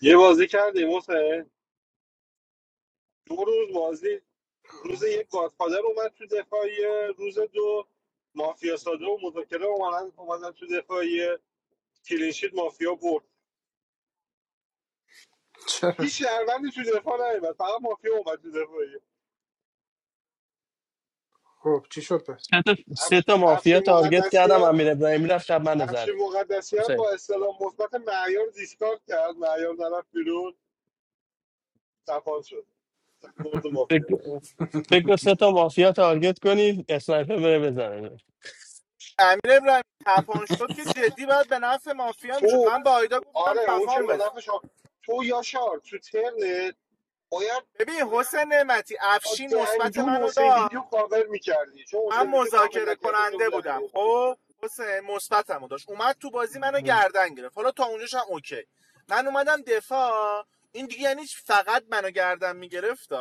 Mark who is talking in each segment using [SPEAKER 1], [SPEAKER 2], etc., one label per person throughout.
[SPEAKER 1] یه بازی کردیم حسین دو روز بازی روز یک گادفادر اومد تو دفاعیه روز دو مافیا ساده و مذاکره اومدن اومدن تو دفاعیه کلینشیت مافیا برد
[SPEAKER 2] چرا
[SPEAKER 1] هیچ شهروندی تو دفاع نیومد فقط مافیا اومد تو دفاعیه
[SPEAKER 2] خب چی شد پس
[SPEAKER 3] سه تا سه
[SPEAKER 1] افش...
[SPEAKER 3] تا مافیا
[SPEAKER 1] افشین
[SPEAKER 3] تارگت کردم
[SPEAKER 1] مقدسیان
[SPEAKER 3] امیر ابراهیمی رفت شب من زد
[SPEAKER 1] افشین مقدسیان
[SPEAKER 3] حسین،
[SPEAKER 1] با استلام مثبت معیار دیسکارد کرد معیار طرف بیرون تپان شد برد مافیا
[SPEAKER 3] فکر فکر کن سه تا مافیا تارگت کنی اسنایپر بره بزنه
[SPEAKER 4] امیر ابراهیم تپان شد که جدی باید به نفع مافیا میشد
[SPEAKER 1] تو
[SPEAKER 4] من با آیدا گفتم
[SPEAKER 1] آره اون که
[SPEAKER 4] تپان
[SPEAKER 1] به
[SPEAKER 4] بزن
[SPEAKER 1] نفع شما- تو یاشار تو ترنت باید
[SPEAKER 4] ببین حسین نعمتی افشین
[SPEAKER 1] عاده
[SPEAKER 4] مثبت
[SPEAKER 1] انجول
[SPEAKER 4] منو
[SPEAKER 1] حسین
[SPEAKER 4] داد
[SPEAKER 1] ویدیو کاور میکردی چون
[SPEAKER 4] من
[SPEAKER 1] حسین ویدیو کاور
[SPEAKER 4] مذاکره
[SPEAKER 1] نکردی
[SPEAKER 4] کننده
[SPEAKER 1] خیلی رفت
[SPEAKER 4] بودم
[SPEAKER 1] رو بخوام
[SPEAKER 4] خب حسین مثبتمو داشت اومد تو بازی منو گردن گرفت حالا تا اونجاش هم اوکی من اومدم دفاع این دیگه یعنی فقط منو گردن میگرفت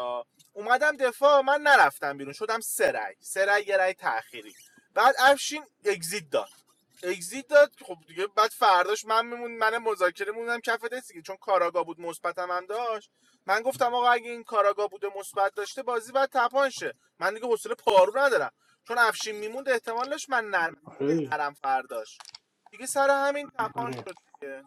[SPEAKER 4] اومدم دفاع من نرفتم بیرون شدم سه رای سه رای یه رای تأخیری بعد افشین اگزیت داد اگزیت داد خب دیگه بعد فرداش من میمون من مذاکره موندم کف دستی چون کاراگا بود مثبتم هم داشت من گفتم آقا اگه این کاراگا بوده مثبت داشته بازی بعد تپانشه من دیگه حوصله پارو ندارم چون افشین میموند احتمالش من نرم
[SPEAKER 2] آره
[SPEAKER 4] نرم فرداش دیگه سر همین تپان
[SPEAKER 2] آره
[SPEAKER 4] شد دیگه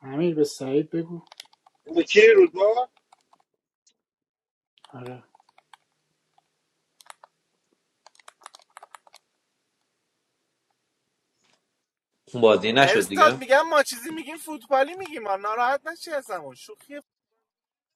[SPEAKER 2] امیر به سعید بگو
[SPEAKER 1] کی رو دو
[SPEAKER 2] آره
[SPEAKER 5] اون بازی نشد دیگه
[SPEAKER 4] مرزاد میگم ما چیزی میگیم فوتبالی میگیم ما ناراحت نشی از شوخی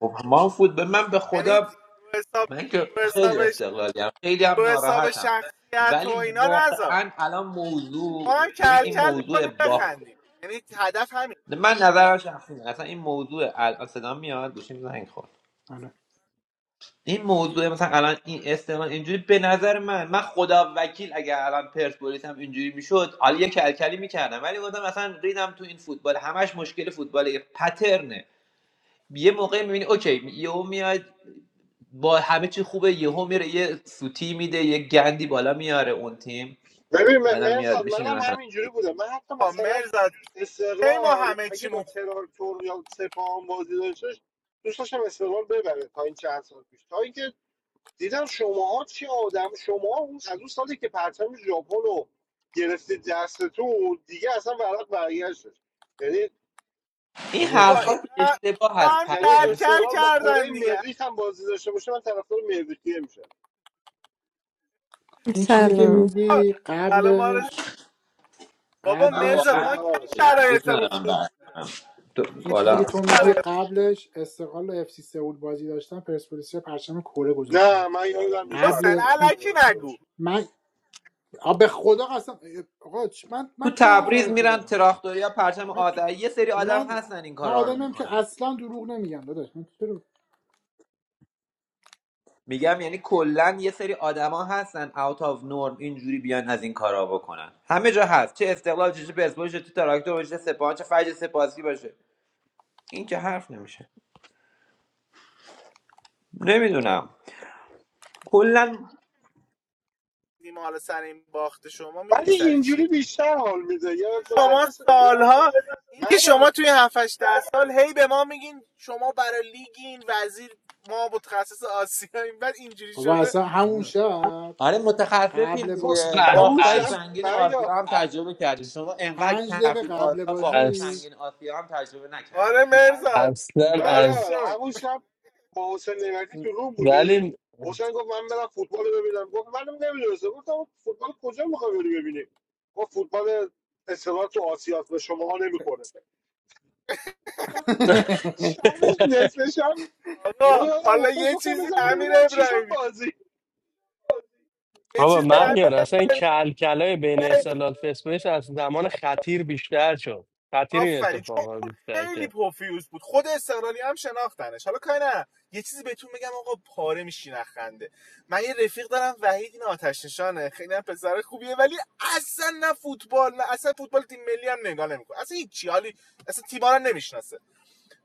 [SPEAKER 5] خب ما هم فوتبال من به
[SPEAKER 4] یعنی
[SPEAKER 5] خدا
[SPEAKER 4] رو حساب
[SPEAKER 5] من که
[SPEAKER 4] رو حساب
[SPEAKER 5] خیلی
[SPEAKER 4] شخص
[SPEAKER 5] استقلالیم، هم خیلی هم
[SPEAKER 4] رو حساب
[SPEAKER 5] ناراحتم
[SPEAKER 4] شخصیت و
[SPEAKER 5] ولی
[SPEAKER 4] اینا نذار
[SPEAKER 5] واقعا الان موضوع
[SPEAKER 4] ما هم
[SPEAKER 5] ببین
[SPEAKER 4] کل
[SPEAKER 5] این
[SPEAKER 4] کل
[SPEAKER 5] موضوع
[SPEAKER 4] میکنیم
[SPEAKER 5] باخت
[SPEAKER 4] بخندیم یعنی هدف همین
[SPEAKER 5] من نظرم شخصی نه. اصلا این موضوع الان صدا میاد گوشیم زنگ خورد
[SPEAKER 2] آره
[SPEAKER 5] این موضوع مثلا الان این استقلال اینجوری به نظر من من خدا وکیل اگر الان پرسپولیس هم اینجوری میشد حالا یه کلکلی میکردم ولی گفتم اصلا ریدم تو این فوتبال همش مشکل فوتبال پترنه یه موقع میبینی اوکی یهو میاد با همه چی خوبه یهو میره یه سوتی میده یه گندی بالا میاره اون تیم
[SPEAKER 1] ببین م-
[SPEAKER 5] آدم میاد
[SPEAKER 1] مرزاد
[SPEAKER 5] بشینه
[SPEAKER 1] منم
[SPEAKER 5] مثلا
[SPEAKER 1] همینجوری بودم من حتی
[SPEAKER 4] بابا
[SPEAKER 1] مثلا
[SPEAKER 4] مرزاد کی ما
[SPEAKER 1] استقلال
[SPEAKER 4] همه
[SPEAKER 1] اگه با
[SPEAKER 4] چیمون خوب
[SPEAKER 1] ترارتور یا سپاهان بازی داشتش دوست داشتم استقلال ببره تا این چند سال پیش تا اینکه دیدم شماها چی آدم شما اون از اون سالی که پرچم ژاپن رو گرفتید دستتون دیگه اصلا ورق برگشتش یعنی
[SPEAKER 5] این
[SPEAKER 2] بابا
[SPEAKER 4] بابا
[SPEAKER 2] جان
[SPEAKER 5] حرفا
[SPEAKER 4] اینا
[SPEAKER 5] اشتباه
[SPEAKER 4] اینا
[SPEAKER 5] هست
[SPEAKER 4] هم
[SPEAKER 1] یعنی
[SPEAKER 4] کل
[SPEAKER 5] پرچم
[SPEAKER 4] کل
[SPEAKER 1] استقلال با
[SPEAKER 4] کردن
[SPEAKER 1] کره
[SPEAKER 4] دیگه
[SPEAKER 1] مریخ هم بازی داشته باشه من طرفدار مریخیه میشم
[SPEAKER 2] این چیزی که
[SPEAKER 6] Hello.
[SPEAKER 4] بابا،
[SPEAKER 2] میگی
[SPEAKER 4] سلام آرز
[SPEAKER 2] قبلش
[SPEAKER 4] بابا
[SPEAKER 2] قبلش
[SPEAKER 4] مرزاد ما کی
[SPEAKER 1] سلام آرس
[SPEAKER 5] دوست
[SPEAKER 4] شرایطمون خوب
[SPEAKER 5] ندارم بعد تو-
[SPEAKER 2] این چیزی که
[SPEAKER 5] بالا
[SPEAKER 4] دیگه
[SPEAKER 2] تو میگی
[SPEAKER 4] شرایط
[SPEAKER 2] قبلش استقلال و اف سی سئول بازی داشتن پرسپولیس رو پرچم کره گذاشته
[SPEAKER 1] نه
[SPEAKER 2] بودن
[SPEAKER 1] من یادم نیست
[SPEAKER 4] ما. حسین
[SPEAKER 2] قبل
[SPEAKER 1] پرچم کره
[SPEAKER 4] علکی
[SPEAKER 1] داشته
[SPEAKER 4] نگو
[SPEAKER 1] باشه
[SPEAKER 2] من آ، به خدا قسم آقا چ- من
[SPEAKER 5] تو
[SPEAKER 2] من کی حرف
[SPEAKER 5] تبریز
[SPEAKER 2] علکی
[SPEAKER 5] میرن
[SPEAKER 2] زدم
[SPEAKER 5] تراکتوریا پرچم
[SPEAKER 2] من تو-
[SPEAKER 5] آذری یه سری آدم
[SPEAKER 2] من
[SPEAKER 5] هستن این
[SPEAKER 2] من
[SPEAKER 5] کارا رو
[SPEAKER 2] آدمیم که
[SPEAKER 5] میکنن دیگه
[SPEAKER 2] اصلا دروغ نمیگم داداش من چرا
[SPEAKER 5] میگم یعنی کلا یه سری آدما هستن اوت آف نورم اینجوری بیان از این کارا بکنن همه جا هست چه استقلال چه چه پرسپولیس چه تو تراکتور باشه چه سپاهان چه فجر سپاسی باشه این که حرف نمیشه نمیدونم کلا
[SPEAKER 4] ما حالا سر این باخت شما میدونی
[SPEAKER 1] ولی
[SPEAKER 4] سر
[SPEAKER 1] اینجوری
[SPEAKER 4] چی
[SPEAKER 1] بیشتر حال میده یاد باشه
[SPEAKER 4] شما
[SPEAKER 1] کسی
[SPEAKER 4] سالها اینکه
[SPEAKER 1] معیار
[SPEAKER 4] شما توی 7 8 سال هی به ما میگین شما برای لیگین وزیر ما متخصص آسیاییم بعد اینجوری
[SPEAKER 2] بابا
[SPEAKER 4] شده
[SPEAKER 2] اصلا همون شب
[SPEAKER 5] آره متخصصیم
[SPEAKER 2] قبل
[SPEAKER 1] همون
[SPEAKER 5] دیگه
[SPEAKER 2] بازی
[SPEAKER 3] اصلا از
[SPEAKER 1] همون
[SPEAKER 5] باختای
[SPEAKER 1] شب
[SPEAKER 3] از
[SPEAKER 5] سنگین
[SPEAKER 1] معیار
[SPEAKER 5] آسیا هم
[SPEAKER 3] از
[SPEAKER 5] تجربه کردیم شما انقدر که
[SPEAKER 2] پنج دقیقه قبل
[SPEAKER 5] آسیا باخت
[SPEAKER 3] از
[SPEAKER 2] بازی
[SPEAKER 5] سنگین آسیا هم تجربه نکردید
[SPEAKER 4] آره مرزان
[SPEAKER 3] اصلا
[SPEAKER 4] خدا رو
[SPEAKER 3] از
[SPEAKER 1] معیار
[SPEAKER 4] شکر
[SPEAKER 1] همون شب با حسین نعمتی تو روم بودیم
[SPEAKER 3] ولی
[SPEAKER 1] حسین گفت من برم فوتبال رو ببینم گفت منم نمیدونستم گفتم آقا فوتبال کجا میخوای بری ببینی گفت فوتبال استقلال تو آسیاس به شما ها نمیخوره شبش نصف شب یهو
[SPEAKER 4] آقا
[SPEAKER 1] یادم
[SPEAKER 4] حالا
[SPEAKER 1] افتاد
[SPEAKER 4] یه
[SPEAKER 1] گفتم
[SPEAKER 4] چیزی
[SPEAKER 1] بزنم
[SPEAKER 4] امیر
[SPEAKER 1] ببینم چی شد
[SPEAKER 4] ابراهیمی
[SPEAKER 1] بازی
[SPEAKER 4] یه
[SPEAKER 3] بابا
[SPEAKER 4] چیزی امیر
[SPEAKER 3] مهیار اصلا این کل کلای بین استقلال فسپولیس از زمان خطیر بیشتر شد خطیر این
[SPEAKER 4] آفرین چون
[SPEAKER 3] اتفاق ها
[SPEAKER 4] اون
[SPEAKER 3] بیشتر
[SPEAKER 4] خیلی
[SPEAKER 3] که
[SPEAKER 4] پرفیوز بود خود استقلالی هم شناختنش حالا کاری نه یه چیزی بهتون بگم آقا پاره میشین از خنده من یه رفیق دارم وحید این آتش نشانه خیلی هم پسر خوبیه ولی اصلا نه فوتبال نه اصلا فوتبال تیم ملی هم نگاه نمیکنه اصلا هیچ چی حالی اصلا تیم‌ها رو هم نمیشناسه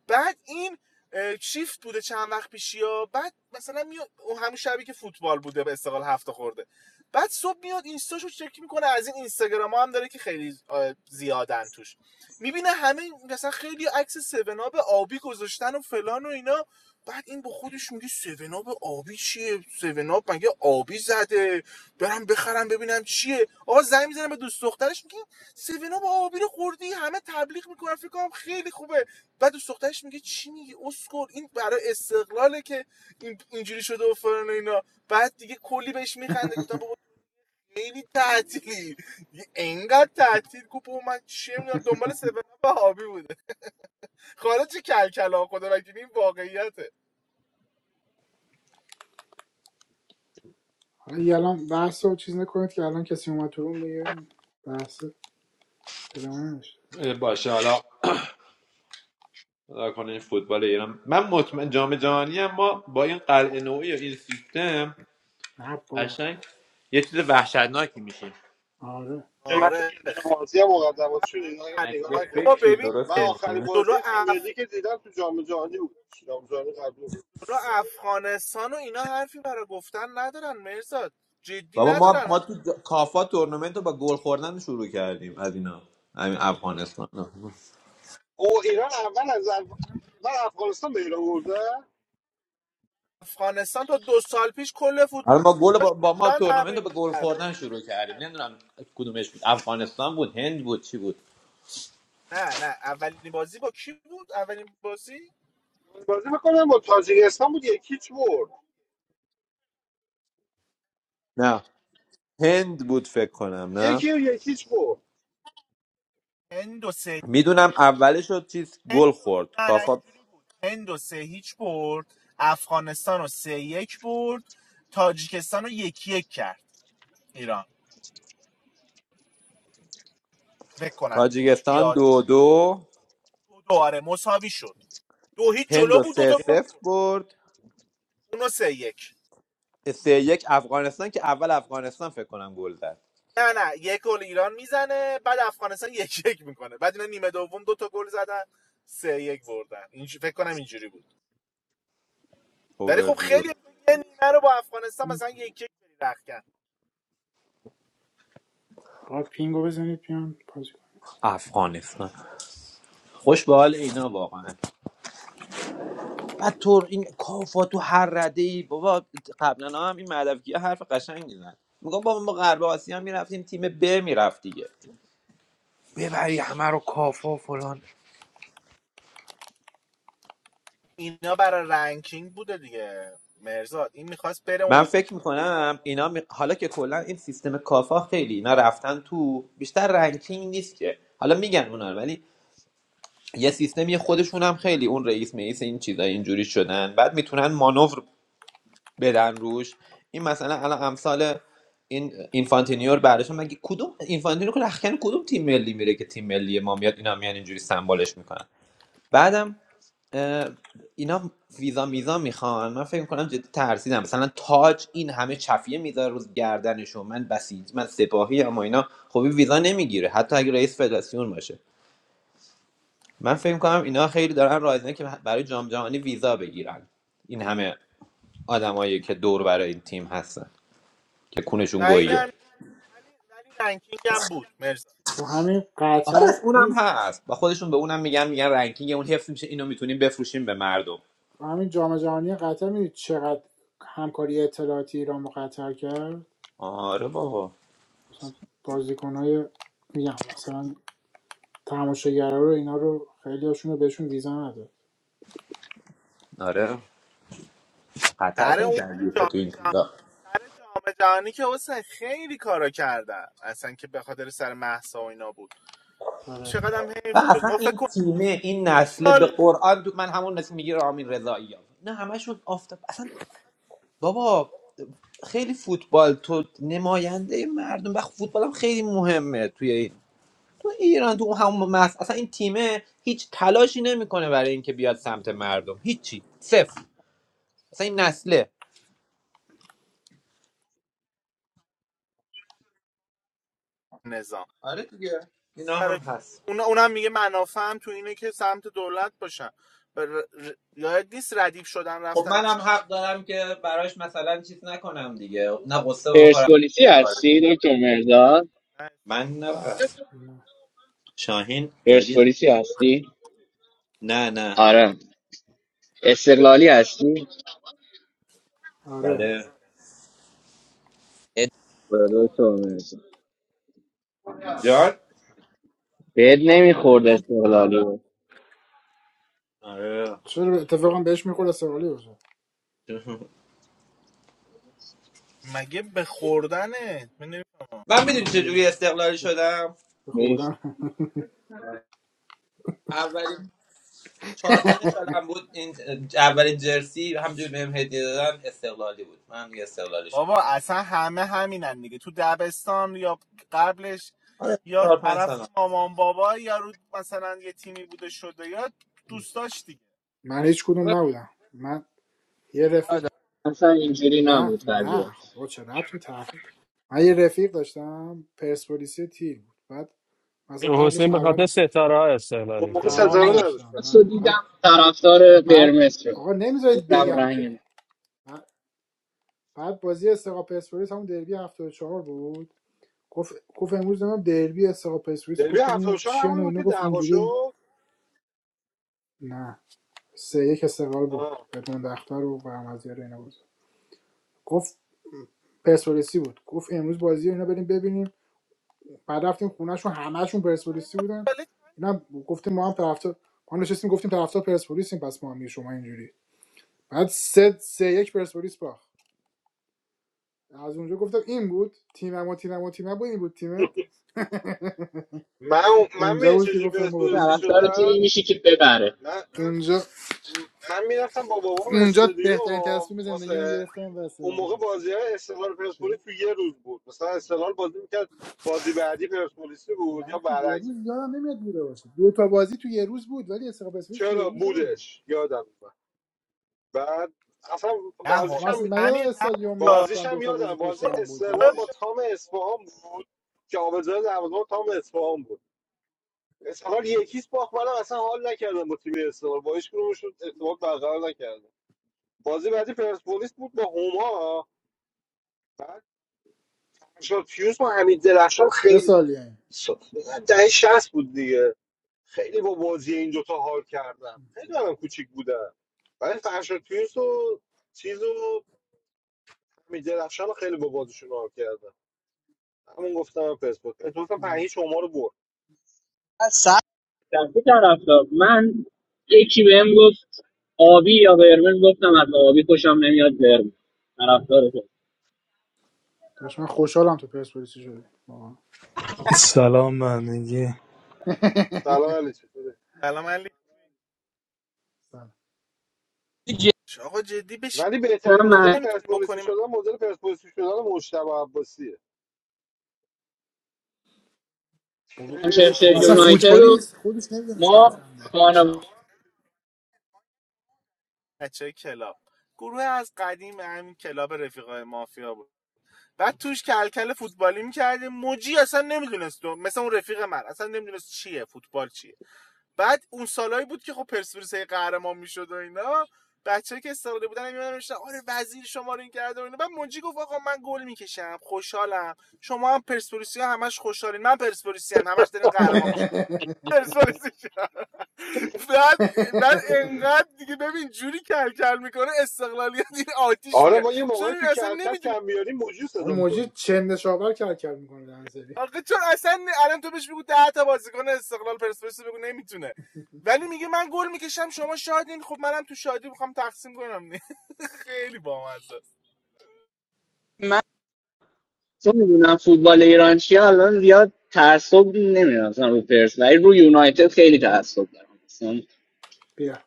[SPEAKER 4] بعد این اه، شیفت بوده چند وقت پیشیا بعد مثلا میاد اون همون شبی که فوتبال بوده به استقلال هفته خورده بعد صبح میاد اینستاشو چک میکنه از این اینستاگرام ها هم داره که خیلی آه، زیادن توش میبینه همه مثلا خیلی عکس سوناب آبی گذاشتن و فلان و اینا بعد این با خودش میگه سوناب آبی چیه سوناب مگه آبی زده برم بخرم ببینم چیه آقا زنگ میزنه به دوست دخترش میگه سوناب آبی رو خوردی همه تبلیغ میکنن فکر کنم خیلی خوبه بعد دوست دخترش میگه چی میگی اسکل این برای استقلاله که این اینجوری شده و فلان و اینا بعد دیگه کلی بهش میخنده گفتم بابا خیلی تعطیلی یه انقدر تعطیل گفت بابا من چی میدونم دنبال سبب و هابی بوده خارج کلکلا خدا وکیلی این واقعیته
[SPEAKER 2] حالا یه الان بحث رو چیز نکنید که الان کسی اومد تو روم دیگه بحث ادامه نشه
[SPEAKER 5] باشه حالا حالا کنه این فوتبال ایران من مطمئن جام جهانی هم ما با این قلعه نوعی و این سیستم
[SPEAKER 2] نه بابا
[SPEAKER 5] قشنگ یه چیز وحشتناکی میشیم
[SPEAKER 2] آره
[SPEAKER 1] قیمت
[SPEAKER 4] آره
[SPEAKER 1] یه دونه بازی هم مقدمات شد
[SPEAKER 4] همین
[SPEAKER 5] اگه
[SPEAKER 4] الان
[SPEAKER 1] نگاه
[SPEAKER 5] یه
[SPEAKER 4] بابا
[SPEAKER 1] نکردم
[SPEAKER 5] فکری
[SPEAKER 4] ببین
[SPEAKER 1] من
[SPEAKER 5] درستی
[SPEAKER 4] دیگه
[SPEAKER 1] آخرین
[SPEAKER 5] نکنه
[SPEAKER 4] جلو
[SPEAKER 1] بازی تیم
[SPEAKER 4] اف...
[SPEAKER 1] ملی که دیدم تو جام جهانی بود جام جهانی قبلی بود.
[SPEAKER 4] جلو افغانستان و اینا حرفی برای گفتن ندارن مرزاد جدی
[SPEAKER 5] بابا ما
[SPEAKER 4] ندارن
[SPEAKER 5] ما تو جا- کافا تورنمنت رو با گل خوردن شروع کردیم از اینا همین افغانستان
[SPEAKER 1] او ایران اول از اف- اول افغانستان به ایران برده
[SPEAKER 4] افغانستان تا دو سال پیش کل
[SPEAKER 5] حالا ما گل
[SPEAKER 4] فوتبالیستاش
[SPEAKER 5] با,
[SPEAKER 4] تو
[SPEAKER 5] با ما
[SPEAKER 4] ایران
[SPEAKER 5] تورنمنت
[SPEAKER 4] تمرین
[SPEAKER 5] رو به گل
[SPEAKER 4] میکردن
[SPEAKER 5] خوردن شروع کردیم نمیدونم کدومش بود افغانستان بود هند بود چی بود
[SPEAKER 4] نه نه اولین بازی با کی بود اولین بازی
[SPEAKER 1] بازی میکنم با تاجیکستان بود یکیچ برد
[SPEAKER 5] نه هند بود فکر کنم نه
[SPEAKER 1] یکی و یکیچ برد
[SPEAKER 4] هند و سه
[SPEAKER 5] میدونم اولش شد چیز گل خورد
[SPEAKER 4] نه نه
[SPEAKER 5] کافا
[SPEAKER 4] اینجوری بود هند و سه هیچ برد افغانستان رو سه یک برد تاجیکستان رو یک یک کرد ایران فکر کنم اینجوری
[SPEAKER 5] تاجیکستان
[SPEAKER 4] یاد
[SPEAKER 5] دو دو
[SPEAKER 4] دو آره مساوی شد دو هیچ
[SPEAKER 5] هند
[SPEAKER 4] جلو
[SPEAKER 5] و
[SPEAKER 4] بود دو
[SPEAKER 5] سه
[SPEAKER 4] تا گل
[SPEAKER 5] صفر برد
[SPEAKER 4] اونو سه یک
[SPEAKER 5] سه یک افغانستان که اول افغانستان فکر کنم گل زد
[SPEAKER 4] نه نه یک گل ایران میزنه بعد افغانستان یک یک میکنه بعد اینا نیمه دوم دو تا گل زدن سه یک بردن این فکر کنم اینجوری بود ولی خب
[SPEAKER 5] اوورویو
[SPEAKER 4] خیلی تو یه نیمه رو با افغانستان
[SPEAKER 2] این
[SPEAKER 4] مثلا
[SPEAKER 2] کن.
[SPEAKER 4] یک یک بری رخکن
[SPEAKER 2] آقا پینگو بزنید بیان بازی کن.
[SPEAKER 5] افغانستان خوش به حال اینا واقعا بعد تر این کافا تو هر رده ای بابا قبلا هم این مدفکی حرف قشنگ میزن میگم بابا ما غرب آسیا میرفتیم تیم ب میرفت دیگه ببری همه رو کافا فلان
[SPEAKER 4] اینا برای رنکینگ بوده دیگه مرزاد این میخواست بره
[SPEAKER 5] من
[SPEAKER 4] اونجا
[SPEAKER 5] فکر میکنم اینا می- حالا که کلا این سیستم کافا خیلی اینا رفتن تو بیشتر رنکینگ نیست که حالا میگن اونا رو، ولی یه سیستمی خودشون هم خیلی اون رئیس مئیس این چیزا اینجوری شدن بعد میتونن مانور بدن روش این مثلا الان امثال این اینفانتینیور بعدش هم مگه کدوم اینفانتینیور که رخکن کدوم تیم ملی میره که تیم ملی ما میاد اینا میان اینجوری سمبالش میکنن بعدم اه، اینا ویزا میزا میخوان من فکر میکنم جدی ترسیدم مثلا تاج این همه چفیه میذاره روز گردنشو من بسیج من سپاهی اما اینا خب ویزا نمیگیره حتی اگه رئیس فدراسیون باشه من فکر میکنم اینا خیلی دارن رایزنه که برای جام جهانی ویزا بگیرن این همه آدمایی که دور برای این تیم هستن که تکونشون
[SPEAKER 4] بعیدم
[SPEAKER 5] گوییه
[SPEAKER 4] نیست. ولی ولی رنکینگ هم بود مرزاد
[SPEAKER 2] تو همین
[SPEAKER 5] آره
[SPEAKER 2] قطر
[SPEAKER 5] اونم
[SPEAKER 2] می-
[SPEAKER 5] هست و خودشون به اونم میگن میگن رنکینگ اون حفظ میشه اینو میتونیم بفروشیم به مردم
[SPEAKER 2] تو همین جام جهانی قطر میدید چقدر همکاری اطلاعاتی ایران با قطر کرد
[SPEAKER 5] آره بابا
[SPEAKER 2] مثلا بازیکنهای میگم مثلا تماشاگرها رو اینا رو خیلی هاشون رو بهشون ویزا نداد
[SPEAKER 5] آره قطر
[SPEAKER 4] سر
[SPEAKER 5] خیلی
[SPEAKER 4] اون که
[SPEAKER 5] درگیره تو
[SPEAKER 4] جام
[SPEAKER 5] این
[SPEAKER 4] جهانی
[SPEAKER 5] چیزا
[SPEAKER 4] سر جام جهانی که حسین خیلی کارا کردن اصلا که به خاطر سر مهسا و اینا بود
[SPEAKER 2] آره
[SPEAKER 4] چقدرم حیف
[SPEAKER 5] و
[SPEAKER 4] شد
[SPEAKER 5] اصلا
[SPEAKER 4] ما فکر
[SPEAKER 5] این
[SPEAKER 4] کن دو
[SPEAKER 5] تیمه این
[SPEAKER 4] دو
[SPEAKER 5] نسل به
[SPEAKER 4] سال
[SPEAKER 5] قرآن دو... من همون نسل میگیر آمین رضایی ها نه همشون آفتاب اصلا بابا خیلی فوتبال تو نماینده مردم و فوتبال هم خیلی مهمه توی این تو ایران تو همون مس اصلا این تیمه هیچ تلاشی نمیکنه برای اینکه بیاد سمت مردم هیچی صفر اصلا این نسله
[SPEAKER 4] نظام
[SPEAKER 5] آره دیگه اینا هم
[SPEAKER 4] برای چی؟
[SPEAKER 5] هست
[SPEAKER 4] اونم میگه منافع هم تو اینه که سمت دولت باشن بر... یاد نیست ردیف شدن
[SPEAKER 5] خب
[SPEAKER 4] رفتن
[SPEAKER 5] من
[SPEAKER 4] پیش
[SPEAKER 5] هم حق دارم که براش مثلا چیز نکنم دیگه نه قصه بخورم
[SPEAKER 7] پرسپولیسی
[SPEAKER 5] آره.
[SPEAKER 7] هستی دکتر مرداد
[SPEAKER 5] من نه
[SPEAKER 2] نه.
[SPEAKER 5] شاهین جدید
[SPEAKER 7] پرسپولیسی هستی
[SPEAKER 5] نه نه
[SPEAKER 7] آره استقلالی هستی
[SPEAKER 2] آره
[SPEAKER 5] بله
[SPEAKER 7] آره، دکتر مرداد
[SPEAKER 5] جان
[SPEAKER 7] بهت نمیخورد استقلالی بود
[SPEAKER 5] آره
[SPEAKER 2] چرا اتفاقا بهش میخورد استقلالی باشه
[SPEAKER 4] مگه به خوردنه من نمی‌فهمم.
[SPEAKER 5] من میدونی چجوری
[SPEAKER 2] آره
[SPEAKER 5] استقلالی شدم
[SPEAKER 7] نیست
[SPEAKER 2] بخوردن
[SPEAKER 5] اولین چهار پنج سالم بود این اولین جرسی همجور بهم هدیه دادن استقلالی بود من دیگه استقلالی شدم
[SPEAKER 4] بابا اصلا همه همینن دیگه تو دبستان یا قبلش
[SPEAKER 5] آره
[SPEAKER 4] یا
[SPEAKER 5] چهار پنج
[SPEAKER 4] طرف
[SPEAKER 5] سال
[SPEAKER 4] مامان بابا یا رو مثلا یه تیمی بوده شده یا دوستاش دیگه
[SPEAKER 2] من هیچ کدوم نبودم من یه رفیق
[SPEAKER 7] اصلا اینجوری
[SPEAKER 2] نه
[SPEAKER 7] نبود
[SPEAKER 2] نه
[SPEAKER 7] قضیه
[SPEAKER 2] خب با چه ربطی به تحقیق من یه رفیق داشتم پرسپولیسی تیر بود بعد مثلا قبلش
[SPEAKER 3] حسین به
[SPEAKER 2] خبر
[SPEAKER 3] خاطر ستاره ها
[SPEAKER 1] اون
[SPEAKER 3] استقلالی
[SPEAKER 1] موقع
[SPEAKER 2] خبر
[SPEAKER 3] شده
[SPEAKER 1] سزاره
[SPEAKER 7] رنگ
[SPEAKER 2] نداشتم
[SPEAKER 1] نداشتم
[SPEAKER 7] خاص رو
[SPEAKER 2] نه بعد
[SPEAKER 7] دیدم طرفدار
[SPEAKER 2] بعد
[SPEAKER 7] قرمز شد
[SPEAKER 2] آقا نمیذارید
[SPEAKER 7] گفتم
[SPEAKER 2] بگم
[SPEAKER 7] رنگ
[SPEAKER 2] که
[SPEAKER 7] نه.
[SPEAKER 2] بعد بعد بازی استقلال پرسپولیس همون دربی 74 بود گفت گفت امروز نمیدونم دربی استقلال پرسپولیس
[SPEAKER 1] دربی
[SPEAKER 2] گفت
[SPEAKER 1] هفتاد
[SPEAKER 2] اینو
[SPEAKER 1] و چهار
[SPEAKER 2] چی و
[SPEAKER 1] همون بود که
[SPEAKER 2] گفت
[SPEAKER 1] دعوا
[SPEAKER 2] اینجوری
[SPEAKER 1] شد
[SPEAKER 2] نه سه یک استقلال برد
[SPEAKER 1] آه.
[SPEAKER 2] بدون دختر رو برمزیار و اینا بود گفت پرسپولیسی بود گفت امروز بازی رو اینا بریم ببینیم بعد رفتیم خونهشون همهشون پرسپولیسی بودن اینا گفتیم ما هم طرفدار ما نشستیم گفتیم طرفدار پرسپولیسیم پس ما هم شما اینجوری بعد سه سه یک پرسپولیس باخت از اونجا گفتم این بود تیمم و تیمم و تیمم بود این بود تیمت
[SPEAKER 1] من من
[SPEAKER 2] اونجا
[SPEAKER 1] می
[SPEAKER 2] بود که
[SPEAKER 1] چجوری
[SPEAKER 2] گفتم با رید
[SPEAKER 1] پرسپولیسی
[SPEAKER 7] طرفدار
[SPEAKER 1] شدم
[SPEAKER 7] تیمی میشی که ببره
[SPEAKER 1] من
[SPEAKER 2] اونجا
[SPEAKER 1] م- من میرفتم با بابام
[SPEAKER 2] اونجا
[SPEAKER 1] استودیو
[SPEAKER 2] بهترین تصمیم زندگیمو
[SPEAKER 1] واسه
[SPEAKER 2] گرفتم و
[SPEAKER 1] اون
[SPEAKER 2] استقلالی
[SPEAKER 1] موقع
[SPEAKER 2] شد
[SPEAKER 1] بازی های استقلال
[SPEAKER 2] چی؟
[SPEAKER 1] پرسپولیس تو یه روز بود مثلا استقلال بازی میکرد بازی بعدی پرسپولیسی بود یا
[SPEAKER 2] نه یه
[SPEAKER 1] برعکس
[SPEAKER 2] روز یادم نمیاد بوده باشه دو تا بازی تو یه روز بود ولی استقلال پرسپولیس تو یه
[SPEAKER 1] چرا
[SPEAKER 2] روز نبود
[SPEAKER 1] بودش یادم اومد بعد اصلا
[SPEAKER 4] نه
[SPEAKER 2] آخه
[SPEAKER 4] ها-
[SPEAKER 1] بازیش
[SPEAKER 2] من
[SPEAKER 1] هم
[SPEAKER 2] اصلا من یادم
[SPEAKER 4] امیر
[SPEAKER 2] استادیوم
[SPEAKER 1] بازیش
[SPEAKER 2] میرفتم
[SPEAKER 4] نبودا
[SPEAKER 2] دو
[SPEAKER 1] هم
[SPEAKER 2] تا
[SPEAKER 1] یادم
[SPEAKER 2] بازی پشت
[SPEAKER 1] بازی
[SPEAKER 4] چون
[SPEAKER 2] هم
[SPEAKER 4] اون
[SPEAKER 2] بود ولی
[SPEAKER 4] موقع
[SPEAKER 1] استقلال با تام اصفهان بود که آبزار دروازه تام اصفهان بود استقلال یکیش باخت منم اصلا حال نکردم با تیم استقلال با هیچ کدومشون ارتباط برقرار نکردم بازی بعدی پرسپولیس بود با هما درخشان فیوز با حمید درخشان
[SPEAKER 2] چه
[SPEAKER 1] خیلی
[SPEAKER 2] سالی این
[SPEAKER 1] س- دهه 60 بود دیگه خیلی با بازی این دوتا حال کردم خیلی هم کوچیک بودم ولی فرشاد فیوز و چیز و حمید درخشان رو خیلی با بازیشون حال کردم همون گفتم پرسپولیس اتفاقا پنهیچ ما رو برد
[SPEAKER 7] گفتم کی طرفدار من یکی بهم گفت آبی یا قرمز گفتم از آبی خوشم نمیاد قرمز طرفدار تو
[SPEAKER 2] داشت من خوشحالم تو پرسپولیسی شده واقعا.
[SPEAKER 8] سلام به همگی
[SPEAKER 1] سلام علی چطوره
[SPEAKER 4] سلام علیکم
[SPEAKER 2] سلام.
[SPEAKER 4] آقا جدی بشین
[SPEAKER 1] ولی بهترین
[SPEAKER 7] گفتم
[SPEAKER 4] بازی
[SPEAKER 1] مدل
[SPEAKER 4] نمیتونیم
[SPEAKER 1] پرسپولیس
[SPEAKER 4] بکنیم
[SPEAKER 1] شدن مدل پرسپولیس شدن مجتبی عباسیه
[SPEAKER 2] بابا
[SPEAKER 1] خیلی
[SPEAKER 7] منچستر
[SPEAKER 2] بابا اصلا
[SPEAKER 1] خوبه
[SPEAKER 7] یونایتد
[SPEAKER 2] فوتبالی
[SPEAKER 7] و
[SPEAKER 2] نیست خودش نمیدونه سمت
[SPEAKER 7] ما
[SPEAKER 2] هم ده
[SPEAKER 7] خانواده
[SPEAKER 2] مشتاق
[SPEAKER 4] بچه کلاب گروه از قدیم همین کلاب رفیقای مافیا بود بعد توش کلکل فوتبالی میکردیم موجی اصلا نمیدونست مثلا اون رفیق من اصلا نمیدونست چیه فوتبال چیه بعد اون سالایی بود که خب پرسپولیس هی قهرمان میشد و اینا بچه که استفاده بودن میمدن میشن آره وزیر شما رو این کرده و اینا بعد موجی گفت آقا من گل میکشم خوشحالم شما هم پرسپولیسی همش خوشحالین من پرسپولیسی همش دارین قهرمان میشه پرسپولیسی کرد بعد بعد انقدر دیگه ببین جوری کل کل میکنه استقلالیت این آتیش
[SPEAKER 1] آره
[SPEAKER 4] میگه
[SPEAKER 1] ما یه
[SPEAKER 4] چون
[SPEAKER 1] موقعی
[SPEAKER 4] این
[SPEAKER 1] تو
[SPEAKER 4] اصلا
[SPEAKER 1] کلکل
[SPEAKER 4] نمیدونه
[SPEAKER 1] کم بیاریم موجود
[SPEAKER 2] با
[SPEAKER 1] صدا
[SPEAKER 2] موجی
[SPEAKER 1] می‌کنیم.
[SPEAKER 2] چند شاور کل کل میکنه دنسری
[SPEAKER 4] آخه چون اصلا الان تو بهش بگو ده تا بازیکن استقلال پرسپولیس بگو نمیتونه ولی میگه من گل میکشم شما شادین خب منم تو شادی میخوام تقسیم کنم خیلی بامزه است.
[SPEAKER 7] من چون میدونم فوتبال ایران چیه الان زیاد تعصب نمیدونم مثلا رو پرس ولی رو یونایتد خیلی تعصب دارم مثلا
[SPEAKER 2] بیا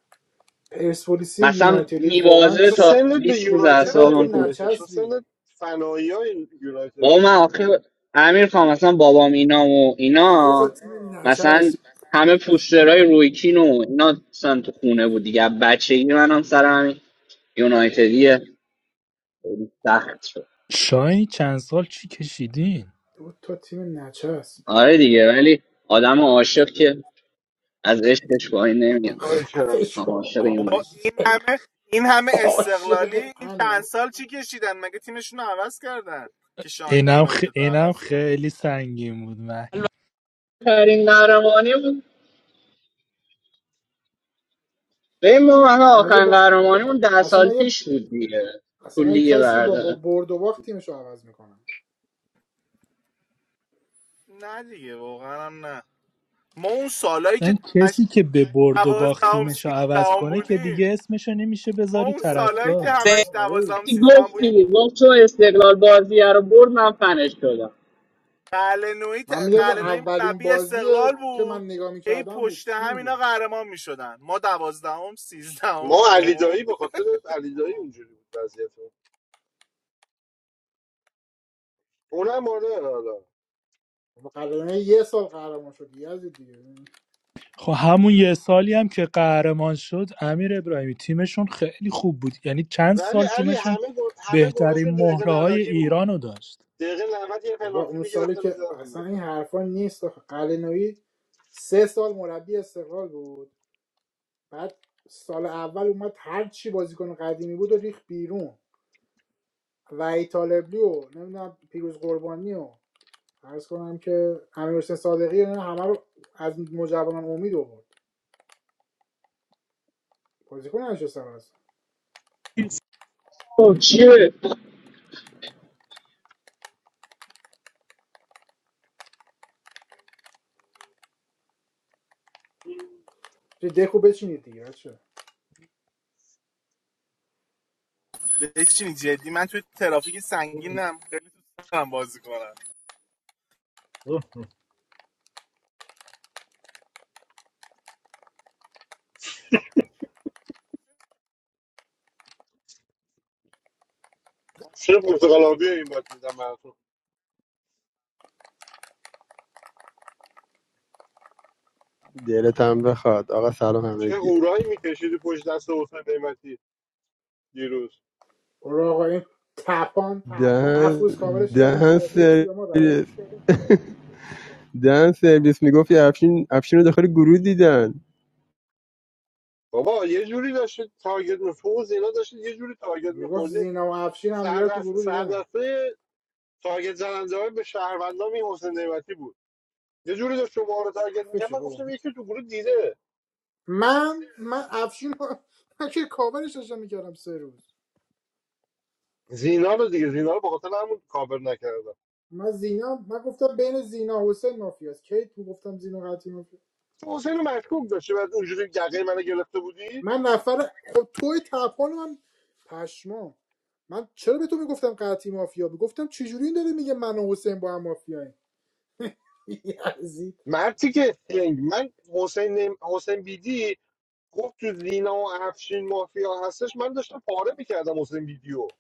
[SPEAKER 2] پرسپولیسی
[SPEAKER 7] مثلا
[SPEAKER 2] یونایتدی واقعا
[SPEAKER 7] میوازه
[SPEAKER 1] تو
[SPEAKER 2] چه
[SPEAKER 7] تا
[SPEAKER 1] سنت به
[SPEAKER 7] 20 روز
[SPEAKER 1] یونایتد
[SPEAKER 2] چقدر تو
[SPEAKER 7] اعصابم خوب
[SPEAKER 1] نمیخوره که
[SPEAKER 7] میشه
[SPEAKER 1] تو
[SPEAKER 2] نچسبی
[SPEAKER 1] سنت فنایی های یونایتد
[SPEAKER 7] بابا من آخه امیر خان مثلا بابام اینا و
[SPEAKER 2] دو تا
[SPEAKER 7] اینا
[SPEAKER 2] تیم
[SPEAKER 7] مثلا همه پوسترهای رویکین و اینا مثلا تو خونه بود دیگه بچگی منم سر همین یونایتدی سخت شد
[SPEAKER 8] چای چند سال چی کشیدین
[SPEAKER 2] او تو تیم نچه است
[SPEAKER 7] آره دیگه ولی آدم عاشق که از عشقش پایین نمیاد
[SPEAKER 1] کار کردن
[SPEAKER 2] فش
[SPEAKER 7] هم
[SPEAKER 2] بابا
[SPEAKER 7] عاشق
[SPEAKER 4] بابا
[SPEAKER 7] یونایتد
[SPEAKER 4] این
[SPEAKER 2] عاشق
[SPEAKER 4] همه این همه استقلالی
[SPEAKER 2] عاشق
[SPEAKER 4] این چند
[SPEAKER 2] انه
[SPEAKER 4] سال چی کشیدن مگه تیمشون رو عوض کردن که شاین
[SPEAKER 8] اینم, خ...
[SPEAKER 4] یونایتد رو
[SPEAKER 8] اینم
[SPEAKER 4] عوض کن
[SPEAKER 8] خیلی سنگین بود من
[SPEAKER 7] آخرین قهرمانی بود به ما همه
[SPEAKER 2] مگه
[SPEAKER 7] آخرین
[SPEAKER 2] با
[SPEAKER 7] قهرمانیمون ده
[SPEAKER 2] اصلا
[SPEAKER 7] سال
[SPEAKER 2] مگه
[SPEAKER 7] پیش بود دیگه تو
[SPEAKER 2] اصلا مگه
[SPEAKER 7] لیگ
[SPEAKER 2] کسی با, با
[SPEAKER 7] برده
[SPEAKER 2] برد و باخت تیمش رو عوض میکنه
[SPEAKER 4] نه دیگه واقعا هم نه ما اون سالایی که
[SPEAKER 8] اصلا
[SPEAKER 4] همش
[SPEAKER 8] کسی که به برد و باخت
[SPEAKER 4] دوازدهم
[SPEAKER 8] تیمشو عوض
[SPEAKER 4] سیزدهم
[SPEAKER 8] کنه که
[SPEAKER 4] بودیم
[SPEAKER 8] دیگه اسمشو نمیشه
[SPEAKER 4] ما
[SPEAKER 8] بذاری
[SPEAKER 4] اون سالایی که
[SPEAKER 8] طرفدار
[SPEAKER 4] همش
[SPEAKER 2] آره
[SPEAKER 4] دوازدهم
[SPEAKER 7] وقتی
[SPEAKER 4] سیزدهم
[SPEAKER 7] گفت
[SPEAKER 4] بودیم
[SPEAKER 7] دیگه گفت چون استقلال بازی رو برد من فنش شدم
[SPEAKER 4] قلنوی ت...
[SPEAKER 2] من میگم اون اولین
[SPEAKER 4] مربی
[SPEAKER 2] بازی
[SPEAKER 4] استقلال
[SPEAKER 2] که
[SPEAKER 4] بود
[SPEAKER 2] من نگاه
[SPEAKER 4] ای
[SPEAKER 2] میکردم بود
[SPEAKER 4] پشت
[SPEAKER 2] چی
[SPEAKER 4] هم اینا
[SPEAKER 2] میگی
[SPEAKER 4] قهرمان میشدن ما دوازدهم سیزدهم
[SPEAKER 1] ما علی
[SPEAKER 4] نهم
[SPEAKER 1] دایی به خاطر علی دایی اونجوری بود وضعیت ما. اونم آره حالا
[SPEAKER 2] بابا قراره یه سال قهرمان شد یزید دیگه
[SPEAKER 8] خب همون یه سالی هم که قهرمان شد امیر ابراهیمی تیمشون خیلی خوب بود یعنی چند
[SPEAKER 1] ولی
[SPEAKER 8] سال
[SPEAKER 1] علی
[SPEAKER 8] تیمشون
[SPEAKER 1] همه گل همه
[SPEAKER 8] بهترین
[SPEAKER 1] گلاشون دقیقه
[SPEAKER 8] مهره های
[SPEAKER 1] 90 بود
[SPEAKER 8] ایران رو داشت
[SPEAKER 1] دقیقه 90 یه
[SPEAKER 2] بابا
[SPEAKER 1] پنالتی
[SPEAKER 2] اون سالی
[SPEAKER 1] میگرفتن
[SPEAKER 2] که
[SPEAKER 1] میزدن تو
[SPEAKER 2] اصلا این حرفا نیست آخه. قلنویی سه سال مربی استقلال بود بعد سال اول اومد هر چی بازیکن قدیمی بود و ریخ بیرون وحید طالبی و نمیدونم پیروز قربانی و عرض کنم که امیر حسین صادقی و اینا همه رو از مجوانان امید آورد بازیکن نشستم از
[SPEAKER 7] خب چیه
[SPEAKER 1] گل
[SPEAKER 2] چه دکو بچینید دیگه بچه
[SPEAKER 4] بچینی جدی من توی ترافیک سنگینم خیلی دارم بازی کنم الان
[SPEAKER 1] چه پرتغالاوی این باید میدم براتون
[SPEAKER 9] Dere tambe khad, Agha Salom
[SPEAKER 1] چه
[SPEAKER 9] Hamidie.
[SPEAKER 1] هورایی میکشیدی پشت دست حسین نعمتی دیروز
[SPEAKER 2] برو آقا این تپان هفت
[SPEAKER 9] Dhan,
[SPEAKER 2] روز کاورش کردیم که
[SPEAKER 9] dhan
[SPEAKER 2] بازپرسی
[SPEAKER 9] sir,
[SPEAKER 2] به ما رای داد
[SPEAKER 9] dhan sir, Bismi Gofi,
[SPEAKER 2] تپان
[SPEAKER 9] Afshin, Afshin, udakar Guru didan.
[SPEAKER 1] بابا یه جوری داشتید تارگت می‌خوردی، اینا داشتید یه جوری تارگت
[SPEAKER 2] میگفت
[SPEAKER 1] می‌خوردی
[SPEAKER 2] زینا و افشین هم دیگه
[SPEAKER 1] سر
[SPEAKER 2] رو تو
[SPEAKER 1] دست
[SPEAKER 2] گروه دیدن
[SPEAKER 1] سر تارگت زننده های به شهروندام این حسین نعمتی بود یه جوری داشت شما رو تارگت میکرد
[SPEAKER 2] حرفشو
[SPEAKER 1] من
[SPEAKER 2] بابا
[SPEAKER 1] گفتم یکی تو گروه دیده
[SPEAKER 2] من من افشین رو- من که کاورش داشتم میکردم سه روز
[SPEAKER 1] زینا رو دیگه زینا رو به خاطر همون کاور نکردم
[SPEAKER 2] من زینا من گفتم بین زینا و حسین مافیاست کی تو گفتم زینا قطعی
[SPEAKER 1] تو حسین رو مشکوک داشتی بعد اونجوری یقه منو گرفته بودی
[SPEAKER 2] من نفر خب توی تپان من پشمام من چرا به تو میگفتم قطعی مافیا میگفتم چجوری این داره میگه من و حسین با هم مافیاییم یزید
[SPEAKER 1] مرتی که خنگ. من حسین نعم- حسین بیدی گفت تو زینا و افشین مافیا هستش من داشتم پاره میکردم حسین ویدیو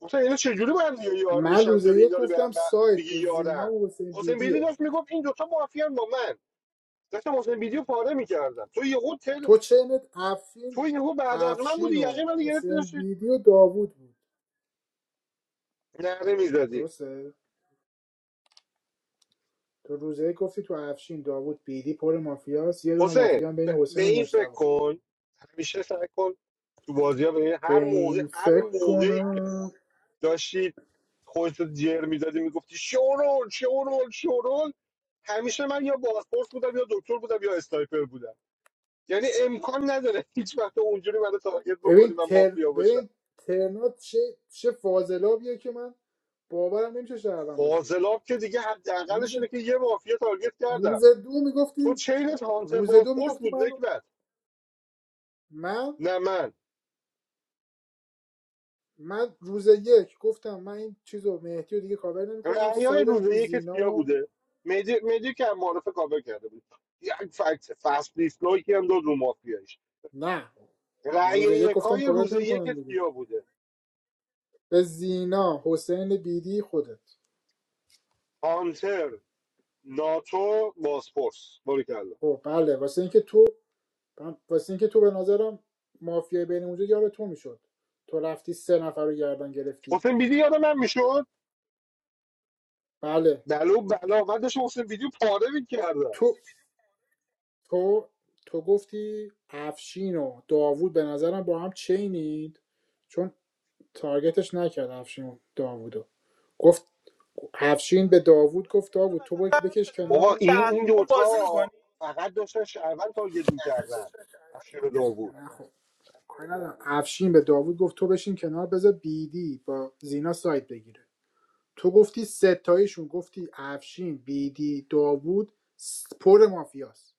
[SPEAKER 1] گفتم اینا چجوری با هم دیگه یار
[SPEAKER 2] من
[SPEAKER 1] میشن
[SPEAKER 2] روز
[SPEAKER 1] تا
[SPEAKER 2] یک
[SPEAKER 1] اینا رو به
[SPEAKER 2] گفتم
[SPEAKER 1] هم ب-
[SPEAKER 2] سایت
[SPEAKER 1] میگی
[SPEAKER 2] تو زینا
[SPEAKER 1] یارن
[SPEAKER 2] و حسین
[SPEAKER 1] حسین بیدی
[SPEAKER 2] بیدیه
[SPEAKER 1] داشت میگفت این دوتا مافیا با من داشتم حسین ویدیو پاره میکردم تو یهو
[SPEAKER 2] تو چنت افشین
[SPEAKER 1] تو یهو بعد از من
[SPEAKER 2] افشین
[SPEAKER 1] بودی
[SPEAKER 2] و
[SPEAKER 1] یقه من گرفتی
[SPEAKER 2] حسین
[SPEAKER 1] داشتی
[SPEAKER 2] بیدی و داوود بود
[SPEAKER 1] نره میزدی
[SPEAKER 2] درسته تو روز یک گفتی تو افشین داوود بیدی پر مافیاست یه دونه مافیا
[SPEAKER 1] حسین
[SPEAKER 2] هم
[SPEAKER 1] ب-
[SPEAKER 2] بین
[SPEAKER 1] به
[SPEAKER 2] حسین و
[SPEAKER 1] این فکر
[SPEAKER 2] مجتبی
[SPEAKER 1] کن همیشه سعی کن تو بازی ها به
[SPEAKER 2] به
[SPEAKER 1] هر موقع
[SPEAKER 2] این
[SPEAKER 1] هر
[SPEAKER 2] فکر
[SPEAKER 1] موقعی که
[SPEAKER 2] کنم
[SPEAKER 1] داشتی خودتو جر میدادی میگفتی شورول شورول شورول همیشه من یا بازپرس بودم یا دکتر بودم یا استایپر بودم یعنی امکان نداره هیچ وقت اونجوری منو تارگت
[SPEAKER 2] ببین
[SPEAKER 1] بکنی من
[SPEAKER 2] تر...
[SPEAKER 1] مافیا باشم
[SPEAKER 2] ببین ترنات چه چه فاضلابیه که من باورم نمیشه شهروند باشی
[SPEAKER 1] فاضلاب که دیگه
[SPEAKER 2] روز
[SPEAKER 1] حداقلش اینه که یه مافیا تارگت کردم
[SPEAKER 2] روز دو
[SPEAKER 1] تو
[SPEAKER 2] میگفتیم
[SPEAKER 1] چینت هانتر
[SPEAKER 2] روز دو
[SPEAKER 1] بازپرس
[SPEAKER 2] میگفتیم
[SPEAKER 1] بود
[SPEAKER 2] من
[SPEAKER 1] نکبت
[SPEAKER 2] من
[SPEAKER 1] نه من
[SPEAKER 2] من روز یک گفتم من این چیزو مهدی رو دیگه کاور نمیکنم
[SPEAKER 1] رعیای
[SPEAKER 2] سایدم
[SPEAKER 1] روز
[SPEAKER 2] تو
[SPEAKER 1] یکش
[SPEAKER 2] زینا
[SPEAKER 1] کیا
[SPEAKER 2] و-
[SPEAKER 1] بوده مدی مدی که هم معرف کاور کرده بود یک فکت فست دیسلایکی هم داد رو مافیایش
[SPEAKER 2] نه
[SPEAKER 1] رعی
[SPEAKER 2] روز یک گفتم
[SPEAKER 1] یکای
[SPEAKER 2] کاورت
[SPEAKER 1] روز
[SPEAKER 2] نمیکنم
[SPEAKER 1] یکت
[SPEAKER 2] دیگه
[SPEAKER 1] کیا بوده
[SPEAKER 2] به زینا حسین بیدی خودت
[SPEAKER 1] هانتر ناتو باسپورس باریکلا
[SPEAKER 2] خب بله واسه اینکه تو واسه اینکه تو به نظرم مافیای بین اونجا یار تو میشد تو رفتی سه نفر رو گردن گرفتی
[SPEAKER 1] حسین بیدی یادم من میشد
[SPEAKER 2] بله
[SPEAKER 1] بلو بلا من داشتم حسین ویدیو پاره میکردم
[SPEAKER 2] تو تو تو گفتی افشین و داوود به نظرم با هم چینید چون تارگتش نکرد افشین و داوودو گفت افشین به داوود گفت داوود تو باید بکش
[SPEAKER 4] وسط الان
[SPEAKER 1] بابا
[SPEAKER 4] این
[SPEAKER 2] کنار
[SPEAKER 1] این این
[SPEAKER 4] دهتامون
[SPEAKER 1] دوتا
[SPEAKER 4] بازی میکنی
[SPEAKER 1] فقط داشتن شهروند تارگت میکردن افشین و داوود
[SPEAKER 2] کاری ندارم. افشین به داوود گفت تو بشین کنار بذار بیدی با زینا سایت بگیره تو گفتی ستایشون گفتی افشین بیدی داوود س- پر مافیاست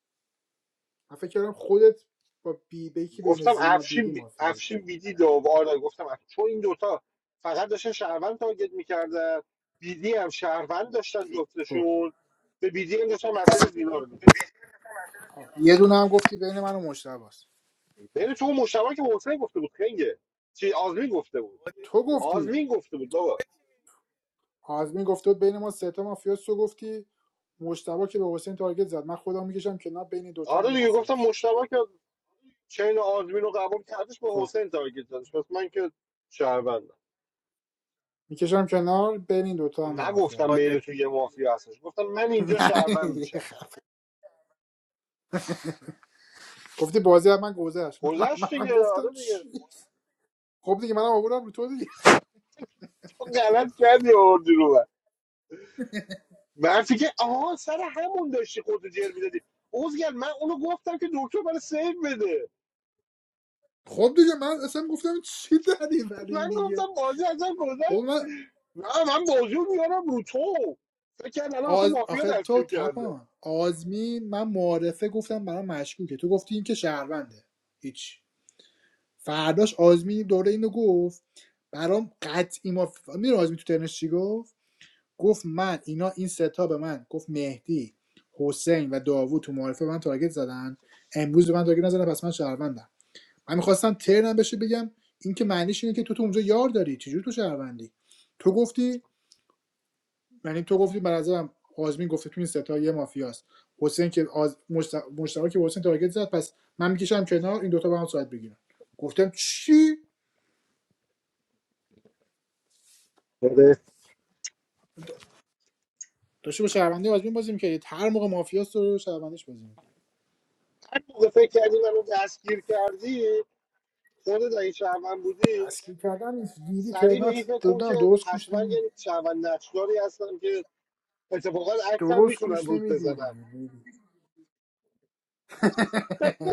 [SPEAKER 2] من فکر کردم خودت با بی به یکی بین
[SPEAKER 1] گفتم
[SPEAKER 2] زینا
[SPEAKER 1] افشین
[SPEAKER 2] بیدی
[SPEAKER 1] بی...
[SPEAKER 2] مافیایی
[SPEAKER 1] افشین بیدی دو و آره گفتم افشین. چون این دوتا فقط داشتن شهروند تارگت میکردن بیدی هم شهروند داشتن جفتشون به بیدی هم داشتن مسئله زینا رو میدادن
[SPEAKER 2] یه دونه هم گفتی بین من و مشتباست
[SPEAKER 1] بین تو اون مشتبه که محسن گفته بود خنگه چی آزمین گفته بود
[SPEAKER 2] تو گفتی
[SPEAKER 1] آزمین گفته بود بابا
[SPEAKER 2] آزمین گفته بود بین ما سه تا مافیاست تو گفتی مشتبا که به حسین تارگت زد من خودم میکشم کنار بین این دوتا هم
[SPEAKER 1] آره
[SPEAKER 2] یه
[SPEAKER 1] دیگه گفتم
[SPEAKER 2] مافیاست
[SPEAKER 1] مشتبه که چین آزمین رو قبول کردش به
[SPEAKER 2] خب
[SPEAKER 1] حسین تارگت دادش پس من که شهروندم
[SPEAKER 2] میکشم کنار بین این دوتا هم یه
[SPEAKER 1] نگفتم
[SPEAKER 2] مافیاست
[SPEAKER 1] بین تو یه مافیا هستش گفتم من اینجا شهروند میشم
[SPEAKER 2] گفتی بازی از من گذشت من
[SPEAKER 1] گذشت
[SPEAKER 2] منم
[SPEAKER 1] دیگه
[SPEAKER 2] گفتم
[SPEAKER 1] آره دیگه
[SPEAKER 2] چی خب دیگه منم آوردم رو تو دیگه
[SPEAKER 1] غلط کردی آوردی رو من من فکر آها سر همون داشتی خودتو جر میدادی اوزگر من اونو گفتم که دکتر برای سیو بده
[SPEAKER 2] خب دیگه من اصلا گفتم چی داری ولی
[SPEAKER 1] من
[SPEAKER 2] میگه
[SPEAKER 1] گفتم بازی ازم
[SPEAKER 2] بابا
[SPEAKER 1] گذشت
[SPEAKER 2] من
[SPEAKER 1] نه من بازی رو میارم رو تو فکر کرد الان اصلا
[SPEAKER 2] آز...
[SPEAKER 1] مافیا
[SPEAKER 2] آخه تو
[SPEAKER 1] دستگیر کرده
[SPEAKER 2] تپان آزمین من معارفه گفتم برام مشکوکه تو گفتی این که شهرونده هیچ فرداش آزمی دوره اینو گفت برام قطعی ما میره آزمی تو ترنش چی گفت گفت من اینا این ستا به من گفت مهدی حسین و داوود تو معارفه به من تارگت زدن امروز به من تارگت نزدن پس من شهروندم من میخواستم ترنم بشه بگم این که معنیش اینه که تو تو اونجا یار داری چجوری تو شهروندی تو گفتی یعنی تو گفتی به نظرم آزمین گفته تو این ستا یه مافیاست حسین که آز... مشت... مشتبه که حسین تارگت زد پس من میکشم کنار این دوتا با هم ساعت بگیرن گفتم چی
[SPEAKER 1] آره
[SPEAKER 2] داشته با شهروندی آزمین بازی میکردید هر موقع مافیاس رو شهروندیش بازی میکرد
[SPEAKER 1] هر موقع فکر کردی منو دستگیر کردی خودت اگه شهروند بودی
[SPEAKER 2] دستگیر کردن نیست دیدی
[SPEAKER 1] سریع به این
[SPEAKER 2] ترنات
[SPEAKER 1] فکر کن که
[SPEAKER 2] دادم درست گوش
[SPEAKER 1] حتما
[SPEAKER 2] نمیدی
[SPEAKER 1] یه شهروند نقشداری هستم که اتفاقا عکسم
[SPEAKER 2] درست
[SPEAKER 1] میتونم
[SPEAKER 2] گوش
[SPEAKER 1] رود
[SPEAKER 2] نمیدی
[SPEAKER 1] بزنم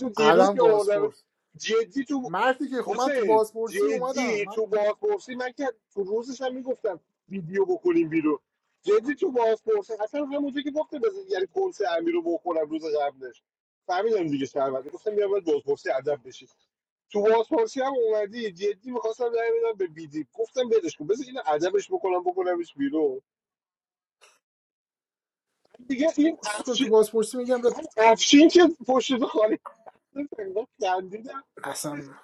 [SPEAKER 1] تو دیروز
[SPEAKER 2] الان
[SPEAKER 1] که آوردم
[SPEAKER 2] بازپرس
[SPEAKER 1] جدی تو
[SPEAKER 2] مردی که خب من تو
[SPEAKER 1] حسین
[SPEAKER 2] بازپرسی اومدم
[SPEAKER 1] جدی
[SPEAKER 2] من
[SPEAKER 1] تو بازپرسی من که تو روزش هم میگفتم ویدیو بکنیم بیرون جدی تو بازپرسی اصلا همونجا که گفته بزن یعنی کنس امیر رو بخورم روز قبلش فهمیدم دیگه شهروند گفتم بیا باید بازپرسی ادب بشی تو بازپرسی هم اومدی جدی میخواستم رای بدم به بیدی گفتم بدش کن بذار اینو ادبش بکنم بکنمش بیرون دیگه این
[SPEAKER 2] اسکل تو
[SPEAKER 1] افشین
[SPEAKER 2] بازپرسی میگم به
[SPEAKER 1] افشین که پشت تو خالی خندیدم
[SPEAKER 2] اصلا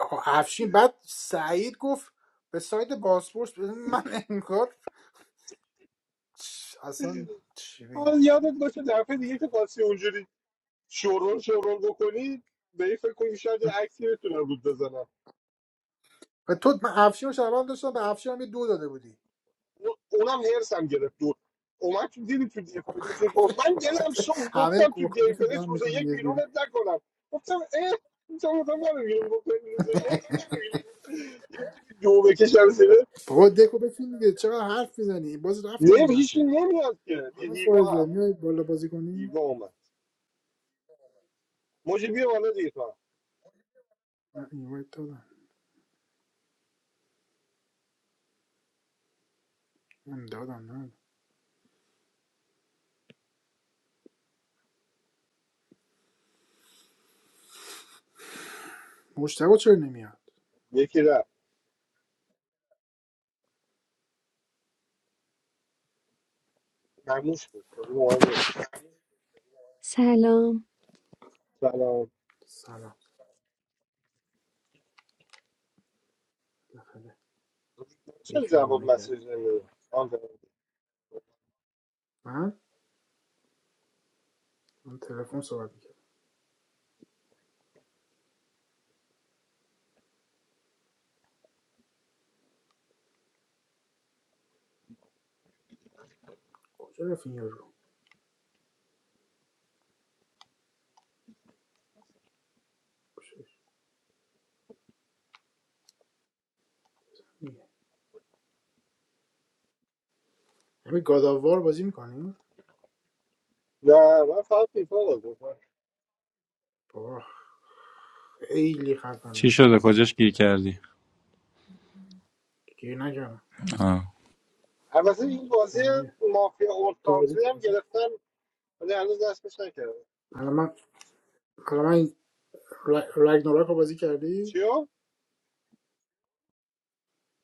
[SPEAKER 2] آه، افشین بعد سعید گفت به سایت بازپرس بزن. من انگار اصلا چی بگم
[SPEAKER 1] آه، یادت باشه دفعه دیگه که خواستی اونجوری شورول شورول بکنی به این فکر کنی شاید یه عکسی بتونم رود بزنم
[SPEAKER 2] و تو من افشین رو شهروند داشتم به افشین هم یه دو داده بودی
[SPEAKER 1] او- اونم هرسم گرفت دور اومد تو دیدی تو دفاعی چی گفت من دلم سوخ
[SPEAKER 2] همه
[SPEAKER 1] گفتم تو گیم
[SPEAKER 2] کوکانش رو جمع
[SPEAKER 1] پلیس روز
[SPEAKER 2] میکنه
[SPEAKER 1] یک
[SPEAKER 2] یه جوری.
[SPEAKER 1] بیرونت نکنم گفتم اه اینجا بودم من بیرون بکنی روز یک یکی دو بکشم زیره
[SPEAKER 2] بابا دکو بچین دیگه چقدر حرف میزنی باز رفتن
[SPEAKER 1] نه
[SPEAKER 2] اینا
[SPEAKER 1] هیچی
[SPEAKER 2] که
[SPEAKER 1] نمیاد که یه
[SPEAKER 2] حالا
[SPEAKER 1] هیوا
[SPEAKER 2] فائزه
[SPEAKER 1] هم.
[SPEAKER 2] میای بالا بازی کنی
[SPEAKER 1] هیوا اومد موجی بیا بالا دیگه تو هم.
[SPEAKER 2] نه این وایت دادم من دادم نه مشتبه چرا نمیاد
[SPEAKER 1] یکی رفت مموش بود خیلی مهم نیست
[SPEAKER 10] Salam.
[SPEAKER 1] سلام
[SPEAKER 2] سلام
[SPEAKER 1] چرا
[SPEAKER 2] یکی
[SPEAKER 1] جواب
[SPEAKER 2] آنه کردیم
[SPEAKER 1] مسیج نمیده
[SPEAKER 2] من من تلفن صحبت میکردم کجا رفت این یارو خوشش میاد. همین گاداوار بازی میکنی
[SPEAKER 1] نه من فقط فیفا بازی می‌کنم.
[SPEAKER 2] بابا خیلی خفنه
[SPEAKER 11] چی شده
[SPEAKER 2] هستم
[SPEAKER 11] کجاش گیر کردی
[SPEAKER 2] گیر نکردم
[SPEAKER 11] آه.
[SPEAKER 1] البته این بازی
[SPEAKER 2] دارم میره
[SPEAKER 1] مافیا اولد
[SPEAKER 2] تو بازی
[SPEAKER 1] کانتری هم
[SPEAKER 2] کردی
[SPEAKER 1] گرفتم ولی هنوز دستش نکردم
[SPEAKER 2] الان من الان من رگ- رگناراک رو بازی کردی
[SPEAKER 1] چیو؟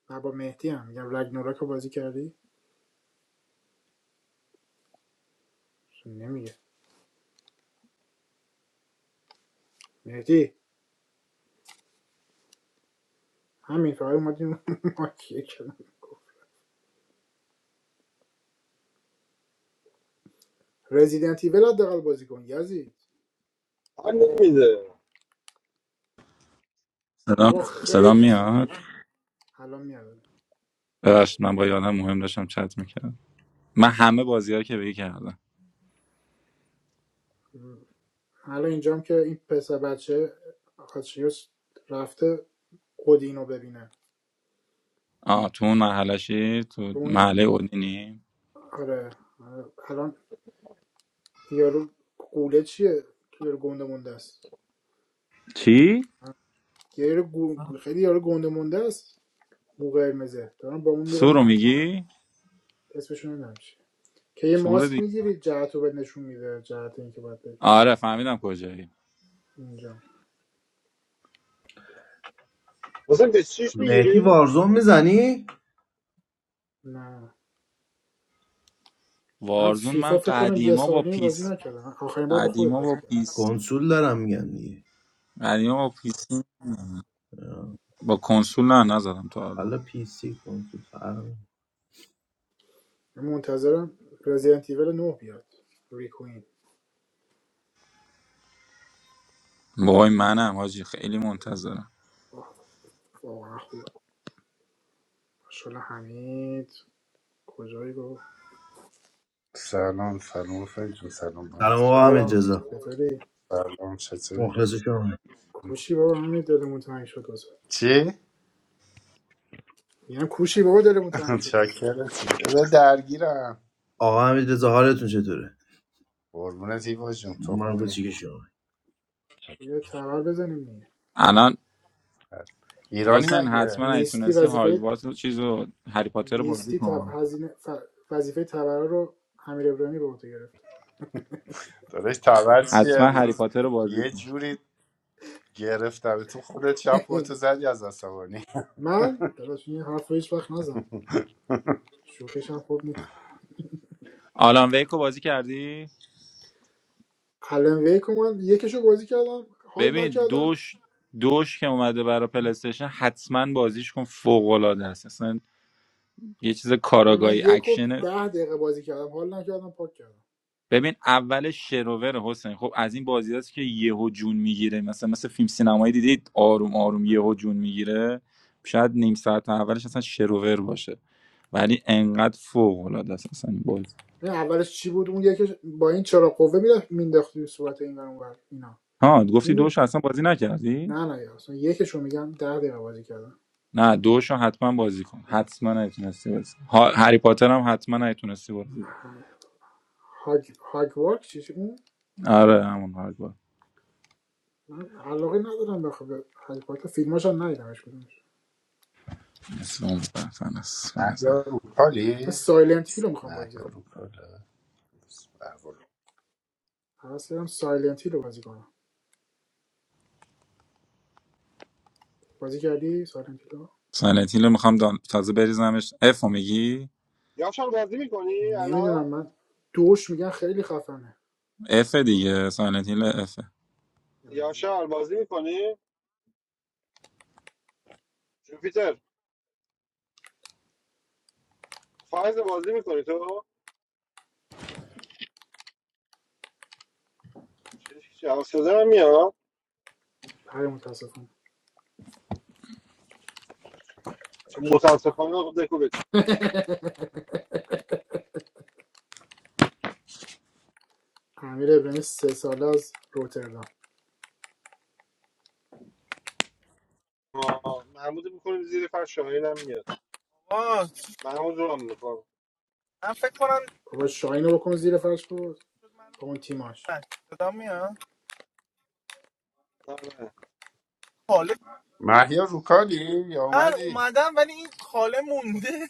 [SPEAKER 2] نه با مهدی هم میگم رگناراک رو بازی کردی نمیگه مهدی همین فقط اومدیم ماکیه کردم رزیدنت ایول حداقل بازی کن یزید
[SPEAKER 1] هم نمیده
[SPEAKER 11] صدام
[SPEAKER 2] بابا خیلی
[SPEAKER 11] صدام
[SPEAKER 2] اصلا
[SPEAKER 11] میاد
[SPEAKER 2] حالا میاد
[SPEAKER 11] ببخشید من با یادم مهم داشتم چت میکردم من همه بازی که بگی کردم
[SPEAKER 2] حالا اینجام که این پسر بچه آتریوس رفته قدینو ببینه
[SPEAKER 11] آه تو اون محلشی تو
[SPEAKER 2] اون
[SPEAKER 11] محله اودینی
[SPEAKER 2] آره آره، الان یارو قوله چیه که یارو گنده مونده است
[SPEAKER 11] چی؟
[SPEAKER 2] یارو گو- خیلی یارو گنده مونده است مو قرمزه دارم با اون
[SPEAKER 11] سور رو
[SPEAKER 2] میرم
[SPEAKER 11] میگی
[SPEAKER 2] اسمشون نمیدونم چیه که یه
[SPEAKER 11] سور
[SPEAKER 2] ماسک
[SPEAKER 11] دیگه
[SPEAKER 2] میگیری جهت رو بهت نشون میده جهت اینکه باید بری
[SPEAKER 11] آره فهمیدم کجایی
[SPEAKER 2] اونجا
[SPEAKER 1] مثلا 26
[SPEAKER 12] مهدی
[SPEAKER 1] میگیری؟
[SPEAKER 12] وارزون میزنی؟
[SPEAKER 2] نه من
[SPEAKER 11] وارزون من
[SPEAKER 2] فیفا فکر کنم یه
[SPEAKER 11] قدیما
[SPEAKER 2] سال و
[SPEAKER 11] با
[SPEAKER 2] نیم بازی
[SPEAKER 11] پیس
[SPEAKER 2] نکردم آخرین بار با خودت
[SPEAKER 11] قدیما با
[SPEAKER 2] بازی کردم
[SPEAKER 11] پیس
[SPEAKER 12] کنسول دارم میگن دیگه
[SPEAKER 11] قدیما با پیس با کنسول نه نزدم تا الان
[SPEAKER 12] حالا پی سی کنسول فرق نمی‌کنه.
[SPEAKER 2] من منتظرم رزیدنت ایول نه بیاد ریکوین
[SPEAKER 11] بابای منم حاجی خیلی منتظرم
[SPEAKER 2] آه، واقعا خوبه شل حمید کجایی گفت
[SPEAKER 13] سلام سلام فکر جون سلام من
[SPEAKER 12] سلام آقا
[SPEAKER 1] سلام
[SPEAKER 12] حمید
[SPEAKER 2] سلام
[SPEAKER 12] رضا
[SPEAKER 1] چطور؟
[SPEAKER 2] چطوری
[SPEAKER 13] سلام چطوری
[SPEAKER 12] مخلص شما
[SPEAKER 2] کوشی بابا همین دلمون تنگ شد واسه
[SPEAKER 13] چی؟
[SPEAKER 2] یعنی کوشی بابا دلمون تنگ شد واسه
[SPEAKER 13] چاکره چی؟ ده درگیرم
[SPEAKER 12] آقا حمید رضا حالتون چطوره
[SPEAKER 13] قربونت هیوا جون تو
[SPEAKER 12] من
[SPEAKER 13] خوبی
[SPEAKER 12] کوچیک شما
[SPEAKER 2] یه تبر بزنیم دیگه
[SPEAKER 11] الان
[SPEAKER 13] ایرانی
[SPEAKER 11] حسین
[SPEAKER 13] مگه
[SPEAKER 11] حتما اگه
[SPEAKER 2] نیستی
[SPEAKER 11] تونستی
[SPEAKER 2] وظیفه
[SPEAKER 11] هاگوارتس رو- چیز رو هری پاتر رو بازی
[SPEAKER 2] نیستی تا
[SPEAKER 11] کن
[SPEAKER 2] هزینه ف- وظیفه تبر رو امیر ابراهیمی به عهده گرفت
[SPEAKER 13] داداش تبر چیه
[SPEAKER 11] حتما
[SPEAKER 13] اون
[SPEAKER 11] هری
[SPEAKER 13] روز
[SPEAKER 11] پاتر رو بازی
[SPEAKER 13] یه
[SPEAKER 11] کن
[SPEAKER 13] جوری گرفتم تو خودت شب خودتو زدی از عصبانی
[SPEAKER 2] من داداش این حرف رو هیچ وقت نزن شوخیش هم خوب نیست
[SPEAKER 11] آلان ویک رو بازی کردی
[SPEAKER 2] الان ویک رو من یکشو بازی کردم حال
[SPEAKER 11] ببین
[SPEAKER 2] نکردم
[SPEAKER 11] دوش دوش که اومده برای پلیستشن حتما بازیش کن فوق العاده است اصلا یه چیز
[SPEAKER 2] یا من
[SPEAKER 11] کاراگاهی
[SPEAKER 2] یک و
[SPEAKER 11] اکشنه
[SPEAKER 2] ده دقیقه بازی کردم حال نکردم پاک کردم
[SPEAKER 11] ببین اول شروور حسین خب از این بازی است که یهو جون میگیره مثلا مثل فیلم سینمایی دیدید آروم آروم
[SPEAKER 2] آره.
[SPEAKER 11] یهو جون میگیره شاید نیم ساعت اولش اصلا شروور باشه ولی انقدر فوق العاده است اصلا این بازی
[SPEAKER 2] نه اولش چی بود اون یکش با این چرا قوه میرفت مینداخت توی صورت این ور اون ور. اینا
[SPEAKER 11] ها گفتی
[SPEAKER 2] این بود
[SPEAKER 11] دوشو اصلا بازی نکردی
[SPEAKER 2] نه نه یا اصلا یکشو میگم ده دقیقه بازی کردم
[SPEAKER 11] نه دوشو حتما بازی کن حتما نتونستی بازی کن. ها... هری پاتر هم حتما نتونستی بازی کن.
[SPEAKER 2] هاگ هاگوارک چی چی اون
[SPEAKER 11] آره همون هری پاتر
[SPEAKER 2] من علاقه ندارم به خود هاگ وارک فیلماش هم ندیدمش کدومش
[SPEAKER 11] اسلام برتن است
[SPEAKER 13] مهیا
[SPEAKER 2] من
[SPEAKER 13] روکالی؟
[SPEAKER 2] سایلنت هیل رو میخوام بازی
[SPEAKER 13] مهیا
[SPEAKER 2] کنم
[SPEAKER 13] روکاله
[SPEAKER 2] حواس دارم سایلنت هیل رو بازی کنم بازی کردی سایلنت هیل رو
[SPEAKER 11] هیل میخوام دان... تازه بریزمش اف رو میگی
[SPEAKER 1] یاشار بازی میکنی
[SPEAKER 2] نمیدونم
[SPEAKER 1] الان؟
[SPEAKER 2] من دوش میگن خیلی خفنه
[SPEAKER 11] اف دیگه سایلنت هیل اف
[SPEAKER 2] نمیدونم
[SPEAKER 1] یاشار بازی میکنی؟ جوپیتر فایز بازی میکنی تو؟ چش، جواب شده من میاد
[SPEAKER 2] بله متاسفم
[SPEAKER 1] چون متاسفانه خب دکو بچی
[SPEAKER 2] امیر ابراهیمی سه ساله از روتردام
[SPEAKER 1] آه، محمود میکنیم زیر فرش شاهین هم میاد
[SPEAKER 4] آه
[SPEAKER 1] محمود رو هم میکنم
[SPEAKER 4] من فکر کنم
[SPEAKER 2] بابا شاهین رو بکن زیر فرش
[SPEAKER 4] اگه
[SPEAKER 2] بود
[SPEAKER 4] چیز شد منو
[SPEAKER 2] با اون
[SPEAKER 4] بکنیم زیر
[SPEAKER 2] تیماش
[SPEAKER 4] فرش صدا میاد خاله
[SPEAKER 13] مهیا روکالی یا
[SPEAKER 4] نه
[SPEAKER 13] اومدی؟
[SPEAKER 4] اومدم ولی این خاله مونده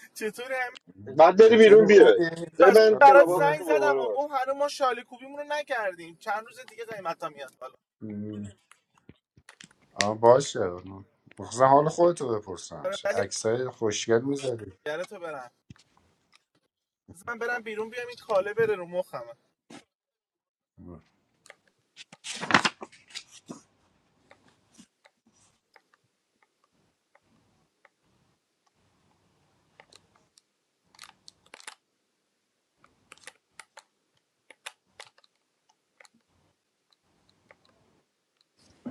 [SPEAKER 4] چطوری همین
[SPEAKER 1] بعد بری بیرون
[SPEAKER 13] چطوری
[SPEAKER 1] بیای
[SPEAKER 13] خوبی؟
[SPEAKER 4] همین
[SPEAKER 1] ده
[SPEAKER 4] راستی
[SPEAKER 1] من
[SPEAKER 13] حالت
[SPEAKER 4] برات
[SPEAKER 1] کلاباس تو
[SPEAKER 4] زنگ زدم
[SPEAKER 1] دوباره
[SPEAKER 4] و
[SPEAKER 1] باز.
[SPEAKER 4] گفت هنوز ما شاله کوبیمون رو نکردیم چند روز دیگه قیمتا میاد بالا
[SPEAKER 13] خوبه؟ آه باشه مخصوصا حال خودتو بپرسم
[SPEAKER 4] آره ولی
[SPEAKER 13] عکسای خوشگل میذاری
[SPEAKER 4] گره تو برن من برم بیرون بیام این خاله بره رو مخمه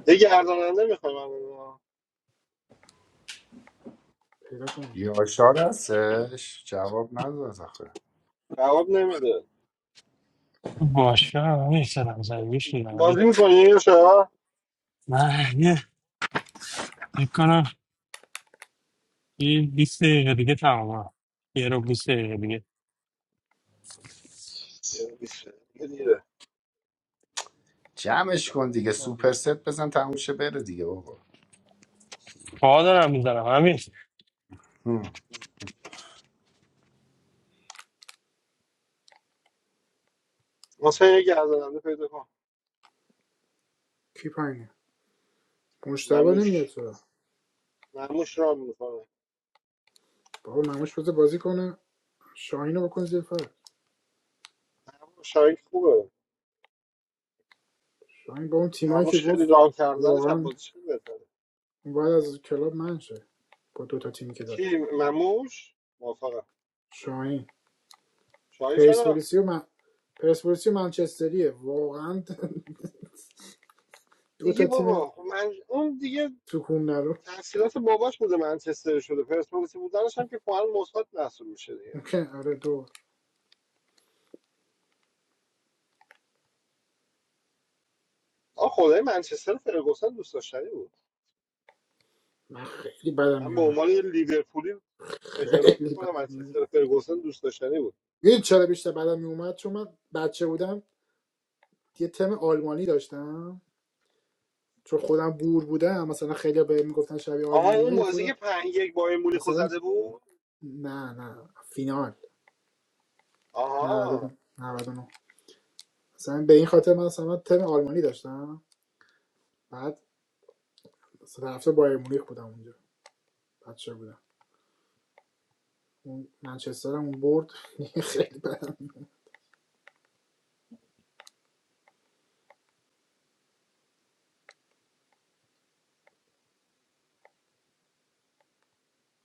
[SPEAKER 1] یه گرداننده میخوایم الان.
[SPEAKER 2] پیدا کن
[SPEAKER 13] یاشار هستش جواب نداد آخه
[SPEAKER 1] جواب نمیده
[SPEAKER 3] باشه من سلام زنگیش
[SPEAKER 1] بازی میکنی یا شما
[SPEAKER 3] نمید میکنم این 20 دقیقه دیگه تمام یه رو 20 دقیقه دیگه
[SPEAKER 1] یه بیسته یه دیره
[SPEAKER 13] جمعش کن دیگه سوپر ست بزن تموم شه بره دیگه بابا
[SPEAKER 3] پا دارم میزنم همین
[SPEAKER 13] هم.
[SPEAKER 1] واسه یه گرداننده پیدا کن
[SPEAKER 2] کی پایینه مشتبه نمیاد
[SPEAKER 1] مموش
[SPEAKER 2] تو
[SPEAKER 1] مموش رام میکنه
[SPEAKER 2] بابا مموش بذار بازی کنه شاهین رو بکن زیر فرش
[SPEAKER 1] شاید خوبه
[SPEAKER 2] شاهین با اون تیمایی که
[SPEAKER 1] مموش خیلی
[SPEAKER 2] گفت
[SPEAKER 1] رام کردنش هم
[SPEAKER 2] واقعا
[SPEAKER 1] بازیش خیلی بهتره
[SPEAKER 2] باید از کلاب من شه با دوتا تیمی که
[SPEAKER 1] کی
[SPEAKER 2] داشت
[SPEAKER 1] مموش موافقم
[SPEAKER 2] شاهین
[SPEAKER 1] شاید چرا
[SPEAKER 2] پرسپولیسی و من پرسپولیسی و منچستریه واقعا دو
[SPEAKER 1] دیگه
[SPEAKER 2] تا تیم
[SPEAKER 1] بابا خب من اون دیگه
[SPEAKER 2] تو کوم نرو
[SPEAKER 1] تحصیلات باباش بوده منچستر شده پرسپولیسی بودنش هم که کلا مثبت محسوب میشه دیگه
[SPEAKER 2] ممکن آره دو
[SPEAKER 1] آ خدای منچستر فرگوسن دوست داشتنی بود
[SPEAKER 2] من خیلی بدم
[SPEAKER 1] من به
[SPEAKER 2] میومد
[SPEAKER 1] عنوان یه لیورپولی اعتراف
[SPEAKER 2] خیلی
[SPEAKER 1] میکنم
[SPEAKER 2] بدم میومد
[SPEAKER 1] منچستر فرگوسن دوست داشتنی بود
[SPEAKER 2] میدید چرا بیشتر بدم میومد چون من بچه بودم یه تم آلمانی داشتم چون خودم بور بودم مثلا خیلی به میگفتن شبیه
[SPEAKER 1] آها اون
[SPEAKER 2] آلمانیایی
[SPEAKER 1] بازی
[SPEAKER 2] خودم
[SPEAKER 1] که پنج یک بایر مونیخو
[SPEAKER 2] مثلا
[SPEAKER 1] زده بود
[SPEAKER 2] نه نه فینال
[SPEAKER 1] آها
[SPEAKER 2] 99 99 مثلا به این خاطر من مثلا من تم آلمانی داشتم بعد مثلا هفته بایر مونیخ بودم اونجا بچه بودم اون منچستر هم اون برد خیلی بدم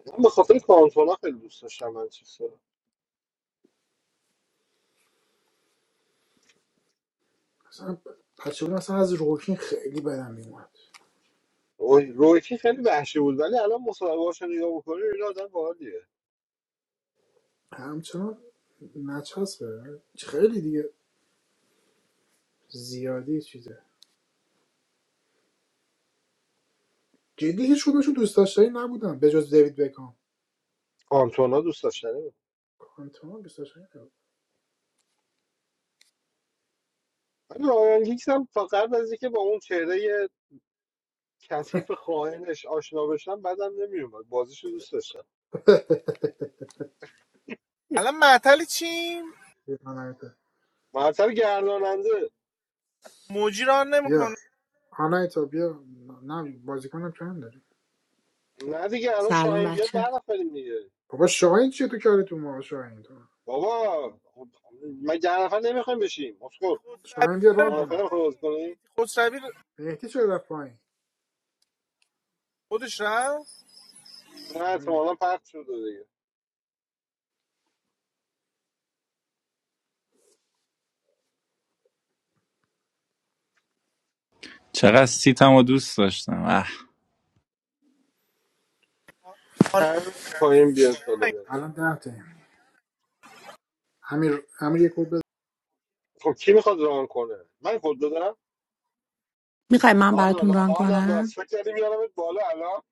[SPEAKER 1] من به خاطر کانتونا خیلی دوست داشتم منچستر
[SPEAKER 2] مثلا بچه بودم مثلا از روکین خیلی بدم میومد
[SPEAKER 1] روی روی که خیلی وحشی بود ولی الان مصاحبه‌هاش رو نگاه بکنی این آدم باحالیه
[SPEAKER 2] همچنان نچسبه خیلی دیگه زیادی چیزه جدی هیچ کدومشون دوست داشتنی نبودن به جز دیوید بکام
[SPEAKER 1] کانتونا دوست داشتنی بود
[SPEAKER 2] آنتوان دوست داشتنی نبود.
[SPEAKER 1] ولی رایان گیگز هم فقط از اینکه با اون چهره کثیف خائنش آشنا بشم بعدم نمیومد بازیش رو دوست داشتم
[SPEAKER 4] الان معطل چیم
[SPEAKER 2] بیا آنایتا
[SPEAKER 1] مرتب گرداننده
[SPEAKER 4] مجران
[SPEAKER 2] بیا
[SPEAKER 4] نمیکنه
[SPEAKER 2] آنایتا بیا نه بازیکنم کم داری
[SPEAKER 1] نه دیگه الان
[SPEAKER 14] سلام
[SPEAKER 1] شاهین بیاد
[SPEAKER 14] بچه
[SPEAKER 1] ده نفریم دیگه
[SPEAKER 2] بابا شاهین چیه تو کاری تو ما شاهین تو
[SPEAKER 1] بابا ما ده نفر نمیخوایم بشیم
[SPEAKER 4] خسروی
[SPEAKER 2] شاهین بیا
[SPEAKER 4] چرا
[SPEAKER 2] ران
[SPEAKER 1] نه
[SPEAKER 4] رفت
[SPEAKER 1] نفر
[SPEAKER 2] کنه
[SPEAKER 1] میخوای بازی
[SPEAKER 4] پایین
[SPEAKER 1] کنیم
[SPEAKER 4] مهدی خسروی
[SPEAKER 2] مهدی چرا رفت پایین
[SPEAKER 4] خودش رفت
[SPEAKER 1] نه
[SPEAKER 2] نمی‌دونم.
[SPEAKER 1] احتمالا پخش شده دیگه
[SPEAKER 11] چقدر سیتم رو دوست داشتم اه.
[SPEAKER 4] آنایتا
[SPEAKER 1] همین
[SPEAKER 4] بازی
[SPEAKER 1] پایین بیاد
[SPEAKER 4] نمیکنی
[SPEAKER 1] بالا بچه
[SPEAKER 4] آنایتا
[SPEAKER 2] الان ده تایم امیر امیر یک بود
[SPEAKER 1] خب کی میخواد ران کنه من کد دادم
[SPEAKER 14] میخوای من براتون
[SPEAKER 1] آنا
[SPEAKER 14] ران
[SPEAKER 1] آنا ناس
[SPEAKER 14] کنم
[SPEAKER 1] فکر کردی میارمت بالا الان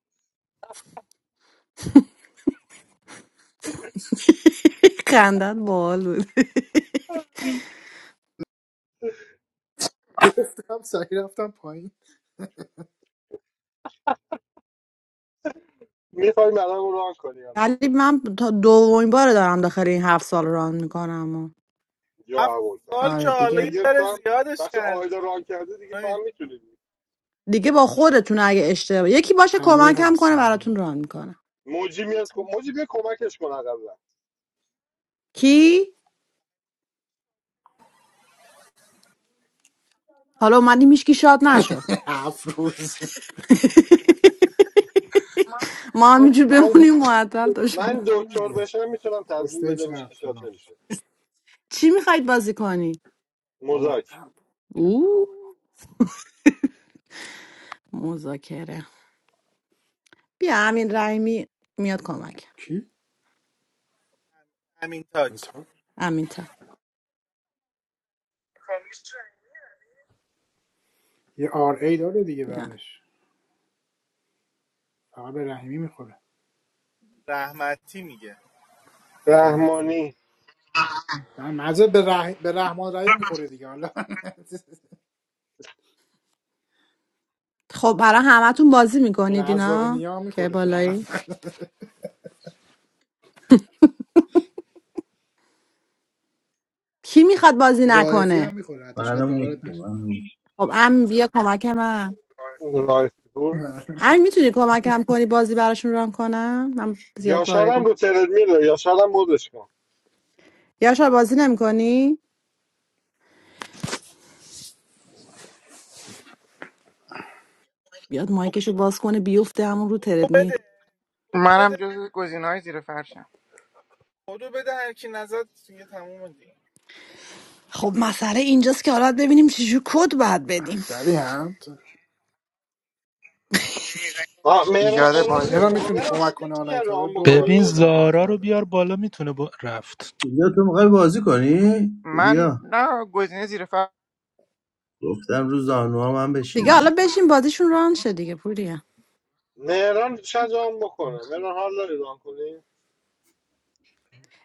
[SPEAKER 14] خندت بال بود
[SPEAKER 2] گفتم سعی رفتم پایین
[SPEAKER 1] میخوایم الان ران کنی یا
[SPEAKER 14] ولی
[SPEAKER 1] نه
[SPEAKER 14] من تا دومین بار دارم داخل این هفت سال ران میکنم و
[SPEAKER 1] یا
[SPEAKER 4] هفت
[SPEAKER 1] اول
[SPEAKER 4] سال
[SPEAKER 1] هست
[SPEAKER 4] که
[SPEAKER 14] آره
[SPEAKER 4] حالا یه
[SPEAKER 14] دیگه
[SPEAKER 1] دیگه تو
[SPEAKER 4] ذره
[SPEAKER 1] هم
[SPEAKER 4] زیادش
[SPEAKER 1] بچه
[SPEAKER 4] کردی
[SPEAKER 1] آیدا ران کرده دیگه تو
[SPEAKER 4] آره،
[SPEAKER 1] هم میتونی
[SPEAKER 14] دیگه با خودتون اگه اشتباه یکی باشه
[SPEAKER 2] امیر
[SPEAKER 14] کمکم
[SPEAKER 2] هست
[SPEAKER 14] کنه
[SPEAKER 2] نگران
[SPEAKER 14] براتون
[SPEAKER 2] نباش.
[SPEAKER 14] ران میکنم
[SPEAKER 1] موجی میاد کم- موجی بیا کمکش کن اقلا
[SPEAKER 14] کی حالا اومدیم هیچکی شاد
[SPEAKER 4] من
[SPEAKER 14] نشد
[SPEAKER 4] میشه
[SPEAKER 14] ما همینجور
[SPEAKER 1] من
[SPEAKER 14] بمونیم معطل تا شما
[SPEAKER 1] من دکتر بشم میتونم تضمین
[SPEAKER 2] کشته
[SPEAKER 1] بدمش
[SPEAKER 2] شب
[SPEAKER 1] که شاد
[SPEAKER 2] فلان
[SPEAKER 1] نمیشه
[SPEAKER 14] چی میخواید بازی کنی
[SPEAKER 2] بابا
[SPEAKER 1] مزاک
[SPEAKER 2] نه.
[SPEAKER 14] او مذاکره بیا امین رحیمی میاد کمک
[SPEAKER 2] کی؟
[SPEAKER 4] همین تاچ
[SPEAKER 2] انتاب
[SPEAKER 14] امین تا
[SPEAKER 2] یه آر ای داره دیگه
[SPEAKER 14] بیا
[SPEAKER 2] بعدش فقط به رحیمی میخوره
[SPEAKER 4] رحمتی میگه
[SPEAKER 2] رحمان
[SPEAKER 1] رحمانی
[SPEAKER 2] مزه به, رح... به رحمان رحیم میخوره دیگه حالا
[SPEAKER 14] خب برای همتون بازی میکنید
[SPEAKER 2] رزاق
[SPEAKER 14] اینا
[SPEAKER 2] نیا
[SPEAKER 14] که
[SPEAKER 2] میخوره شاید
[SPEAKER 14] بالایی کی میخواد بازی
[SPEAKER 2] رائفی
[SPEAKER 14] نکنه
[SPEAKER 2] هم میخوره حتی شاید
[SPEAKER 12] منم
[SPEAKER 2] باورت نشه
[SPEAKER 12] نیستم.
[SPEAKER 14] خب ام بیا کمک من
[SPEAKER 1] رایفپور
[SPEAKER 14] ام میتونی کمکم کنی بازی براشون ران کنم من زیاد
[SPEAKER 1] یا
[SPEAKER 14] وارد
[SPEAKER 1] هم
[SPEAKER 14] نیست.
[SPEAKER 1] رو ترد میره یا هم بودش کن
[SPEAKER 14] یا شاید بازی نمیکنی بیاد
[SPEAKER 4] تو
[SPEAKER 14] مایکشو باز کنه بیفته
[SPEAKER 4] تو
[SPEAKER 14] همون رو
[SPEAKER 4] کدو
[SPEAKER 14] تردمی
[SPEAKER 4] بده کدو
[SPEAKER 15] منم
[SPEAKER 4] بده
[SPEAKER 15] جز گزینه های زیر فرشم
[SPEAKER 4] کدو بده هر کی نزد دیگه تموم دیگه
[SPEAKER 14] خب مسئله اینجاست که حالا ببینیم چجور کد باید بدیم
[SPEAKER 2] دری هم
[SPEAKER 1] آه، مهران
[SPEAKER 15] ایجاد
[SPEAKER 1] سالار رو بیا
[SPEAKER 2] مهران
[SPEAKER 1] کن
[SPEAKER 15] بازی
[SPEAKER 2] میتونی
[SPEAKER 1] مهران
[SPEAKER 2] کمک
[SPEAKER 1] بیا
[SPEAKER 2] کنه
[SPEAKER 1] میاد
[SPEAKER 2] آنایتا رو
[SPEAKER 1] ران
[SPEAKER 2] دو بار
[SPEAKER 8] ببین
[SPEAKER 1] بکنی
[SPEAKER 2] کلا ران
[SPEAKER 8] زارا رو
[SPEAKER 2] کرده
[SPEAKER 8] بیار بالا میتونه با... رفت
[SPEAKER 12] پوریا تو میخوای بازی کنی
[SPEAKER 15] من
[SPEAKER 12] پوریا
[SPEAKER 15] نه گزینه زیر فرش
[SPEAKER 12] گفتم روز زانوها من
[SPEAKER 14] دیگه
[SPEAKER 12] بشینی
[SPEAKER 14] حالا بشین بازیشون ران شه دیگه پوریا
[SPEAKER 1] مهران شاید ران بکنه مهران حال داری ران کنی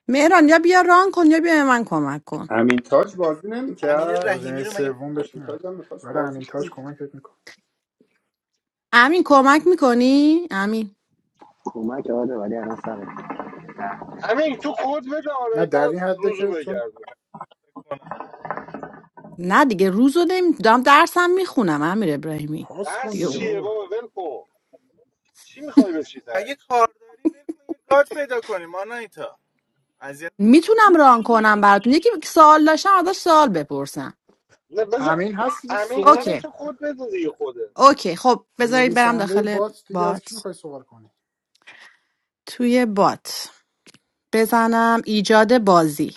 [SPEAKER 14] مهران یا بیا ران کن یا بیا به من کمک کن
[SPEAKER 13] امین تاج بازی
[SPEAKER 4] امین
[SPEAKER 13] نمیکرد
[SPEAKER 2] گزینه
[SPEAKER 4] رحیمی رو مگه
[SPEAKER 2] سوم بهش
[SPEAKER 13] امین
[SPEAKER 4] نمی‌تونی
[SPEAKER 2] نه
[SPEAKER 13] تاج هم
[SPEAKER 4] کمک
[SPEAKER 13] میخواست
[SPEAKER 2] ولی
[SPEAKER 13] بازی
[SPEAKER 2] همین
[SPEAKER 13] کنه.
[SPEAKER 2] تاج کمکت میکنه
[SPEAKER 14] امین کمک میکنی امین
[SPEAKER 16] کمک آره ولی الان سرت
[SPEAKER 1] همین تو خود بده
[SPEAKER 2] نه در
[SPEAKER 1] آنایتا
[SPEAKER 2] این حده
[SPEAKER 1] روزو
[SPEAKER 2] که چون
[SPEAKER 1] بگردونه
[SPEAKER 4] کنن
[SPEAKER 14] نه دیگه روز رو نمی... دارم درسم میخونم امیر ابراهیمی
[SPEAKER 2] پاس کن
[SPEAKER 1] درس
[SPEAKER 14] دیگه
[SPEAKER 2] دیگه
[SPEAKER 14] اون
[SPEAKER 1] چیه
[SPEAKER 2] بابا
[SPEAKER 1] بابا ول کن چی میخوای بشی
[SPEAKER 4] خب اگه
[SPEAKER 1] تهش
[SPEAKER 4] کار داری ول کن یه گارد پیدا کنیم آنایتا اذیت
[SPEAKER 14] میتونم ران کنم براتون یکی سوال داشتم ازش سوال بپرسم
[SPEAKER 1] نه بذار
[SPEAKER 2] همین هست دیگه
[SPEAKER 1] همین
[SPEAKER 2] سوال
[SPEAKER 1] همین
[SPEAKER 14] اوکی
[SPEAKER 1] تو خود بده دیگه خوده
[SPEAKER 14] اوکی خب بذارید برم
[SPEAKER 2] نویسنده
[SPEAKER 14] داخل
[SPEAKER 2] بات دیگه از کی
[SPEAKER 14] بات
[SPEAKER 2] میخوای سوال کنی
[SPEAKER 14] توی بات بزنم ایجاد بازی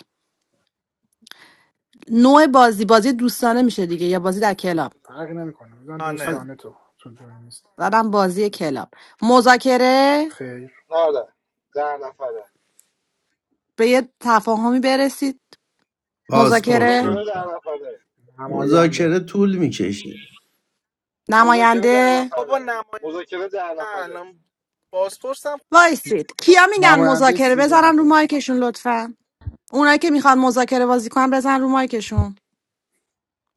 [SPEAKER 14] نوع بازی بازی دوستانه میشه دیگه یا بازی در کلاب
[SPEAKER 2] فرقی نمیکنه میدونم
[SPEAKER 4] دوستانه
[SPEAKER 2] دوستانه تو تو دنیا نیست
[SPEAKER 14] زدم بازی کلاب مذاکره
[SPEAKER 2] خیر
[SPEAKER 1] نه نه در نفره
[SPEAKER 14] به یه تفاهمی برسید
[SPEAKER 12] پاسپورت
[SPEAKER 14] مذاکره
[SPEAKER 1] مذاکره در
[SPEAKER 12] لطفا
[SPEAKER 1] نفره
[SPEAKER 2] نماینده
[SPEAKER 12] مذاکره طول میکشه
[SPEAKER 1] مذاکره در
[SPEAKER 14] نماینده
[SPEAKER 4] بابا
[SPEAKER 1] نفره
[SPEAKER 4] نماینده
[SPEAKER 1] مذاکره
[SPEAKER 4] که
[SPEAKER 1] در
[SPEAKER 4] نه
[SPEAKER 1] نفره
[SPEAKER 4] الان بازپرسم
[SPEAKER 14] وایسید کیا میگن
[SPEAKER 2] نماینده
[SPEAKER 14] مذاکره
[SPEAKER 2] سیزده
[SPEAKER 14] بزنن رو
[SPEAKER 2] نفره
[SPEAKER 14] مایکشون لطفا اونایی که میخوان مذاکره بازی کنن بزن رو مایکشون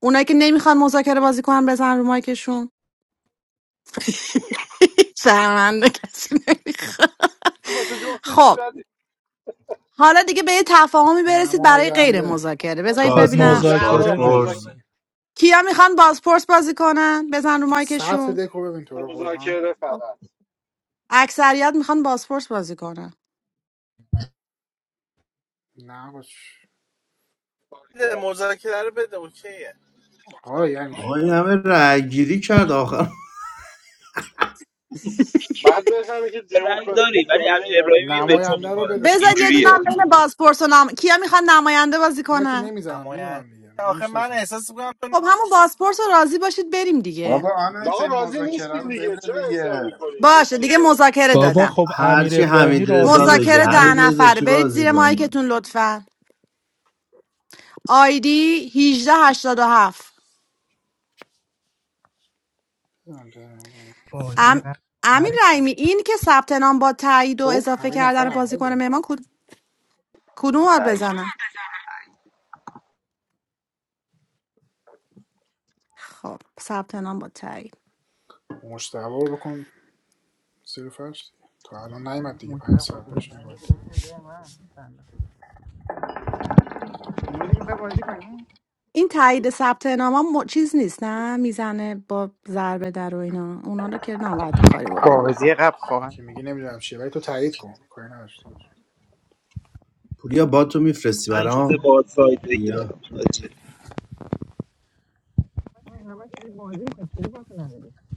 [SPEAKER 14] اونایی که نمیخوان مذاکره بازی کنن بزن رو مایکشون شرمنده کسی نمیخواد
[SPEAKER 1] واسه جفتش
[SPEAKER 14] خب
[SPEAKER 1] زدی
[SPEAKER 14] حالا دیگه به یه تفاهمی برسید برای غیر
[SPEAKER 2] نماینده
[SPEAKER 14] مذاکره بذارید
[SPEAKER 1] مذاکره-
[SPEAKER 8] خب
[SPEAKER 12] پاسپورت
[SPEAKER 14] ببینم
[SPEAKER 1] نه آقا
[SPEAKER 8] مذاکره
[SPEAKER 12] پاسپورت
[SPEAKER 1] مذاکره
[SPEAKER 8] بدینی
[SPEAKER 14] کیا میخوان بازپرس بازی کنن بزن رو
[SPEAKER 2] سطح
[SPEAKER 14] مایکشون
[SPEAKER 2] دکو ببین تو رو قرآن
[SPEAKER 1] مذاکره
[SPEAKER 14] خب.
[SPEAKER 1] فقط
[SPEAKER 14] اکثریت میخوان بازپرس بازی کنن
[SPEAKER 2] نه باش
[SPEAKER 4] بده مذاکره رو بده اوکیه
[SPEAKER 2] آه یعنی چی؟
[SPEAKER 12] آقا این همه رأی گیری کرد آخر
[SPEAKER 1] بعد بفهمی که
[SPEAKER 17] رأی
[SPEAKER 1] دموکراسی
[SPEAKER 17] داری
[SPEAKER 1] تو
[SPEAKER 17] ولی
[SPEAKER 1] جامعه
[SPEAKER 17] امیر
[SPEAKER 1] ایرانی
[SPEAKER 17] ابراهیمی
[SPEAKER 1] جه
[SPEAKER 17] به تو
[SPEAKER 2] نماینده رو
[SPEAKER 17] میکنه
[SPEAKER 2] بده
[SPEAKER 14] بذار
[SPEAKER 2] پس
[SPEAKER 14] یه دونه
[SPEAKER 17] اینجوریه
[SPEAKER 14] هم بین بازپرس و نام... کیا میخوان نماینده بازی
[SPEAKER 2] اینا که
[SPEAKER 14] کنن
[SPEAKER 2] نمیذارم
[SPEAKER 4] نماینده
[SPEAKER 2] میدونم دیگه
[SPEAKER 4] که آخه من
[SPEAKER 2] میشناسم
[SPEAKER 4] احساس میکنم
[SPEAKER 14] خب همون بازپرس رو راضی باشید بریم دیگه
[SPEAKER 13] بابا آنایت
[SPEAKER 1] آقا راضی
[SPEAKER 13] مذاکره
[SPEAKER 1] نیستیم
[SPEAKER 13] رو
[SPEAKER 1] دیگه
[SPEAKER 13] بده
[SPEAKER 1] چه اصرار
[SPEAKER 13] دیگه
[SPEAKER 1] میکنی
[SPEAKER 14] باشه
[SPEAKER 1] نیستیم
[SPEAKER 14] دیگه
[SPEAKER 1] راضی
[SPEAKER 14] مذاکره
[SPEAKER 8] بابا
[SPEAKER 14] دادم
[SPEAKER 8] خب امیر
[SPEAKER 12] هرچی حمید
[SPEAKER 8] ابراهیمی راضی
[SPEAKER 12] رضا
[SPEAKER 8] نیست
[SPEAKER 12] بگه
[SPEAKER 14] مذاکره ده
[SPEAKER 12] حمید
[SPEAKER 8] دیگه
[SPEAKER 12] رضا
[SPEAKER 14] نفره
[SPEAKER 12] چی
[SPEAKER 14] برید
[SPEAKER 12] بازی
[SPEAKER 14] زیر
[SPEAKER 12] کنی
[SPEAKER 14] مایکتون لطفا آیدی 1887
[SPEAKER 15] بازی
[SPEAKER 14] ام...
[SPEAKER 15] قبل
[SPEAKER 14] امین
[SPEAKER 15] خواهر
[SPEAKER 14] رحیمی این که ثبت نام با تایید و
[SPEAKER 2] خب
[SPEAKER 14] اضافه
[SPEAKER 2] همین نفر
[SPEAKER 14] کردن
[SPEAKER 2] اول
[SPEAKER 14] بازیکن
[SPEAKER 2] بود
[SPEAKER 14] مهمان کد- کدوم
[SPEAKER 16] با
[SPEAKER 14] بار
[SPEAKER 16] تایید
[SPEAKER 14] بزنم خب ثبت نام با تایید
[SPEAKER 2] مشتبه رو بکن زیر فرش دیگه. الان نیمد دیگه پنج ساعت بهشون مبدل
[SPEAKER 15] موجی میخوای بازی کنی
[SPEAKER 14] این تایید ثبت نام ها م... چیز نیست نه میزنه با ضربه در و اینا اونا رو که نباید کاری بکن
[SPEAKER 15] بازی قبل خواهر
[SPEAKER 2] که میگی نمیدونم چیه ولی تو تایید کن کاری نداشته باش
[SPEAKER 12] پوریا با تو
[SPEAKER 17] من
[SPEAKER 12] میفرستی
[SPEAKER 17] سعی شده
[SPEAKER 12] برام
[SPEAKER 17] با سایت
[SPEAKER 12] بیا
[SPEAKER 17] بگیرم حاجی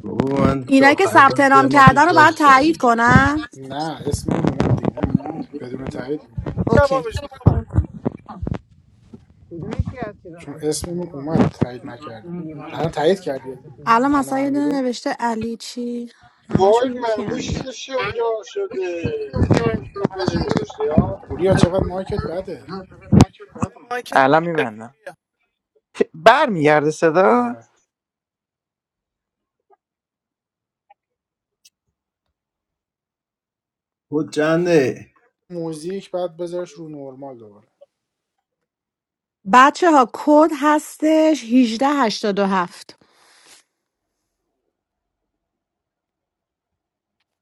[SPEAKER 12] بابا من تو
[SPEAKER 14] اینا که
[SPEAKER 12] آخرین بار
[SPEAKER 14] ثبت
[SPEAKER 12] سه
[SPEAKER 14] نام
[SPEAKER 12] ماه
[SPEAKER 14] کردن
[SPEAKER 12] پیش
[SPEAKER 14] رو باید
[SPEAKER 12] بازی
[SPEAKER 14] تایید
[SPEAKER 12] کردم
[SPEAKER 14] کنم
[SPEAKER 2] نه اسم اون اومد دیگه
[SPEAKER 4] آره
[SPEAKER 2] نمیخواد
[SPEAKER 4] دیگه این
[SPEAKER 2] بدون
[SPEAKER 4] سوال
[SPEAKER 2] تایید
[SPEAKER 4] خیلی
[SPEAKER 14] اوکی
[SPEAKER 4] جوابش
[SPEAKER 14] خب
[SPEAKER 4] معلومه آنایتا
[SPEAKER 15] یکی از چیزا
[SPEAKER 2] چون
[SPEAKER 15] سفه.
[SPEAKER 2] اسممون اومد تایید نکردیم الان تایید کردی
[SPEAKER 14] الان
[SPEAKER 2] من و
[SPEAKER 14] مثلا یه
[SPEAKER 2] امیر
[SPEAKER 14] دونه
[SPEAKER 2] رو
[SPEAKER 14] نوشته علی چی
[SPEAKER 1] وای
[SPEAKER 14] همشون یکی
[SPEAKER 1] مموش
[SPEAKER 14] هم
[SPEAKER 1] چه شجاع شده به هشت گذاشته ها
[SPEAKER 2] پوریا چقدر مارکت بده
[SPEAKER 4] صدای مایکت
[SPEAKER 15] الان
[SPEAKER 4] بده
[SPEAKER 15] میبندم
[SPEAKER 4] پوریه
[SPEAKER 15] برمیگرده صدا
[SPEAKER 2] آره
[SPEAKER 12] خود چنده
[SPEAKER 2] موزیک بعد بذارش رو نورمال دوباره
[SPEAKER 14] بچه ها کد هستش هجده هشتاد و هفت.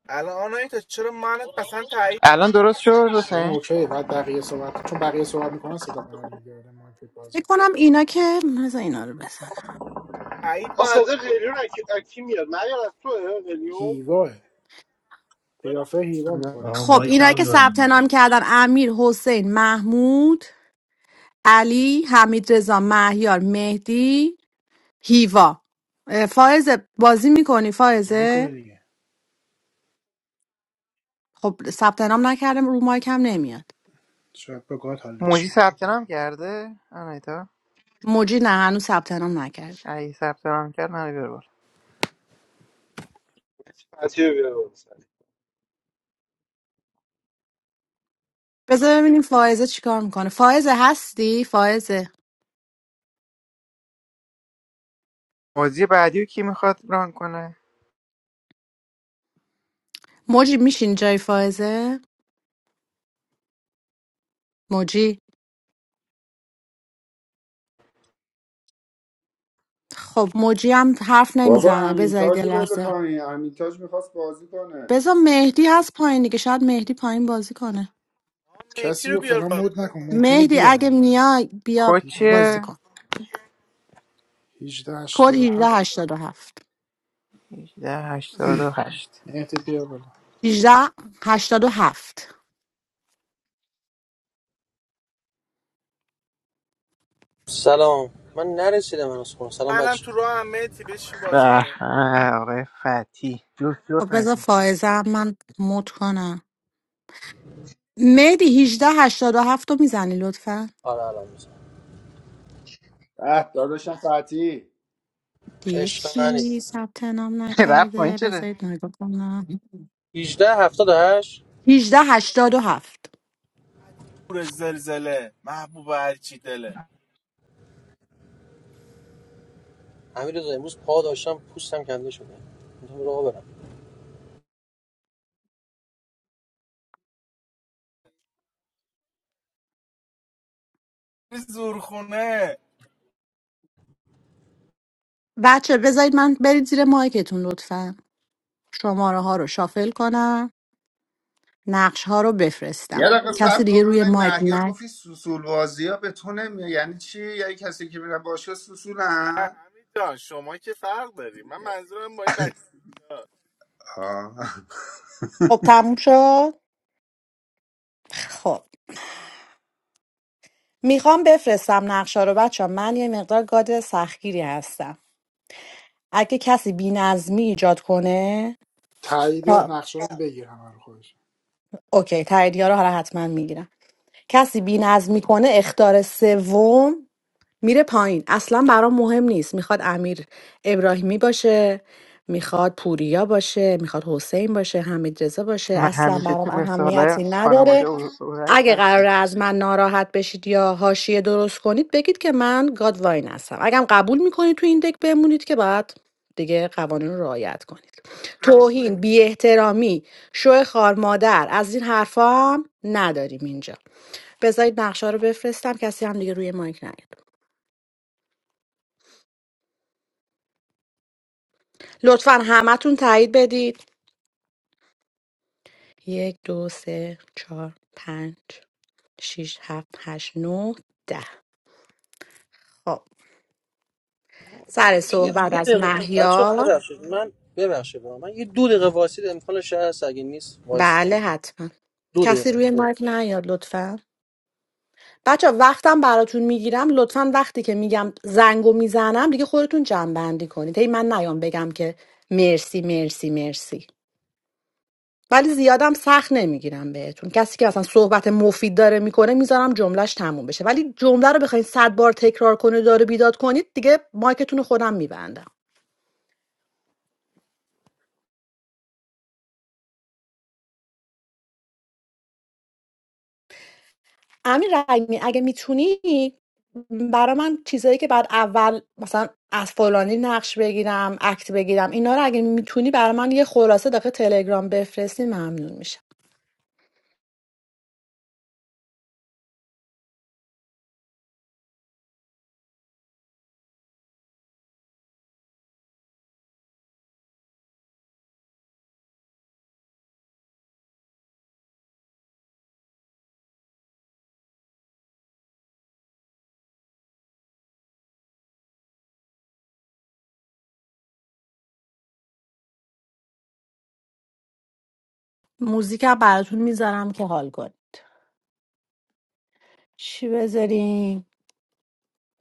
[SPEAKER 4] الان آنایتا چرا منت مثلا تایید
[SPEAKER 15] الان درست
[SPEAKER 4] نمیکنی
[SPEAKER 15] شد
[SPEAKER 2] الان
[SPEAKER 15] حسین
[SPEAKER 2] اوکی بعد بقیه صحبت چون بقیه صحبت میکنن صدا برمیگرده مارکت
[SPEAKER 14] فکر
[SPEAKER 2] بازه
[SPEAKER 14] کنم اینا که بذار اینا رو بزنم
[SPEAKER 4] تایید
[SPEAKER 1] آ
[SPEAKER 4] باید
[SPEAKER 1] صدا
[SPEAKER 4] بکنی
[SPEAKER 1] قلیون اکی, اکی میاد من یاد از توه قلیون
[SPEAKER 2] هیواه قیافه هیوا میکنه
[SPEAKER 12] آه
[SPEAKER 14] خب
[SPEAKER 12] مایک
[SPEAKER 14] اینا
[SPEAKER 12] هم
[SPEAKER 14] که ثبت
[SPEAKER 12] می‌بندم.
[SPEAKER 14] نام کردن امیر حسین محمود علی حمید رضا مهیار مهدی هیوا اه، فائزه بازی میکنی
[SPEAKER 2] بازی
[SPEAKER 14] فائزه
[SPEAKER 2] میکنه دیگه
[SPEAKER 14] خب ثبت نام نکردم رو مایک هم نمیاد
[SPEAKER 2] شاید با گاد حال
[SPEAKER 15] موجی
[SPEAKER 2] نکنه
[SPEAKER 15] ثبت نام کرده آنایتا
[SPEAKER 14] موجی نه هنوز ثبت نام نکرد
[SPEAKER 15] اگه ثبت نام کرد منو بیار بالا
[SPEAKER 1] فتیه بیار
[SPEAKER 14] بذار ببینیم فائزه چیکار میکنه فائزه هستی فائزه
[SPEAKER 15] بازی بعدی رو کی میخواد ران کنه
[SPEAKER 14] موجی میشین جای فائزه موجی خب موجی هم حرف
[SPEAKER 13] بابا
[SPEAKER 14] نمیزنه
[SPEAKER 13] امین
[SPEAKER 14] بذارید
[SPEAKER 13] تاج
[SPEAKER 14] یه
[SPEAKER 13] رو بده
[SPEAKER 14] لحظه
[SPEAKER 13] پایین امین تاج میخواست بازی کنه
[SPEAKER 14] بذار مهدی هست پایین دیگه شاید مهدی پایین بازی کنه
[SPEAKER 4] آقا مهدی
[SPEAKER 2] کسی
[SPEAKER 4] رو
[SPEAKER 2] رو
[SPEAKER 4] بیار
[SPEAKER 2] فلان
[SPEAKER 4] بالا
[SPEAKER 2] مود نکن ممکنه
[SPEAKER 14] مهدی اگه
[SPEAKER 2] بیان
[SPEAKER 14] میای بیا
[SPEAKER 15] کوچ
[SPEAKER 2] دیتا برم
[SPEAKER 14] بازی
[SPEAKER 2] نخور
[SPEAKER 14] کن
[SPEAKER 2] 18
[SPEAKER 14] کد هجده
[SPEAKER 2] 87
[SPEAKER 14] هشتاد و هفت.
[SPEAKER 15] 1888
[SPEAKER 2] مهدی بیا بالا
[SPEAKER 14] هجده هشتاد و هفت.
[SPEAKER 18] سلام من نرسیدم هنوز خونه
[SPEAKER 4] بابا
[SPEAKER 18] سلام
[SPEAKER 4] منم
[SPEAKER 18] بچه
[SPEAKER 4] تو راه هم مهدی بشین بازی
[SPEAKER 15] به
[SPEAKER 4] کنه
[SPEAKER 15] به، آقای فتی جفت جفت
[SPEAKER 14] خب بذار
[SPEAKER 15] نشین.
[SPEAKER 14] فائزه هم من مود کنم مهدی 1887 رو میزنی لطفا
[SPEAKER 18] آره الان میزنم
[SPEAKER 13] اه داداشم فتی
[SPEAKER 14] دیگه
[SPEAKER 18] عشق منی
[SPEAKER 14] کی ثبت نام
[SPEAKER 15] رفت این
[SPEAKER 14] نکرده
[SPEAKER 15] چرا
[SPEAKER 14] بذارید نگاه کنم
[SPEAKER 18] 18 78
[SPEAKER 14] هجده هشتاد و
[SPEAKER 4] 87
[SPEAKER 14] هفت.
[SPEAKER 4] پتی پور زلزله محبوب هرچی دله
[SPEAKER 18] امیر رضا امروز پا داشتم پوستم کنده شده میتونم راه برم
[SPEAKER 4] زورخونه
[SPEAKER 14] بچه بذارید من برید زیر مایکتون لطفا شماره ها رو شافل کنم نقش ها رو بفرستم
[SPEAKER 13] یه دقیقه صبر
[SPEAKER 14] کسی
[SPEAKER 13] کن
[SPEAKER 14] دیگه روی
[SPEAKER 13] ببینم
[SPEAKER 14] مایک
[SPEAKER 13] مهیار
[SPEAKER 14] نه
[SPEAKER 13] گفتی سوسول بازی ها به تو نمیاد یعنی چی یعنی کسی که میرن باشگاه
[SPEAKER 4] نه
[SPEAKER 13] سوسولن
[SPEAKER 4] همین جان شما که فرق داری من منظورم با این بچه بود
[SPEAKER 13] آه.
[SPEAKER 14] خب تموم شد خب میخوام بفرستم نقشه رو بچه من یه مقدار گاد سختگیری هستم اگه کسی بینظمی ایجاد کنه
[SPEAKER 2] تایید
[SPEAKER 14] تا...
[SPEAKER 2] نقشه رو بگیر همه رو خودش
[SPEAKER 14] اوکی تاییدیه رو حالا حتما میگیرم کسی بینظمی کنه اختار سوم میره پایین اصلا برام مهم نیست میخواد امیر ابراهیمی باشه میخواد پوریا باشه میخواد حسین باشه حمید رضا باشه
[SPEAKER 15] من
[SPEAKER 14] اصلا
[SPEAKER 15] همیشه
[SPEAKER 14] برام
[SPEAKER 15] تو مثال
[SPEAKER 14] اهمیتی نداره
[SPEAKER 15] خانواده او- اورک
[SPEAKER 14] اگه
[SPEAKER 15] هستم
[SPEAKER 14] قراره از من ناراحت بشید یا حاشیه درست کنید بگید که من گادواین هستم اگرم قبول میکنید تو این دک بمونید که بعد دیگه قوانین رو رعایت کنید توهین بی احترامی شو خار مادر از این حرفا هم نداریم اینجا بذارید نقشه رو بفرستم کسی هم دیگه روی مایک نیاد لطفا همتون تایید بدید یک دو سه چهار پنج شیش هفت هشت نه، ده خب سر
[SPEAKER 18] ببخشید. یه دو
[SPEAKER 14] صحبت از
[SPEAKER 18] دقیقه بچه
[SPEAKER 14] مهیار
[SPEAKER 18] ببخشید من ببخشید من یه دو دقیقه واسید امکانش هست اگه نیست وایسم
[SPEAKER 14] بله حتما
[SPEAKER 18] دو
[SPEAKER 14] کسی
[SPEAKER 18] دقیقه
[SPEAKER 14] روی
[SPEAKER 18] ببخشید.
[SPEAKER 14] مایک نیاد لطفا بچه وقتم براتون میگیرم لطفا وقتی که میگم زنگو میزنم دیگه خودتون جنبندی کنید هی من نیام بگم که مرسی مرسی مرسی ولی زیادم سخت نمیگیرم بهتون کسی که اصلا صحبت مفید داره میکنه میذارم جملهش تموم بشه ولی جمله رو بخواید صد بار تکرار کنه داره بیداد کنید دیگه مایکتون رو خودم میبندم امیر رحیمی اگه میتونی برا من چیزایی که بعد اول مثلا از فلانی نقش بگیرم اکت بگیرم اینا رو اگه میتونی برا من یه خلاصه داخل تلگرام بفرستی ممنون میشم موزیک هم براتون میذارم که حال کنی چی بذاریم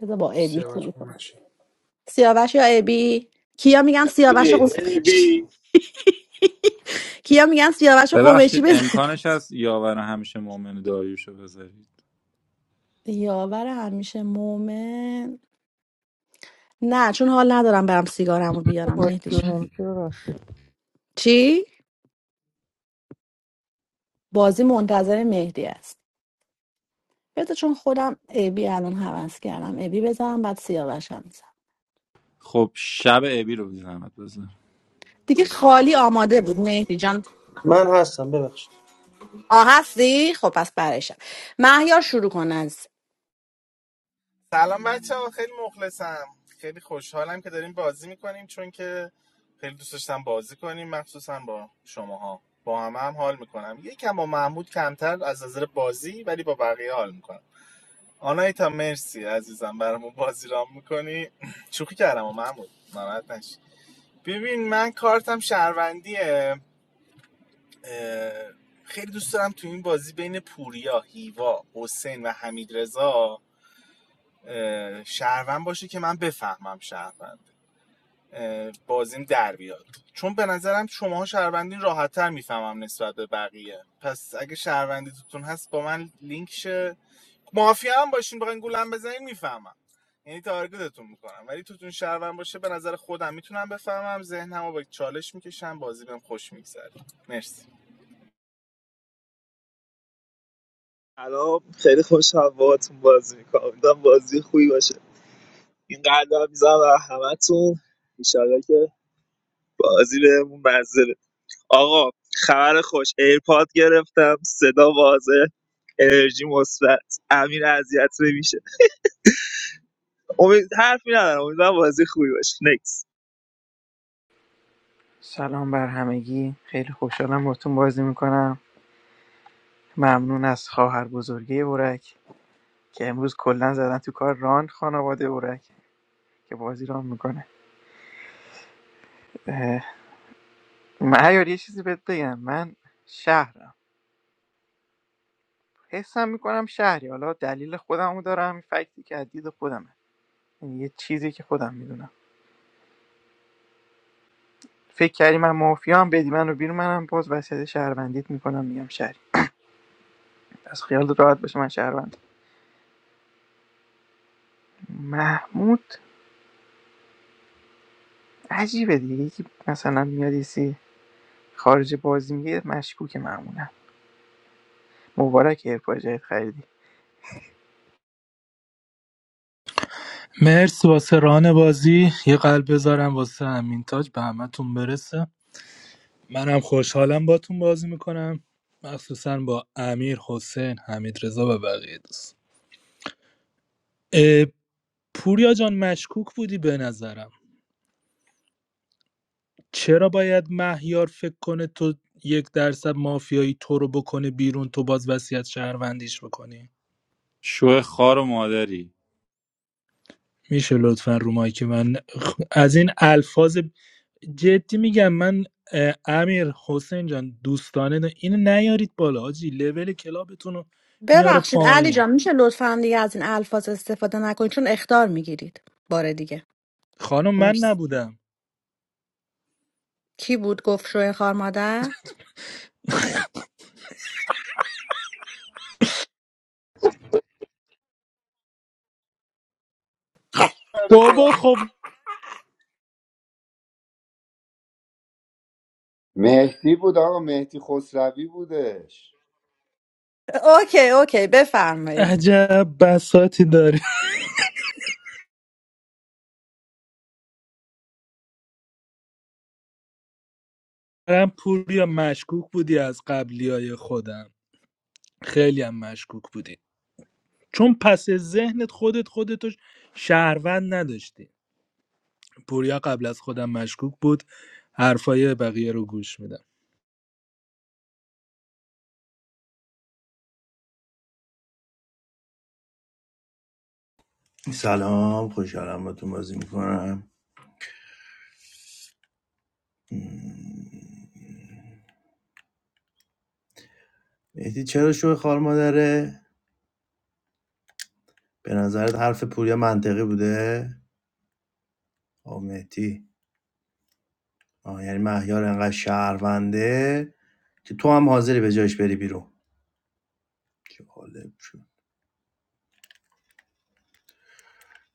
[SPEAKER 14] بذار با ابی
[SPEAKER 2] سیاوش
[SPEAKER 14] شروع کنم
[SPEAKER 2] بومشی
[SPEAKER 14] سیاوش یا ابی کیا میگن سیاوش
[SPEAKER 1] ایوی
[SPEAKER 14] قمش
[SPEAKER 1] ایوی
[SPEAKER 14] کیا میگن سیاوش قمشی
[SPEAKER 11] ببخشید
[SPEAKER 14] بزن
[SPEAKER 11] امکانش هست یاور همیشه مؤمن داریوشو بذارید
[SPEAKER 14] یاور همیشه مومن نه چون حال ندارم برم سیگارم رو بیارم مهدی جان.
[SPEAKER 15] جونم که ببخش
[SPEAKER 14] چی؟ بازی منتظر مهدی است بذار چون خودم ابی الان حوض کردم ابی بزنم بعد سیاوشم بزنم
[SPEAKER 11] خب شب ابی رو بزنمت بذار
[SPEAKER 14] دیگه خالی آماده بود مهدی جان
[SPEAKER 18] من هستم ببخشید
[SPEAKER 14] آه هستی؟ خب پس برشم مهیار شروع کن از
[SPEAKER 4] سلام بچه ها خیلی مخلصم خیلی خوشحالم که داریم بازی میکنیم چون که خیلی دوست داشتم بازی کنیم مخصوصا با شماها با همه هم حال میکنم یکم با محمود کمتر از نظر بازی ولی با بقیه حال میکنم آنایتا مرسی عزیزم برامون بازی رام میکنی شوخی کردم و محمود ناراحت نشی ببین من کارتم شهروندیه خیلی دوست دارم تو این بازی بین پوریا هیوا حسین و حمید شهروند باشه که من بفهمم شهروند بازیم در بیاد چون به نظرم شماها شهروندین راحتتر میفهمم نسبت به بقیه پس اگه شهروندی توتون هست با من لینک شه مافیا هم باشین بخواین گولم بزنین میفهمم یعنی تارگتتون میکنم ولی توتون شهروند باشه به نظر خودم میتونم بفهمم ذهنمو با چالش میکشم بازی بهم خوش میگذره مرسی
[SPEAKER 17] الان خیلی خوشحال باهاتون بازی میکنم امیدوارم بازی خوبی باشه این قلبم میزنم برای همتون ایشالله که بازی بهمون مزه بده. آقا خبر خوش ایرپاد گرفتم صدا واضح انرژی مثبت امیر اذیت نمیشه امید حرفی ندارم امیدوارم بازی خوبی باشه نکس.
[SPEAKER 15] سلام بر همگی خیلی خوشحالم باتون بازی میکنم ممنون از خواهر بزرگی اورک که امروز کلا زدن تو کار ران خانواده اورک که بازی ران میکنه من عیار، یه چیزی بهت بگم من شهرم حسم میکنم شهری حالا دلیل خودمو دارم این فکتی که از دید خودمه یعنی یه چیزی که خودم میدونم فکر کردی من مافیا هم بدی منو بیرون منم باز وصیت شهروندیت میکنم میگم شهری از خیالت راحت باشه من شهروند محمود عجیبه دیگه یکی مثلا میاد یه سی خارج بازی میگه مشکوک معمولا مبارک ایرپای جدید خریدی
[SPEAKER 8] مرسی واسه ران بازی یه قلب بذارم واسه امین تاج به همتون برسه منم خوشحالم باتون بازی میکنم مخصوصا با امیر حسین حمید رضا و بقیه دوست اه، پوریا جان مشکوک بودی به نظرم چرا باید مهیار فکر کنه تو یک درصد مافیایی تو رو بکنه بیرون تو باز وصیت شهروندیش بکنی
[SPEAKER 11] شو خار و مادری
[SPEAKER 8] میشه لطفا رو مایک من خ- از این الفاظ جدی میگم من اه، امیر حسین جان دوستانه نه- اینو نیارید بالا حاجی لول کلابتون رو میاره
[SPEAKER 14] ببخشید علی
[SPEAKER 8] پایین
[SPEAKER 14] جان میشه لطفا دیگه از این الفاظ استفاده نکنید چون اختار میگیرید بار دیگه
[SPEAKER 8] خانم من
[SPEAKER 14] مرسی.
[SPEAKER 8] نبودم
[SPEAKER 14] کی بود گفت شوی خار مادر؟
[SPEAKER 8] بابا خب
[SPEAKER 13] مهدی بود آقا مهدی خسروی بودش
[SPEAKER 14] اوکی اوکی بفرمایید
[SPEAKER 8] عجب بساتی داری من پوریا مشکوک بودی از قبلی های خودم خیلی هم مشکوک بودی چون پس ذهنت خودت خودتو شهروند نداشتی پوریا قبل از خودم مشکوک بود حرفای بقیه رو گوش میدم
[SPEAKER 12] سلام خوشحالم با تو بازی میکنم مهدی چرا شو خوار مادره به نظرت حرف پوریا منطقی بوده آه مهدی آه یعنی مهیار انقدر شهرونده که تو هم حاضری به جایش بری بیرون چه جالب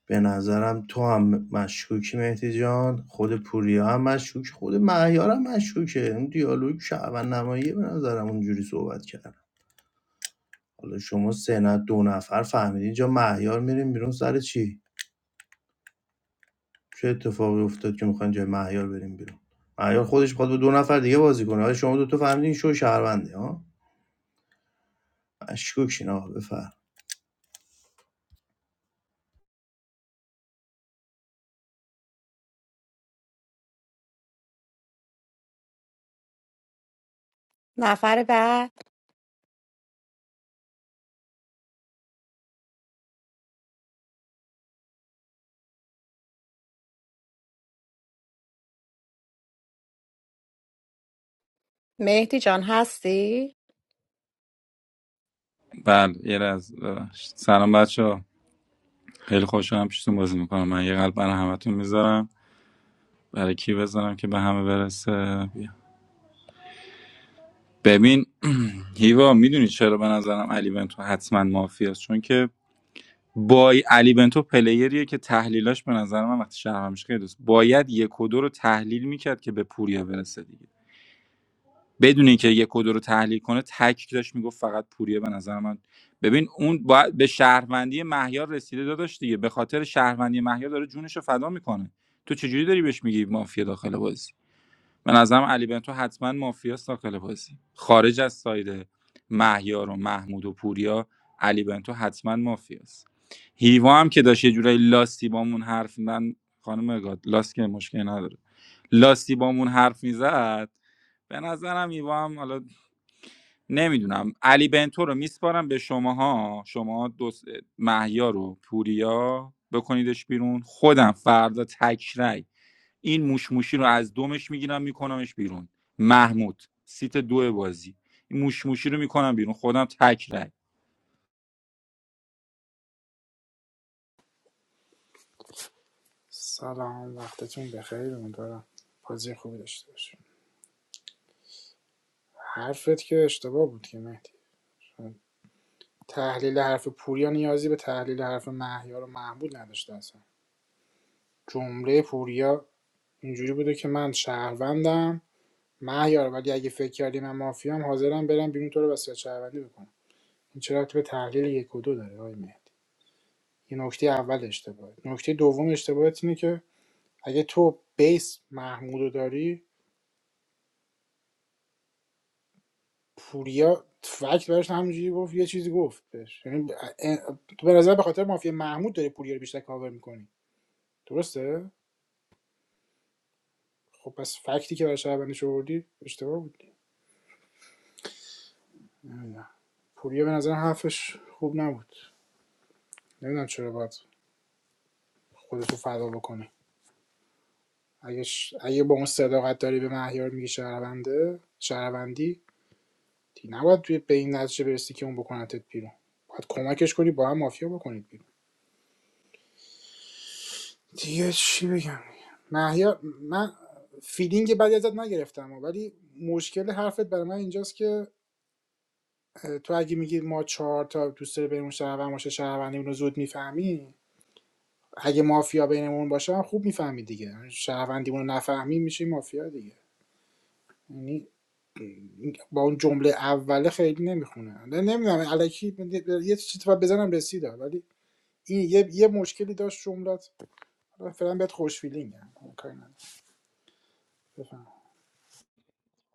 [SPEAKER 12] به نظرم تو هم مشکوکی مهدی جان خود پوریا هم مشکوک خود مهیار هم مشکوکه اون دیالوگ شعبن نماییه به نظرم اونجوری صحبت کردم حالا شما سه نه دو نفر فهمیدین جا مهیار میریم بیرون سر چی چه اتفاقی افتاد که میخواین جای مهیار بریم بیرون مهیار خودش میخواد با دو نفر دیگه بازی کنه حالا شما دو تا فهمیدین شو شهرونده ها مشکوکین آقا بفر
[SPEAKER 14] نفر بعد مهدی جان هستی؟
[SPEAKER 11] بله یه از سلام بچه خیلی خوشحالم پیشتون بازی میکنم من یه قلب برای همتون میذارم برای کی بذارم که به همه برسه بیا. ببین هیوا میدونی چرا به نظرم علی بنتو حتما مافی است چون که بای علی بنتو پلیریه که تحلیلاش به نظر من وقتی شهرمش خیلی دوست باید یک و دو رو تحلیل میکرد که به پوریا برسه دیگه بدون اینکه یک و دو رو تحلیل کنه تک داشت میگفت فقط پوریه به نظر من ببین اون باید به شهروندی مهیار رسیده داداش دیگه به خاطر شهروندی مهیار داره جونش رو فدا میکنه تو چجوری داری بهش میگی مافیا داخل بازی به نظرم علی بنتو حتما مافیاست داخل بازی خارج از ساید مهیار و محمود و پوریا علی بنتو حتما مافیاست هیوا هم که داشت یه جورایی لاستی بامون حرف من خانم گاد لاست که مشکلی نداره لاستی بامون حرف میزد به نظرم هیوا هم حالا نمیدونم علی بنتو رو میسپارم به شماها شما دو س- محیا رو پوریا بکنیدش بیرون خودم فردا تکرای این موشموشی رو از دومش میگیرم میکنمش بیرون محمود سیت دو بازی این موشموشی رو میکنم بیرون خودم تکرای
[SPEAKER 2] سلام وقتتون بخیر امیدوارم بازی خوبی داشته باشیم حرفت که اشتباه بود که مهدی تحلیل حرف پوریا نیازی به تحلیل حرف مهیار و محمود نداشته اصلا جمله پوریا اینجوری بوده که من شهروندم مهیار ولی اگه فکر کردی من مافیام حاضرم برم بیرون تو رو وسیله شهروندی بکنم این چرا ربطی به تحلیل یک و دو داره آقای مهدی این نکته اول اشتباهه نکته دوم اشتباهت اینه که اگه تو بیس محمود داری پوریا فکت براش همینجوری گفت یه چیزی گفت بهش یعنی تو به نظر به خاطر مافیا محمود داری پوریا رو بیشتر کاور میکنی درسته خب پس فکتی که برای شهروندش آوردی اشتباه بود پوریا به نظر حرفش خوب نبود نمیدونم چرا باید خودتو فدا بکنه اگه ش- اگه با اون صداقت داری به مهیار میگی شهرونده شهروندی دیگه نباید توی به این نتیجه برسی که اون بکنتت بیرون باید کمکش کنی با هم مافیا بکنید بیرون دیگه چی بگم مهیار من فیلینگ بدی ازت نگرفتم ولی مشکل حرفت برای من اینجاست که اه، تو اگه میگی ما چهار تا دوست داری بریم شهروند باشه شهروندیمون رو زود میفهمیم اگه مافیا بینمون باشه هم خوب میفهمی دیگه شهروندیمون رو نفهمیم میشیم مافیا دیگه یعنی با اون جمله اوله خیلی نمیخونه نمیدونم الکی یه چیزی تو بزنم رسید ولی این یه, یه مشکلی داشت جملت فعلا بهت خوش فیلینگم کاری ندارم. بفهم.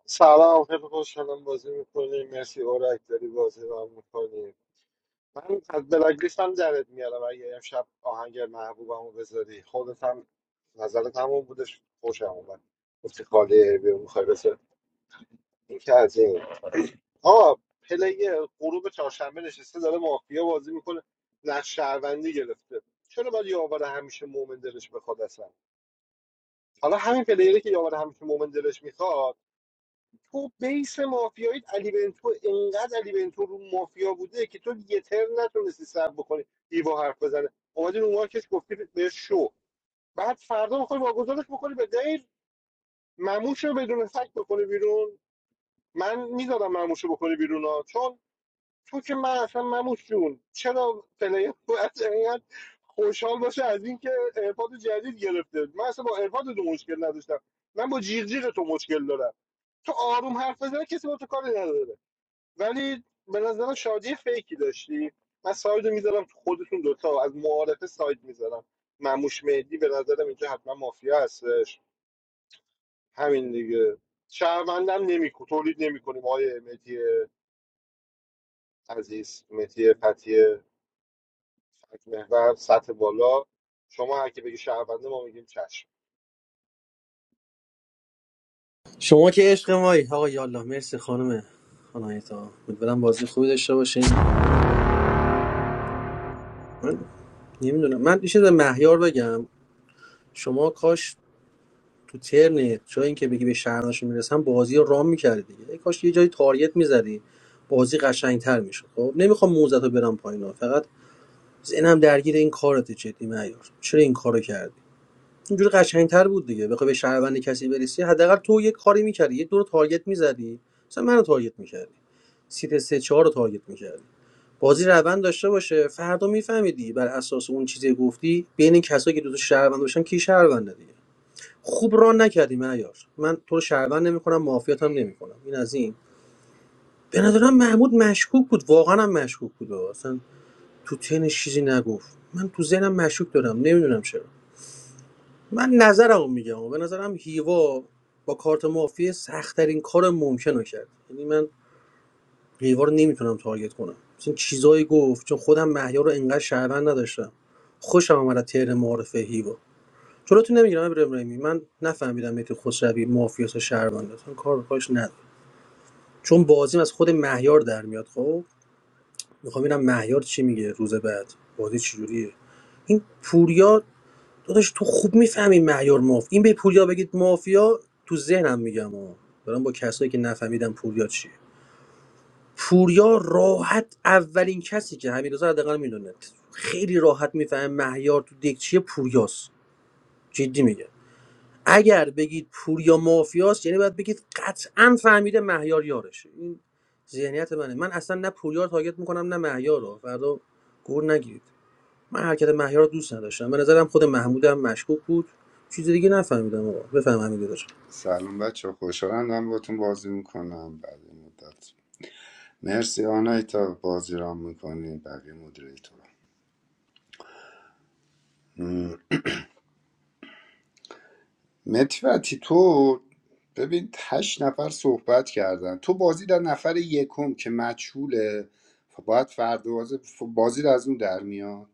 [SPEAKER 1] سلام خیلی خوشحالم بازی میکنیم مرسی اورک داری بازی رو هم میکنیم. من از بلاک لیست هم درت میارم اگه امشب آهنگ محبوبمو بذاری خودت هم نظرت همون بودش خوشم اومد گفتی خاله بیا میخوای بسه این که از این آه پلی غروب چهارشنبه نشسته داره مافیا بازی میکنه نقش شهروندی گرفته چرا باید یاور همیشه مومن دلش بخواد اصلا حالا همین پلیری که یاور همیشه مومن دلش میخواد تو بیس مافیایی علی بنتو انقدر علی بنتو رو مافیا بوده که تو یه ترم نتونستی سر بکنی هیوا حرف بزنه اومدی رو مارکش گفتی به شو بعد فردا میخوای واگذارش بکنی به غیر مموش رو بدون فکت بکنه بیرون من میذارم مموش رو بکنه بیرون ها چون تو که من اصلا مموش جون چرا پلیر باید اینقدر خوشحال باشه از اینکه ایرپاد جدید گرفته من اصلا با ایرپاد تو مشکل نداشتم من با جیغ جیغ تو مشکل دارم تو آروم حرف بزنه کسی با تو کاری نداره ولی به نظرم شادی فیکی داشتی من سایدو میذارم تو خودتون دوتا از معارفه ساید میذارم مموش مهدی به نظرم اینجا حتما مافیا هستش همین دیگه شهروندم نمیکو تولید نمیکنیم آقای مهدی عزیز مهدی فتی محور سطح بالا شما هر کی بگی شهرونده ما میگیم چشم
[SPEAKER 18] شما که عشق مایی آقا یالا مرسی خانم آنایتا امیدوارم بازی خوبی داشته باشین نمیدونم من یه چیز به مهیار بگم شما کاش تو ترنت جای اینکه بگی به شهرناش میرسم بازی رو رام میکردی دیگه ای کاش یه جایی تاریت میزدی بازی قشنگتر میشد خب نمیخوام موزت رو برم پایین ها. فقط ذهنم درگیر این کارت جدی معیار چرا این کارو کردی اینجوری قشنگتر بود دیگه بخوای به شهروند کسی برسی حداقل تو یه کاری میکردی یه دور تارگت میزدی مثلا منو تارگت میکردی سیت سه چهار رو تارگت میکردی بازی روند داشته باشه فردا میفهمیدی بر اساس اون چیزی که گفتی بین این کسایی که دو تا شهروند باشن کی شهرونده دیگه خوب ران نکردی معیار من تو رو شهروند نمیکنم معافیت هم نمیکنم این از این به نظرم محمود مشکوک بود واقعا هم مشکوک بود اصلا تو تنش چیزی نگفت من تو ذهنم مشکوک دارم نمیدونم چرا من نظرمو میگم به نظرم هیوا با کارت معافی سختترین کار ممکن رو کرد یعنی من هیوا رو نمیتونم تارگت کنم مثلا چیزایی گفت چون خودم مهیار رو انقدر شهروند نداشتم خوشم آمد از تیر معارفه هیوا جلوتو نمیگیرم ابراهیمی من نفهمیدم مهدی خسروی مافیاس شهروند اصلا کار به کارش ندارم چون بازیم از خود مهیار در میاد خب میخوام ببینم مهیار چی میگه روز بعد بازی چجوریه این پوریا داداش تو خوب میفهمی مهیار ماف این به پوریا بگید مافیا تو ذهنم میگم ها دارم با کسایی که نفهمیدم پوریا چیه پوریا راحت اولین کسی که همین روزا حداقل میدونه خیلی راحت میفهمه مهیار تو دک چیه پوریاست جدی میگم اگر بگید پوریا مافیاست یعنی باید بگید قطعا فهمیده مهیار یارشه این ذهنیت منه من اصلا نه پوریا رو تارگت میکنم نه مهیار رو فردا گور نگیرید من حرکت مهیار رو دوست نداشتم به نظرم خود محمود هم مشکوک بود چیز دیگه نفهمیدم آقا بفهم همین داداش
[SPEAKER 13] سلام بچه خوشحالم دارم باتون بازی میکنم بعد این مدت مرسی آنایی تا بازی را میکنی بقیه مدیریتور متفتی تو ببین هشت نفر صحبت کردن تو بازی در نفر یکم که مجهوله خب باید فرد بازی بازی رو از اون در میاد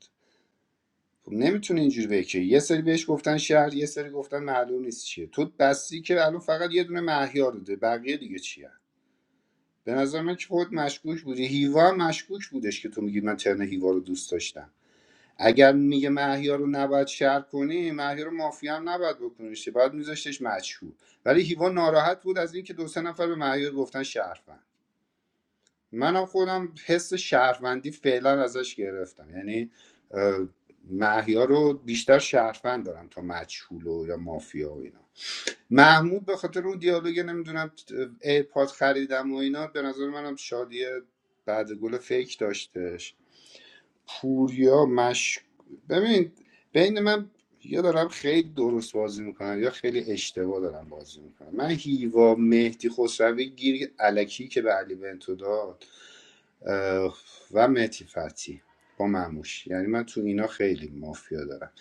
[SPEAKER 13] خب نمیتونه اینجوری بگه که یه سری بهش گفتن شهر یه سری گفتن معلوم نیست چیه تو بستی که الان فقط یه دونه مهیار داده بقیه دیگه چیه به نظر من که خود مشکوک بودی هیوا هم مشکوک بودش که تو میگی من ترن هیوا رو دوست داشتم اگر میگه مهیار رو نباید شهر کنی مهیار رو مافیا هم نباید بکنیش باید میذاشتش مجهول ولی هیوا ناراحت بود از اینکه دو سه نفر به مهیار گفتن شهروند منم خودم حس شهروندی فعلا ازش گرفتم یعنی اه، محیا رو بیشتر شهروند دارم تا مجهول و یا مافیا و اینا محمود به خاطر اون دیالوگ نمیدونم ایرپاد خریدم و اینا به نظر منم شادی بعد گل فیک داشتش پوریا مش ببین بین من یا دارم خیلی درست بازی میکنم یا خیلی اشتباه دارم بازی میکنم من هیوا مهدی خسروی گیر الکی که به علی بنتو داد و مهتی فتحی با معموش یعنی من تو اینا خیلی مافیا دارم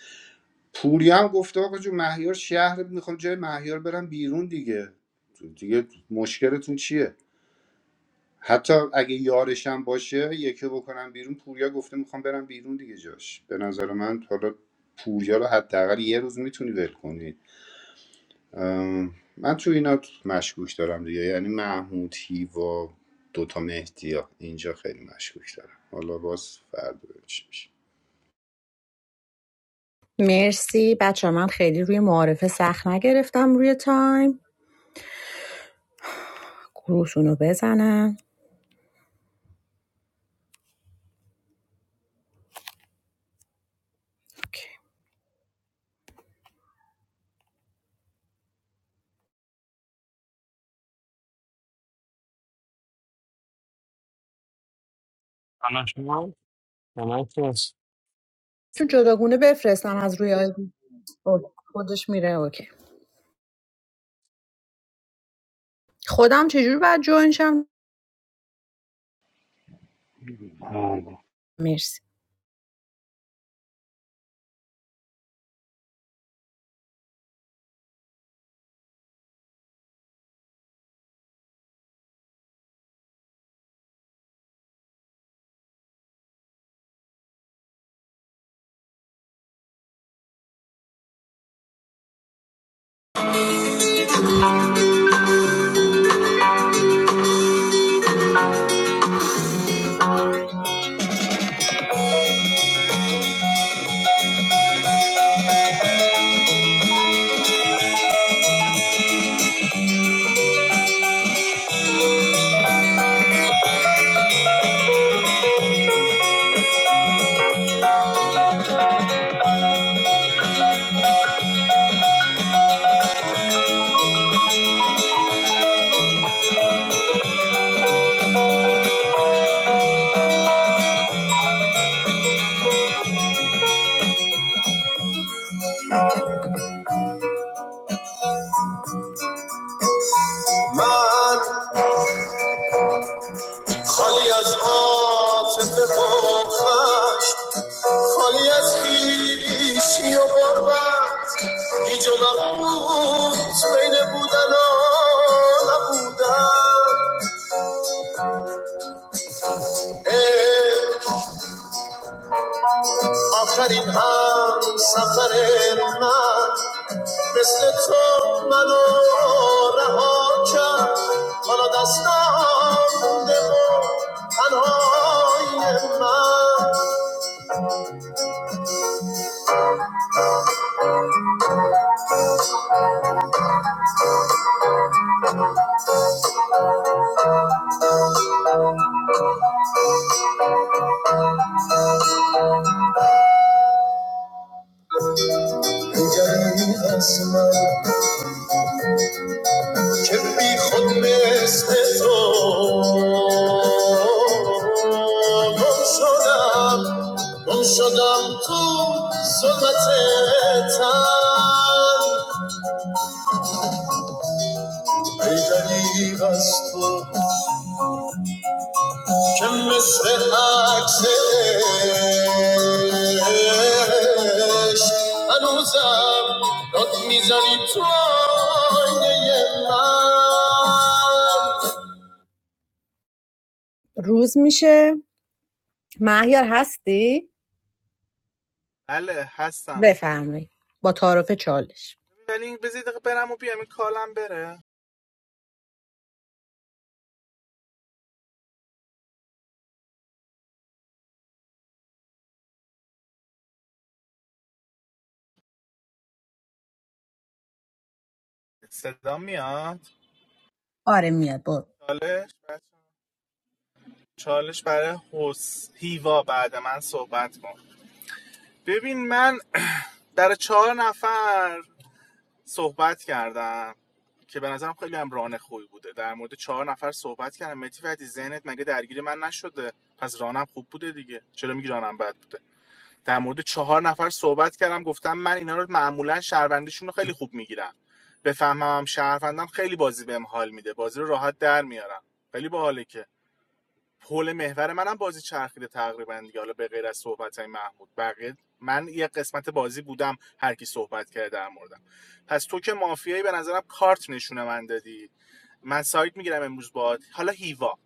[SPEAKER 13] پوریا هم گفته آقا جو مهیار شهر میخوام جای مهیار برم بیرون دیگه دیگه مشکلتون چیه حتی اگه یارشم باشه یکی بکنم بیرون پوریا گفته میخوام برم بیرون دیگه جاش به نظر من حالا پوریا رو حداقل یه روز میتونی ول کنی من تو اینا مشکوک دارم دیگه یعنی محمود هیوا دوتا مهدی ها اینجا خیلی مشکوک دارم حالا باز فردا ببینیم چی میشه
[SPEAKER 14] مرسی بچه من خیلی روی معارفه سخت نگرفتم روی تایم گروهشون رو بزنم اوکی.
[SPEAKER 3] الان شما الان توس
[SPEAKER 14] چون جداگونه بفرستم از روی آیدی اوکی. خودش میره اوکی خودم چجور باید جوین شم
[SPEAKER 16] بله
[SPEAKER 14] مرسی من خالی از عاطفه و خشم، خالی از خویشی و غربت هیچ و نبود بین بودن و نبودن ای آخرین هم سفر من مثل تو منو رها کرد حالا دستم مونده و تنهای من دیگری از من که بی خود مثل تو گم شدم گم شدم تو ظلمت تن ای دریغ از تو که مثل عکس عشق هنوزم داد میزنی تو آینه من روز میشه مهیار هستی؟
[SPEAKER 4] بله هستم
[SPEAKER 14] بفرمایید با تعارف چالش
[SPEAKER 4] ولی بذارید بزید برم و بیام این کالم بره صدا میاد
[SPEAKER 14] آره میاد برو
[SPEAKER 4] چالش بچه‌ها؟ چالش برای حس... هیوا بعد من صحبت کن ببین من در چهار نفر صحبت کردم که به نظرم خیلی هم ران خوبی بوده در مورد چهار نفر صحبت کردم متی فتی ذهنت مگه درگیر من نشده پس رانم خوب بوده دیگه چرا میگی رانم بد بوده در مورد چهار نفر صحبت کردم گفتم من اینا رو معمولا شهروندیشون رو خیلی خوب میگیرم بفهمم هم شهروندم خیلی بازی بهم حال میده بازی رو راحت در میارم خیلی باحاله که حول محور منم بازی چرخیده تقریبا دیگه حالا به غیر از صحبت محمود بقیه من یه قسمت بازی بودم هر کی صحبت کرده در موردم پس تو که مافیایی به نظرم کارت نشونه من دادی من سایت میگیرم امروز باهات حالا هیوا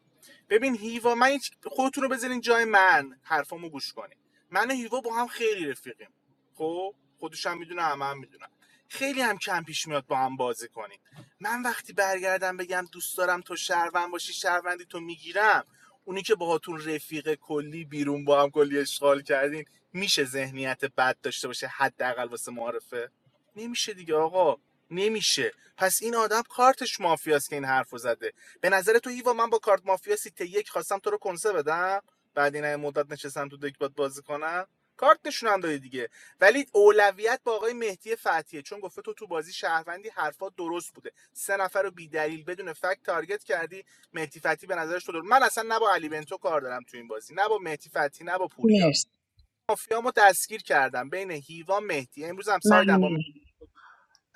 [SPEAKER 4] ببین هیوا من هیچ- خودتون رو بذارین جای من حرفامو گوش کنین من و هیوا با هم خیلی رفیقیم خب خودش هم میدونه همه هم میدونم خیلی هم کم پیش میاد با هم بازی کنیم من وقتی برگردم بگم دوست دارم تو شهروند باشی شهروندی تو میگیرم اونی که باهاتون رفیق کلی بیرون با هم کلی اشغال کردین میشه ذهنیت بد داشته باشه حداقل واسه معارفه نمیشه دیگه آقا نمیشه پس این آدم کارتش مافیاست که این حرفو زده به نظر تو هیوا من با کارت مافیا سیت یک خواستم تو رو کنسه بدم بعد این مدت نشستم تو دک باد بازی کنم کارت نشونم دادی دیگه ولی اولویت با آقای مهدی فتحیه چون گفته تو تو بازی شهروندی حرفات درست بوده سه نفر رو بی دلیل بدون فکت تارگت کردی مهدی فتحی به نظرش تو درست من اصلا نه با علی بنتو کار دارم تو این بازی نه با مهدی فتحی نه با پوریا
[SPEAKER 14] مرسی
[SPEAKER 4] مافیامو دستگیر کردم بین هیوا مهدی امروز هم سایدم
[SPEAKER 14] ممنون
[SPEAKER 4] با مهدی.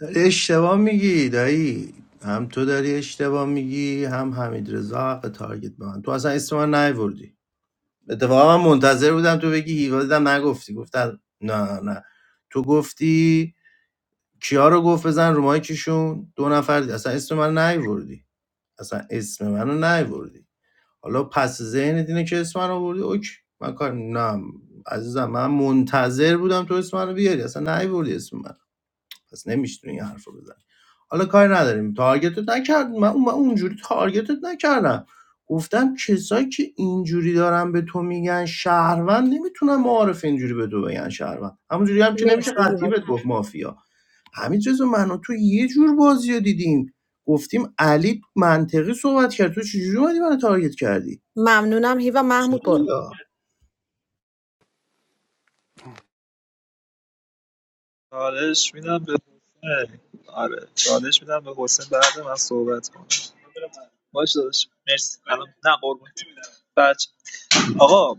[SPEAKER 12] داری اشتباه میگی دایی هم تو داری اشتباه میگی هم حمید رضا حق تارگت به من تو اصلا اسم من نیوردی اتفاقا من منتظر بودم تو بگی هیوا دیدم نگفتی گفتن نه نه تو گفتی کیا رو گفت بزن رو مایکشون دو نفر دی- اصلا اسم من نیوردی اصلا اسم منو نیوردی حالا پس ذهن اینه که اسم من آوردی اوکی من کار نه عزیزم من منتظر بودم تو اسم منو بیاری اصلا نیوردی اسم من پس نمیشتونی این حرف رو بزنی حالا کاری نداریم تارگتت نکردم. من من اونجوری تارگتت نکردم گفتم کسایی که اینجوری دارن به تو میگن شهروند نمیتونن معارف اینجوری به تو بگن شهروند همونجوری هم که نمیشه
[SPEAKER 14] مرسی
[SPEAKER 12] قطعی
[SPEAKER 14] هیوا
[SPEAKER 12] بهت
[SPEAKER 14] جان.
[SPEAKER 12] گفت مافیا همین چیزو من و تو یه جور بازی رو دیدیم گفتیم علی منطقی صحبت کرد تو چجوری اومدی منو تارگت کردی
[SPEAKER 14] ممنونم هیوا
[SPEAKER 12] چی
[SPEAKER 14] محمود برو
[SPEAKER 12] یا
[SPEAKER 17] چالش میدم به حسین آره چالش میدم به حسین بعد من صحبت کنم باش داداش مرسی الان نه قربون بچه آقا اه،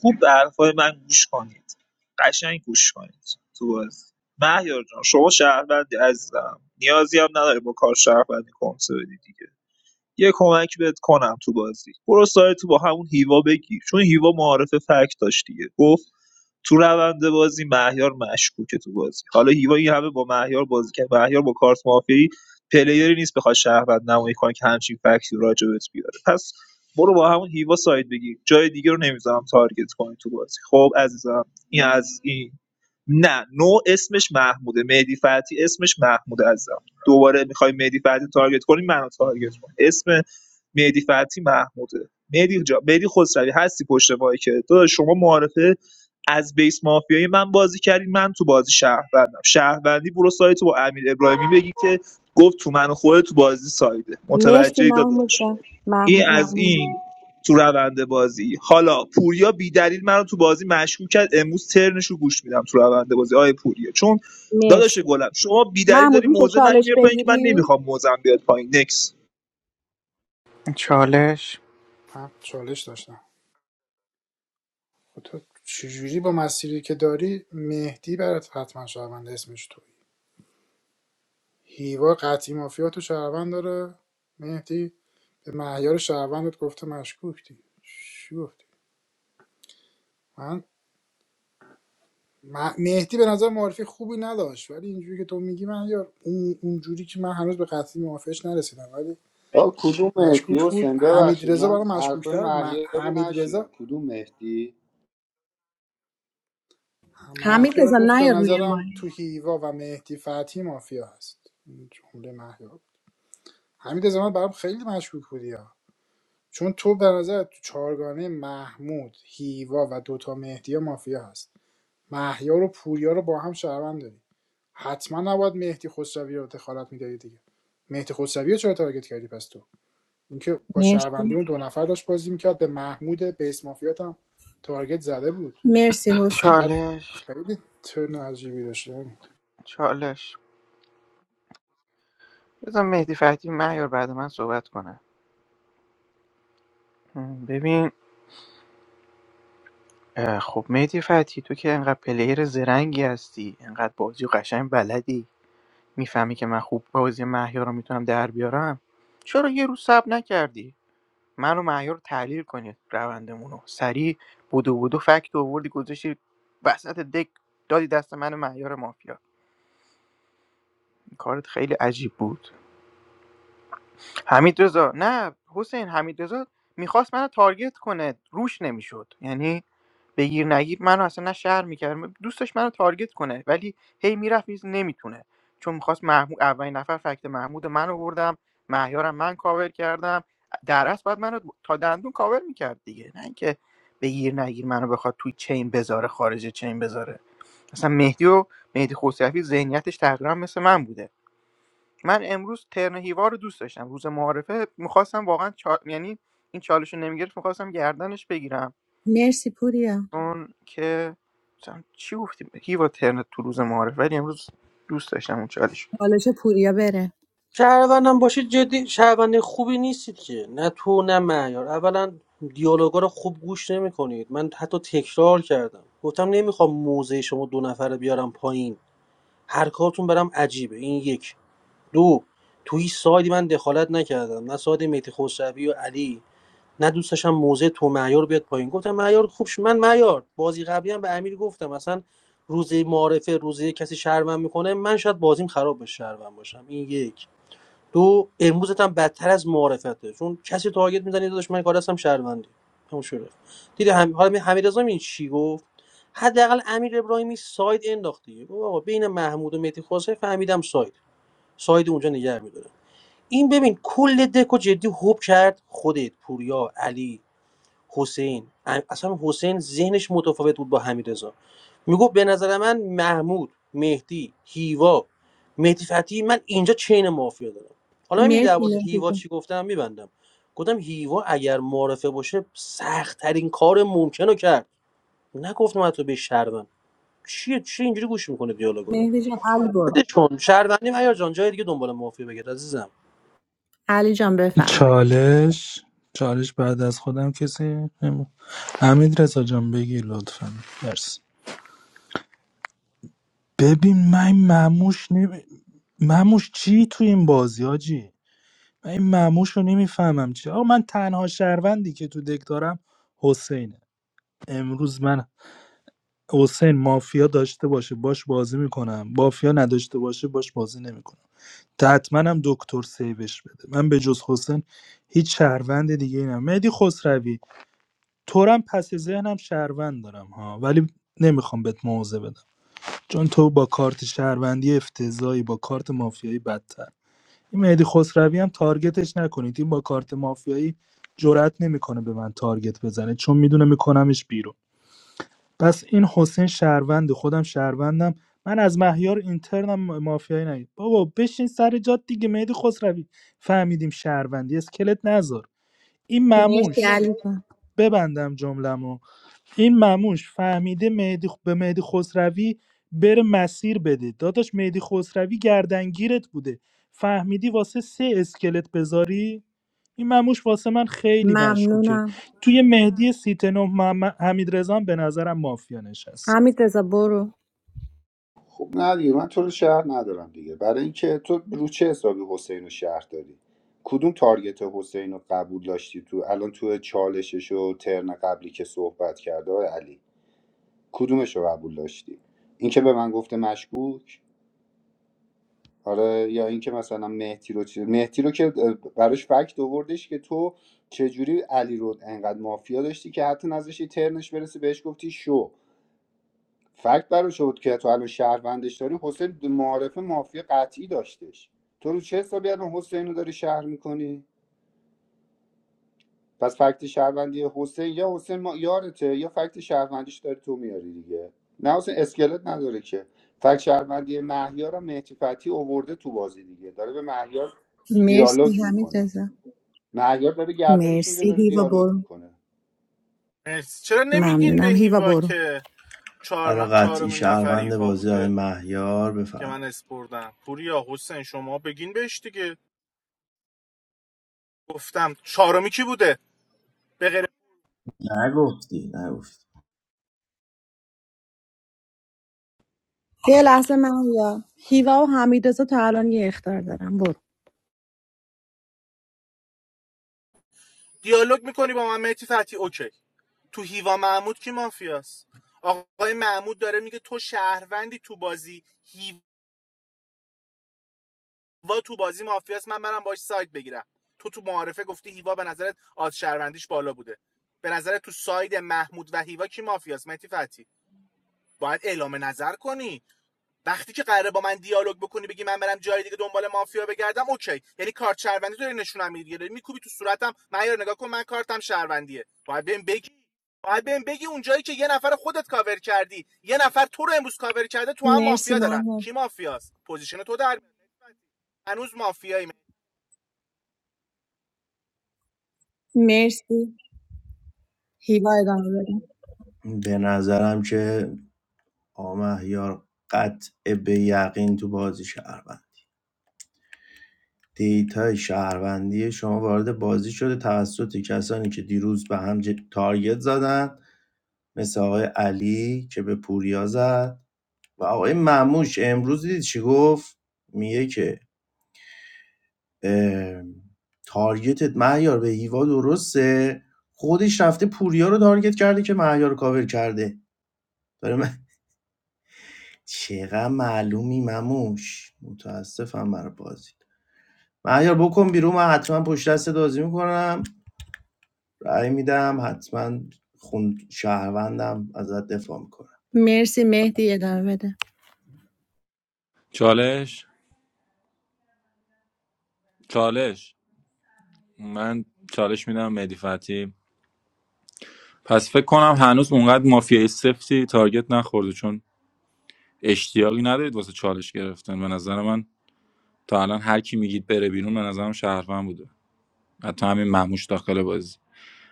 [SPEAKER 17] خوب به حرفای من گوش کنید قشنگ گوش کنید تو بازی مهیار جان شما شهروندی عزیزم نیازی هم نداری با کار شهروندی کنسه بدی دیگه یه کمک بهت کنم تو بازی برو سایت تو با همون هیوا بگیر چون هیوا معارف فکت داشت دیگه گفت تو روند بازی مهیار مشکوکه تو بازی حالا هیوا این همه با مهیار بازی کرد مهیار با کارت مافیایی پلیری نیست بخواد شهروند نمایی کنه که همچین فکتی راجبت بیاره پس برو با همون هیوا ساید بگیر جای دیگه رو نمیذارم تارگت کنی تو بازی خب عزیزم این از این نه نو اسمش محموده مهدی فتی اسمش محموده عزیزم دوباره میخوای مهدی فتی تارگت کنی منو تارگت کن اسم مهدی فتی محموده مهدی جا مهدی خسروی هستی پشت مایکت داداش شما معارفه از بیس مافیای من بازی کردین من تو بازی شهروندم شهروندی برو سایت با امیر ابراهیمی بگی که گفت تو من و خودت تو بازی سایده
[SPEAKER 14] مرسی
[SPEAKER 17] متوجه
[SPEAKER 14] محمود
[SPEAKER 17] داداش
[SPEAKER 14] جان
[SPEAKER 17] این
[SPEAKER 14] مح-
[SPEAKER 17] از این
[SPEAKER 14] ممنونم.
[SPEAKER 17] تو روند بازی حالا پوریا بیدلیل منو تو بازی مشکوک کرد امروز ترنش رو گوش میدم تو روند بازی آیه پوریا چون
[SPEAKER 14] مرسی
[SPEAKER 17] داداش گلم شما بیدلیل
[SPEAKER 14] محمود
[SPEAKER 17] داری
[SPEAKER 14] میشه
[SPEAKER 17] موزه من
[SPEAKER 14] چالش
[SPEAKER 17] میاری پایین که من
[SPEAKER 14] بگیری؟
[SPEAKER 17] نمیخوام موزم بیاد پایین نکس
[SPEAKER 15] چالش
[SPEAKER 2] هم چالش داشتم خب تو چجوری با مسیری که داری مهدی برات حتما شهروند اسمش توی هیوا قطعی مافیا تو شهروند داره مهدی به معیار شهروندت گفته مشکوک دی چی گفتی من م- مهدی به نظر معرفی خوبی نداشت ولی اینجوری که تو میگی من یار اون اونجوری که من هنوز به قطعی موافقش نرسیدم ولی
[SPEAKER 13] آه کدوم مهدی
[SPEAKER 2] مشکوک بود
[SPEAKER 13] حسین
[SPEAKER 2] حمید
[SPEAKER 13] ببخشید
[SPEAKER 2] رضا
[SPEAKER 13] من
[SPEAKER 2] برای
[SPEAKER 13] حرفای
[SPEAKER 2] مشکوکتر بود. م-
[SPEAKER 13] محیا رو
[SPEAKER 2] حمید
[SPEAKER 13] نشنیدم
[SPEAKER 2] رضا
[SPEAKER 13] کدوم مهدی
[SPEAKER 14] حمید
[SPEAKER 2] مهیار
[SPEAKER 14] رضا
[SPEAKER 2] گفت به
[SPEAKER 14] نیا روی
[SPEAKER 2] نظرم تو
[SPEAKER 14] مایی
[SPEAKER 2] هیوا و مهدی فتحی مافیا هست این جمله مهیار حمید زمان برام خیلی مشکوک بودی ها چون تو به نظر تو چهارگانه محمود هیوا و دوتا مهدی مافیا هست مهیار و پوریا رو با هم شهروند داری حتما نباید مهدی خسروی رو دخالت میدادی دیگه مهدی خسروی رو چرا تارگت کردی پس تو اینکه با شهروندی
[SPEAKER 14] مرسی
[SPEAKER 2] اون دو نفر داشت بازی میکرد به محمود بیس مافیات هم تارگت زده بود
[SPEAKER 14] مرسی حسین
[SPEAKER 2] بعد
[SPEAKER 15] چالش
[SPEAKER 2] خیلی ترن عجیبی داشت
[SPEAKER 15] چالش بذار مهدی فتحی مهیار بعد من صحبت کنه م، ببین اه، خب مهدی فتحی تو که انقدر پلیر زرنگی هستی انقدر بازی و قشنگ بلدی میفهمی که من خوب بازی مهیار رو میتونم در بیارم چرا یه روز صبر نکردی من و مهیار رو تحلیل کنید روندمون رو سریع بودو بودو فکت آوردی گذاشتی وسط دک دادی دست من و مهیار مافیا کارت خیلی عجیب بود حمید رضا نه حسین حمید رضا میخواست منو تارگت کنه روش نمیشد یعنی بگیر نگیر منو اصلا نه شهر میکرد دوستش منو تارگت کنه ولی هی میرفت نیز نمیتونه چون میخواست محمود اولین نفر فکت محمود من آوردم مهیارم من کاور کردم در اصل بعد منو تا دندون کاور میکرد دیگه نه اینکه بگیر نگیر منو بخواد توی چین بذاره خارج چین بذاره اصلا مهدی و مهدی خسروی ذهنیتش تقریبا مثل من بوده من امروز ترن هیوا رو دوست داشتم روز معارفه میخواستم واقعا چا... یعنی این چالش رو نمیگرفت میخواستم گردنش بگیرم
[SPEAKER 14] مرسی پوریا
[SPEAKER 15] چون که مثلا چی گفتیم هیوا ترن تو روز معارفه ولی امروز دوست داشتم اون چالش رو.
[SPEAKER 14] چالش پوریا بره
[SPEAKER 18] شهروندم باشید جدی شهروند خوبی نیستید که نه تو نه معیار اولا دیالوگا رو خوب گوش نمیکنید من حتی تکرار کردم گفتم نمیخوام موزه شما دو نفره بیارم پایین هر کارتون برام عجیبه این یک دو تو هیچ سایدی من دخالت نکردم نه ساید مهدی خسروی و علی نه دوست داشتم موزه تو معیار بیاد پایین گفتم معیار خوبش من معیار بازی قبلی هم به امیر گفتم مثلا روز معارفه روزی کسی شرمم میکنه من شاید بازیم خراب بشه شرمم باشم این یک دو امروزت هم بدتر از معارفته چون کسی تارگت میزنه داداش من کار هستم شهروندی همون شده دیدی هم حالا حمیدرضا این چی گفت حداقل امیر ابراهیمی ساید انداخت دیگه گفت آقا بین محمود و مهدی خسروی فهمیدم ساید ساید اونجا نگه می‌داره. این ببین کل دکو جدی هوب کرد خودت پوریا علی حسین ام- اصلا حسین ذهنش متفاوت بود با حمیدرضا میگفت به نظر من محمود مهدی هیوا مهدی فتحی من اینجا چین مافیا دارم حالا من
[SPEAKER 14] مرسی
[SPEAKER 18] در مورد
[SPEAKER 14] مهدی
[SPEAKER 18] هیوا
[SPEAKER 14] جان
[SPEAKER 18] چی گفتم میبندم گفتم هیوا اگر معرفه باشه سختترین کار ممکن رو کرد نگفتم تو به شهروند چیه چی اینجوری گوش میکنه دیالوگا رو
[SPEAKER 14] مهدی جان علی برو
[SPEAKER 18] ولش کن شهروندی عیار جان جای دیگه دنبال مافیا بگرد عزیزم
[SPEAKER 14] علی جان بفرمایید
[SPEAKER 8] چالش چالش بعد از خودم کسی نمی- حمید رضا جان بگی لطفا مرسی ببین من این مموش نمی... مموش چی تو این بازی آجی من این مموش رو نمیفهمم چی آقا من تنها شهروندی که تو دک دارم حسینه امروز من حسین مافیا داشته باشه باش بازی میکنم مافیا نداشته باشه باش بازی نمیکنم حتما هم دکتر سیوش بده من به جز حسین هیچ شهروند دیگه ای ندارم. مهدی خسروی تورم پس ذهنم شهروند دارم ها ولی نمیخوام بهت موضع بدم چون تو با کارت شهروندی افتضایی با کارت مافیایی بدتر این مهدی خسروی هم تارگتش نکنید این با کارت مافیایی جرأت نمیکنه به من تارگت بزنه چون میدونه میکنمش بیرون پس این حسین شهروند خودم شهروندم من از مهیار اینترنم مافیایی نگید بابا بشین سر جات دیگه مهدی خسروی فهمیدیم شهروندی اسکلت نذار این مموش
[SPEAKER 14] مرسی علی جان
[SPEAKER 8] ببندم جمله‌مو این مموش فهمیده مهدی به مهدی خسروی بره مسیر بده داداش مهدی خسروی گردنگیرت بوده فهمیدی واسه سه اسکلت بذاری این مموش واسه من خیلی مشکوکه
[SPEAKER 14] ممنونم
[SPEAKER 8] توی مهدی سیتنو حمید رزان به نظرم مافیا نشسته
[SPEAKER 14] حمید رضا برو
[SPEAKER 13] خب نه دیگه من تو رو شهر ندارم دیگه برای اینکه تو رو چه حسابی حسین رو شهر داری کدوم تارگت حسین رو قبول داشتی تو الان تو چالشش و ترن قبلی که صحبت کرده آقای علی کدومش رو قبول داشتی اینکه به من گفته مشکوک آره یا اینکه مثلا مهدی رو چیز مهدی رو که براش فکت آوردش که تو چجوری علی رو انقدر مافیا داشتی که حتی نذاشتی ترنش برسه بهش گفتی شو فکت براش بود که تو الان شهروندش داری حسین معارفه مافیا قطعی داشتش تو رو چه حسابی الان حسین رو داری شهر میکنی پس فکت شهروندی حسین یا حسین ما یارته یا فکت شهروندیش داری تو میاری دیگه نه حسین اسکلت نداره که فکت شهروندی مهیار هم مهدی فتحی آورده تو بازی دیگه داره به مهیار دیالوگ
[SPEAKER 14] مرسی حمید
[SPEAKER 13] میکنه
[SPEAKER 14] رضا
[SPEAKER 13] مهیار داره گردنش میگیره
[SPEAKER 14] مرسی
[SPEAKER 13] داره
[SPEAKER 14] هیوا
[SPEAKER 13] دیالوگ
[SPEAKER 14] برو
[SPEAKER 13] میکنه
[SPEAKER 4] چرا نمیگین به
[SPEAKER 14] ممنونم هیوا
[SPEAKER 4] هیوا
[SPEAKER 14] برو
[SPEAKER 4] که
[SPEAKER 12] برا
[SPEAKER 4] چهار-
[SPEAKER 12] قطعی
[SPEAKER 4] چهارمین چار... نفر
[SPEAKER 12] شهروند
[SPEAKER 4] هیوا
[SPEAKER 12] بازی های
[SPEAKER 4] بوده
[SPEAKER 12] مهیار
[SPEAKER 4] که
[SPEAKER 12] بفرمایید
[SPEAKER 4] من اسپردم پوریا حسین شما بگین بهش دیگه گفتم چهارمی کی بوده به غیر
[SPEAKER 12] نگفتی نگفتی
[SPEAKER 14] یه لحظه مهیا هیوا و حمید رضا تا الان یه اختار دارم برو
[SPEAKER 4] دیالوگ میکنی با من مهدی فتی اوکی تو هیوا محمود کی مافیاست آقای محمود داره میگه تو شهروندی تو بازی هیوا تو بازی مافیاست من برم باش ساید بگیرم تو تو معارفه گفتی هیوا به نظرت آد شهروندیش بالا بوده به نظرت تو ساید محمود و هیوا کی مافیاست مهدی فتی باید اعلام نظر کنی وقتی که قراره با من دیالوگ بکنی بگی من برم جای دیگه دنبال مافیا بگردم اوکی یعنی کارت شهروندی تو نشونم میدی داری میکوبی تو صورتم من یار نگاه کن من کارتم شهروندیه باید بهم بگی باید بهم بگی اونجایی که یه نفر خودت کاور کردی یه نفر تو رو امروز کاور کرده تو هم
[SPEAKER 14] مرسی
[SPEAKER 4] مافیا دارن
[SPEAKER 14] مهیا
[SPEAKER 4] کی مافیاست پوزیشن تو در میاد. هنوز مافیایی
[SPEAKER 14] مرسی هیوا ادامه بده
[SPEAKER 12] به نظرم که آقا مهیار قطع به یقین تو بازی شهروند دیتای شهروندی شما وارد بازی شده توسط کسانی که دیروز به هم ج- تارگت زدن مثل آقای علی که به پوریا زد و آقای مموش امروز دید چی گفت میگه که اه، تارگتت مهیار به هیوا درسته خودش رفته پوریا رو تارگت کرده که مهیار رو کاور کرده داره من چقدر معلومی مموش متاسفم برای بازی مهیار بکن بیرون من حتما پشت دستت بازی میکنم رأی میدم حتما خون شهروندم ازت دفاع میکنم
[SPEAKER 14] مرسی مهدی ادامه بده
[SPEAKER 11] چالش چالش من چالش میدم مهدی فتحی. پس فکر کنم هنوز اونقدر مافیای سفتی تارگت نخورده چون اشتیاقی ندارید واسه چالش گرفتن به نظر من تا الان هر کی میگید بره بیرون به نظرم شهروند بوده حتی همین مهموش داخل بازی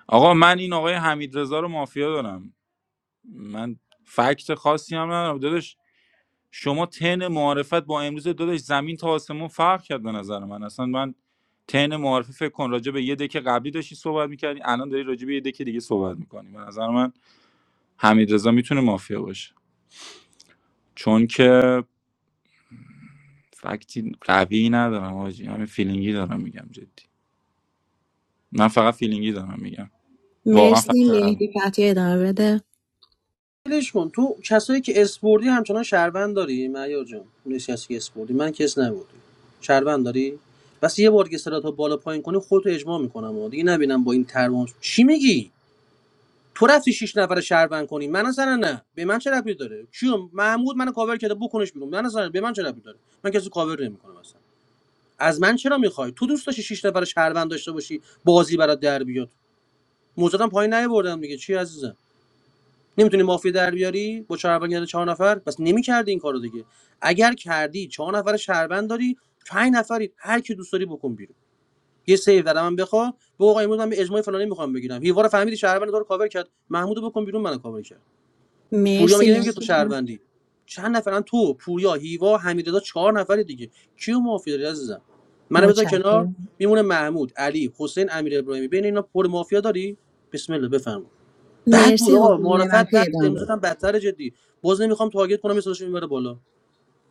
[SPEAKER 11] آقا من این آقای حمیدرضا رو مافیا دارم من فکت خاصی هم ندارم داداش شما تن معارفت با امروز داداش زمین تا آسمون فرق کرد به نظر من اصلا من تن معارفه فکر کن راجع به یه دک قبلی داشتی صحبت میکردی الان داری راجع به یه دک دیگه صحبت میکنی به نظر من حمیدرضا میتونه مافیا باشه چون که فکتی قوی ندارم حاجی همین فیلینگی دارم میگم جدی من فقط فیلینگی دارم میگم واقعا
[SPEAKER 14] مرسی
[SPEAKER 11] فکر ندارم.
[SPEAKER 14] مهدی فتی ادامه بده
[SPEAKER 18] ولش کن تو کسایی که اسپوردی همچنان شهروند داری معیار جان اون کسی که اسپوردی من کس نبودی شهروند داری بس یه بار که صدا بالا پایین کنی خودتو اجماع میکنم و دیگه نبینم با این ترمون چی میگی تو رفتی شیش نفر شهروند کنی من اصلا نه به من چه ربطی داره کیو محمود منو کاور کرده بکنش بیرون من اصلا به من چه ربطی داره من کسی کاور نمیکنم اصلا از من چرا میخوای تو دوست داشتی شیش نفر شهروند داشته باشی بازی برات در بیاد موضوعم پایین نیاوردم دیگه چی عزیزم نمیتونی مافیا در بیاری با شهروند کردن چهار نفر پس نمیکردی این کارو دیگه اگر کردی چهار نفر شهروند داری پنج نفری هر کی دوست داری بکن بیرون یه سیو در من بخوا به آقا امروز من به اجماع فلانی میخوام بگیرم هیوار فهمیدی شهروند داره کاور کرد محمودو بکن بیرون منو کاور کرد پوریا
[SPEAKER 14] مرسی
[SPEAKER 18] میگه نمیگه تو
[SPEAKER 14] مهدی فتحی.
[SPEAKER 18] شهروندی چند نفرن تو پوریا هیوا حمیدرضا چهار نفری دیگه کیو مافیا داری عزیزم منو بذار کنار
[SPEAKER 14] متشکرم
[SPEAKER 18] میمونه محمود علی حسین امیر ابراهیمی بین اینا پر مافیا داری بسم الله بفرما بد
[SPEAKER 14] مرسی
[SPEAKER 18] بود آقا
[SPEAKER 14] حسین
[SPEAKER 18] معرفت
[SPEAKER 14] نعمتی
[SPEAKER 18] بد بود
[SPEAKER 14] ادامه
[SPEAKER 18] امروز
[SPEAKER 14] بده
[SPEAKER 18] هم بدتر جدی باز نمیخوام تارگت کنم یه این بره بالا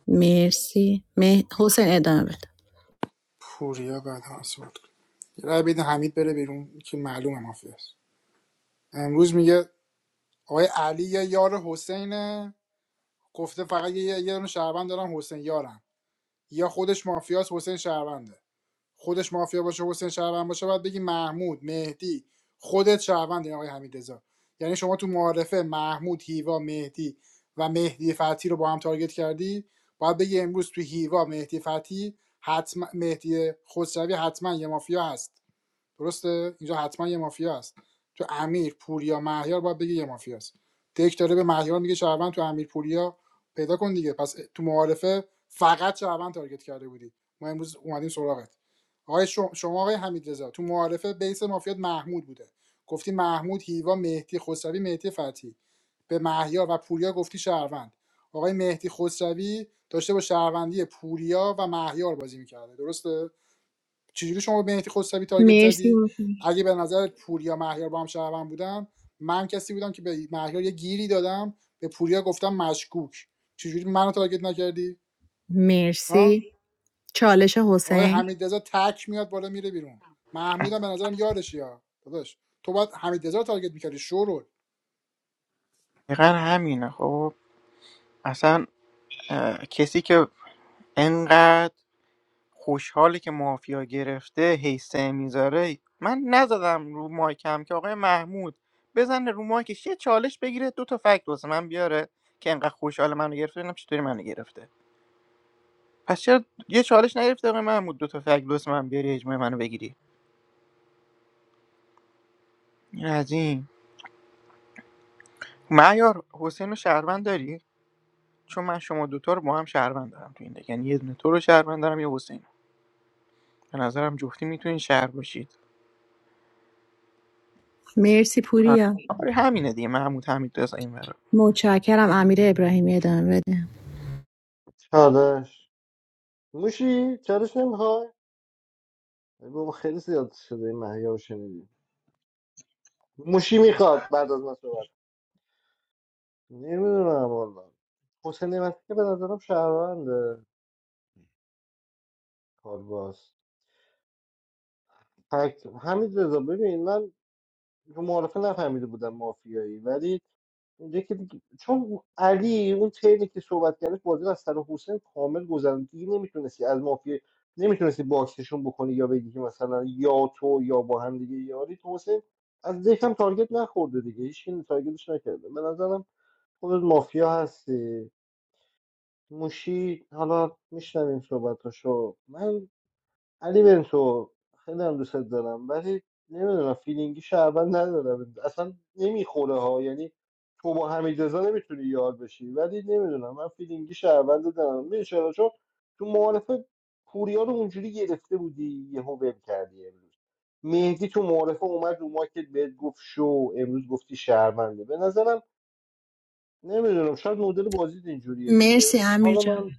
[SPEAKER 14] مرسی مه... حسین ادامه بده
[SPEAKER 2] پوریا بعد هم صحبت کرد یه رأی بدین حمید بره بیرون که معلومه مافیاست امروز میگه آقای علی یه یار حسینه گفته فقط یه یه یه دونه شهروند دارم حسین یارم یا خودش مافیاست حسین شهرونده خودش مافیا باشه حسین شهروند باشه باید بگی محمود مهدی خودت شهروندی آقای حمیدزا یعنی شما تو معارفه محمود هیوا مهدی و مهدی فتی رو با هم تارگت کردی باید بگی امروز تو هیوا مهدی فتی حتما مهدی خسروی حتما یه مافیا هست درسته اینجا حتما یه مافیا است تو امیر پوریا مهیار باید بگی یه مافیا است دک داره به مهیار میگه شهروند تو امیر پوریا پیدا کن دیگه پس تو معارفه فقط شهروند تارگت کرده بودی ما امروز اومدیم سراغت آقای شم- شما آقای حمید تو معارفه بیس مافیات محمود بوده گفتی محمود هیوا مهدی خسروی مهدی فتی به مهیار و پوریا گفتی شهروند آقای مهدی خسروی داشته با شهروندی پوریا و مهیار بازی میکرده درسته چجوری شما به مهدی خسروی تارگت
[SPEAKER 14] مرسی
[SPEAKER 2] زدی
[SPEAKER 14] حسین.
[SPEAKER 2] اگه به نظر پوریا مهیار با هم شهروند بودن من کسی بودم که به مهیار یه گیری دادم به پوریا گفتم مشکوک چجوری منو تارگت نکردی ها
[SPEAKER 14] مرسی چالش
[SPEAKER 2] آقای
[SPEAKER 14] حسین
[SPEAKER 2] حمیدرضا تک میاد بالا میره بیرون محمودم به نظرم یارشی ها داداش تو باید حمیدرضا رو تارگت میکردی شورول
[SPEAKER 15] دقیقا همینه خب اصلا اه، کسی که انقدر خوشحاله که مافیا گرفته هیسته میذاره من نزدم رو مایکم که آقای محمود بزنه رو مایکش یه چالش بگیره دو تا فکت واسه من بیاره که انقدر خوشحال منو گرفته ببینم چطوری منو گرفته پس چرا یه چالش نگرفتی آقای محمود دو تا فک لس من بیاری اجماع منو بگیری این از این معیار حسین رو شهروند داری چون من شما دوتا رو با هم شهروند دارم تو این دک. یعنی یه دونه تو رو شهروند دارم یه حسین رو. به نظرم جفتی میتونین شهر باشید
[SPEAKER 14] مرسی
[SPEAKER 15] آه.
[SPEAKER 14] پوریا
[SPEAKER 15] آره همینه دیگه محمود همین رضا این ورا
[SPEAKER 14] متشکرم امیر ابراهیمی ادامه بده
[SPEAKER 1] چالش موشی یا شنیدی موشی میخواد بعد از من صحبت نمیدونم والا حسین نعمتی که به نظرم شهرونده کارباز فکت همین رضا ببین من رو معارفه نفهمیده بودم مافیایی ولی اونجا که دیگه- چون علی اون تیری که صحبت کردش بازی رو از سر حسین کامل گذرون دیگه نمیتونستی از مافیا نمیتونستی باکسشون بکنی یا بگی که مثلا یا تو یا با هم دیگه یاری تو حسین از دکم تارگت نخورده دیگه هیچ تارگتش نکرده به نظرم خودت مافیا هستی موشی حالا میشنویم صحبتاشو من علی بنتو خیلی هم دوستت دارم ولی نمیدونم فیلینگی شعبن ندارم اصلا نمیخوره ها یعنی تو با حمید رضا نمیتونی یار بشی ولی نمیدونم من فیلینگی شعبن دارم میدونی چرا چون تو معارفه پوریا رو اونجوری گرفته بودی یهو ول کردی امروز مهدی تو معارفه اومد رو مارکت بهت گفت شو امروز گفتی شهرمنده به نظرم نمیدونم شاید مدل بازی اینجوریه
[SPEAKER 14] مرسی
[SPEAKER 1] دیگه
[SPEAKER 14] امیر
[SPEAKER 1] حالا من
[SPEAKER 14] جان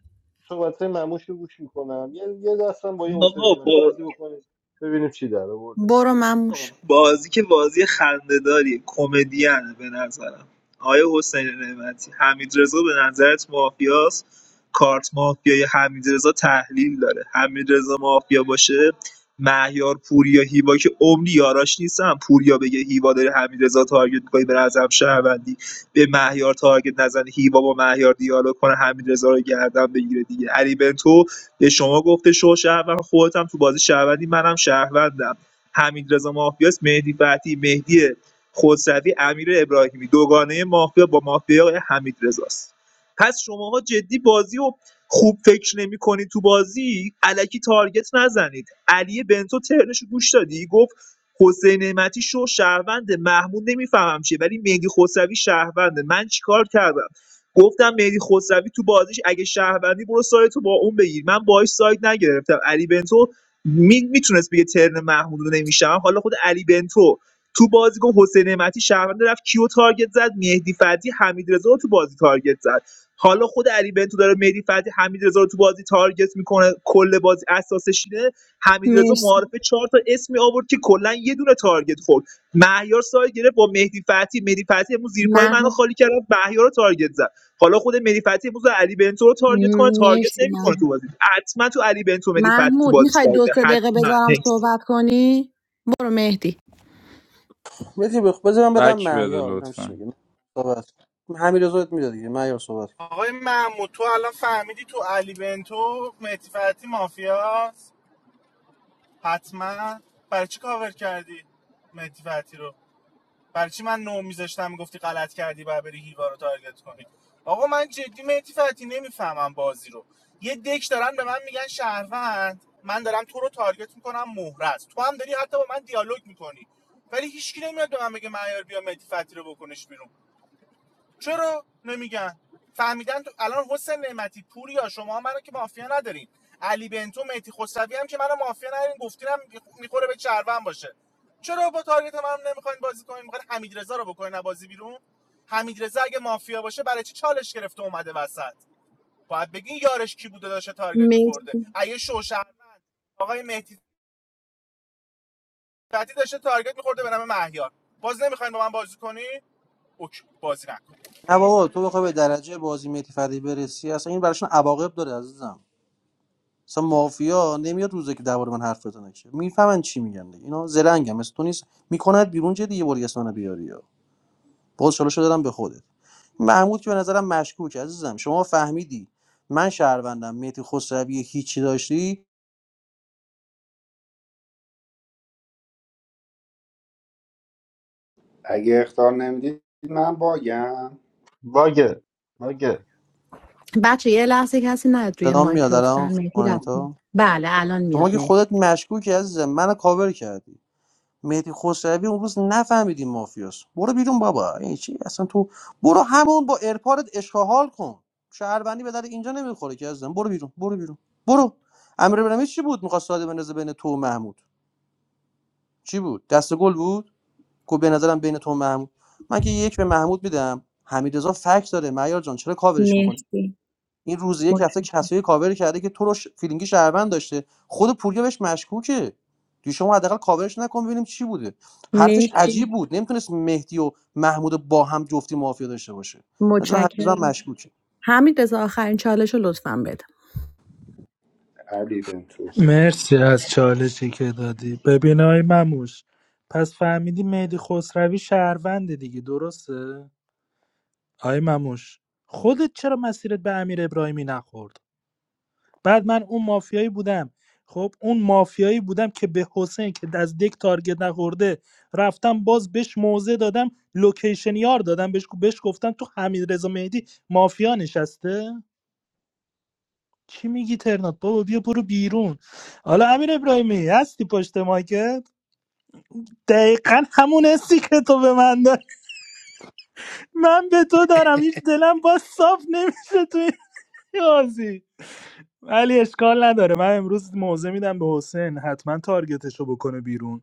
[SPEAKER 1] صحبت های معموش رو گوش میکنم یه, یه دستم با این حسین
[SPEAKER 17] آقا
[SPEAKER 1] نعمتی
[SPEAKER 17] با
[SPEAKER 1] بازی بکنیم ببینیم چی در آورده
[SPEAKER 14] برو مموش
[SPEAKER 17] بازی که بازی خندهداری کمدیانه به نظرم آیا حسین نعمتی حمید رضا به نظرت مافیاست کارت مافیای حمید رضا تحلیل داره حمید رضا مافیا باشه مهیار پوریا هیوا که عمری یاراش نیستن پوریا بگه هیوا داره حمید رضا تارگت می‌کنه به نظرم شهروندی به مهیار تارگت نزنه هیوا با مهیار دیالوگ کنه حمید رضا رو گردن بگیره دیگه علی بنتو به شما گفته شو شهروند خودت هم تو بازی شهروندی منم شهروندم حمیدرضا مافیاست مهدی فتحی مهدی خسروی امیر ابراهیمی دوگانه مافیا با مافیا حمیدرضاست پس شماها جدی بازی و خوب فکر نمی تو بازی علکی تارگت نزنید علی بنتو ترنشو گوش دادی گفت حسین نعمتی شو شهروند محمود نمیفهمم چیه ولی مهدی خسروی شهرونده من چیکار کردم گفتم مهدی خسروی تو بازیش اگه شهروندی برو سایتو با اون بگیر من باهاش سایت نگرفتم علی بنتو می میتونست بگه ترن محمود رو نمیشم حالا خود علی بنتو تو بازی گفت حسین نعمتی شهروند رفت کیو تارگت زد مهدی فتی حمیدرضا رو تو بازی تارگت زد حالا خود علی بنتو داره مهدی فتی حمیدرضا رو تو بازی تارگت میکنه کل بازی اساسش اینه حمیدرضا رضا
[SPEAKER 14] مرسی
[SPEAKER 17] معارفه چهار تا اسمی آورد که کلا یه دونه تارگت خورد مهیار سایه گرفت با مهدی فتی مهدی فتی امروز زیر پای منو
[SPEAKER 14] محمود
[SPEAKER 17] خالی کرد رفت مهیار رو تارگت زد حالا خود مهدی فتحی امروز علی بنتو رو تارگت کنه تارگت
[SPEAKER 14] مرسی محمود
[SPEAKER 17] نمیکنه تو بازی حتما تو علی بنتو مهدی فتحی تو
[SPEAKER 14] محمود
[SPEAKER 17] بازی
[SPEAKER 14] میخوای دو
[SPEAKER 17] سایده
[SPEAKER 14] سه دقیقه
[SPEAKER 17] حتما
[SPEAKER 14] بذارم
[SPEAKER 17] نکس
[SPEAKER 14] صحبت کنی برو مهدی
[SPEAKER 18] میتی بخ بذارم بدم
[SPEAKER 11] بک بده
[SPEAKER 18] مهیار ببینم چی
[SPEAKER 11] لطفا
[SPEAKER 18] میگه صحبت همین رضایت میداد دیگه مهیار صحبت کن.
[SPEAKER 4] آقای محمود تو الان فهمیدی تو علی بنتو مهدی فتحی مافیاست حتما برای چی کاور کردی مهدی فتحی رو برای چی من نو میذاشتم میگفتی غلط کردی و بری هیوا رو تارگت کنی آقا من جدی مهدی فتی نمیفهمم بازی رو یه دک دارن به من میگن شهروند من دارم تو رو تارگت میکنم مهرز تو هم داری حتی با من دیالوگ میکنی ولی هیچکی نمیاد به من بگه معیار بیا مهدی فتی رو بکنش بیرون چرا نمیگن فهمیدن تو الان حسین نعمتی پوریا شما منو که مافیا ندارین علی بنتو مهدی خسروی هم که منو مافیا ندارین گفتین میخوره به چرون باشه چرا با تارگت منم نمیخواین بازی کنین میخواین حمیدرضا رو بکنین از بازی بیرون حمیدرضا اگه مافیا باشه برای چی چالش گرفته اومده وسط باید بگین یارش کی بوده داشته تارگت میخورده
[SPEAKER 14] مهدی
[SPEAKER 4] ایه شوشرمند آقای مهدی فتی داشته تارگت میخورده به نام مهیار باز نمیخواین با من بازی کنی اوکی بازی نکن
[SPEAKER 18] نه بابا تو بخوای به درجه بازی میتی فردی برسی اصلا این براشون عواقب داره عزیزم اصلا مافیا نمیاد روزه که درباره من حرف بزنه که میفهمن چی میگن دیگه اینا زرنگم مثل تو نیست میکنند بیرون چه دیگه بوری اسمانه بیاری یا باز شلوشو دادم به خودت محمود که به نظرم مشکوک عزیزم شما فهمیدی من شهروندم میتی خسروی هیچی داشتی
[SPEAKER 13] اگه اختار نمیدید من باگم
[SPEAKER 1] باگه باگه
[SPEAKER 14] بچه یه لحظه کسی نیاد روی
[SPEAKER 18] صدام
[SPEAKER 14] مایک
[SPEAKER 18] میاد الان
[SPEAKER 14] لطفا
[SPEAKER 18] خانم
[SPEAKER 14] مهدی رفت
[SPEAKER 18] آنیتا
[SPEAKER 14] بله الان میاد
[SPEAKER 18] شما که
[SPEAKER 14] مهدی
[SPEAKER 18] خودت مشکوکی عزیزم منو کاور کردی مهدی خسروی اون روز نفهمیدی مافیاس برو بیرون بابا این چی اصلا تو برو همون با ارپارت اشغال کن شهروندی به در اینجا نمیخوره که عزیزم برو بیرون برو بیرون برو امیر ابراهیمی چی بود میخواست ساده بندازه بین تو و محمود چی بود دست گل بود کو به نظرم بین تو و محمود من که یک به محمود میدم حمیدرضا فکت داره معیار جان چرا کاورش می‌کنی
[SPEAKER 14] مرسی
[SPEAKER 18] این روز یک هفته
[SPEAKER 14] متشکرم.
[SPEAKER 18] کسایی کاور کرده که تو رو ش... فیلینگی شهروند داشته خود پوریا بهش مشکوکه دیگه شما حداقل کاورش نکن ببینیم چی بوده حرفش
[SPEAKER 14] مرسی
[SPEAKER 18] عجیب بود نمیتونست مهدی و محمود رو با هم جفتی مافیا داشته باشه مثلا حقیقتا
[SPEAKER 14] متشکرم
[SPEAKER 18] مشکوکه
[SPEAKER 14] حمید رضا آخرین چالش رو لطفا بده
[SPEAKER 13] علی بنتو
[SPEAKER 8] مرسی از چالشی که دادی ببین های مموش پس فهمیدی مهدی خسروی شهرونده دیگه درسته آقای مموش خودت چرا مسیرت به امیر ابراهیمی نخورد بعد من اون مافیایی بودم خب اون مافیایی بودم که به حسین که از دک تارگت نخورده رفتم باز بهش موزه دادم لوکیشن یار دادم بهش بهش گفتم تو حمید رضا مهدی مافیا نشسته چی میگی ترنات بابا بیا برو بیرون حالا امیر ابراهیمی هستی پشت مایکت دقیقا همون حسی که تو به من داری من به تو دارم هیچ دلم باز صاف نمیشه توی این بازی ولی اشکال نداره من امروز موضع میدم به حسین حتما تارگتش رو بکنه بیرون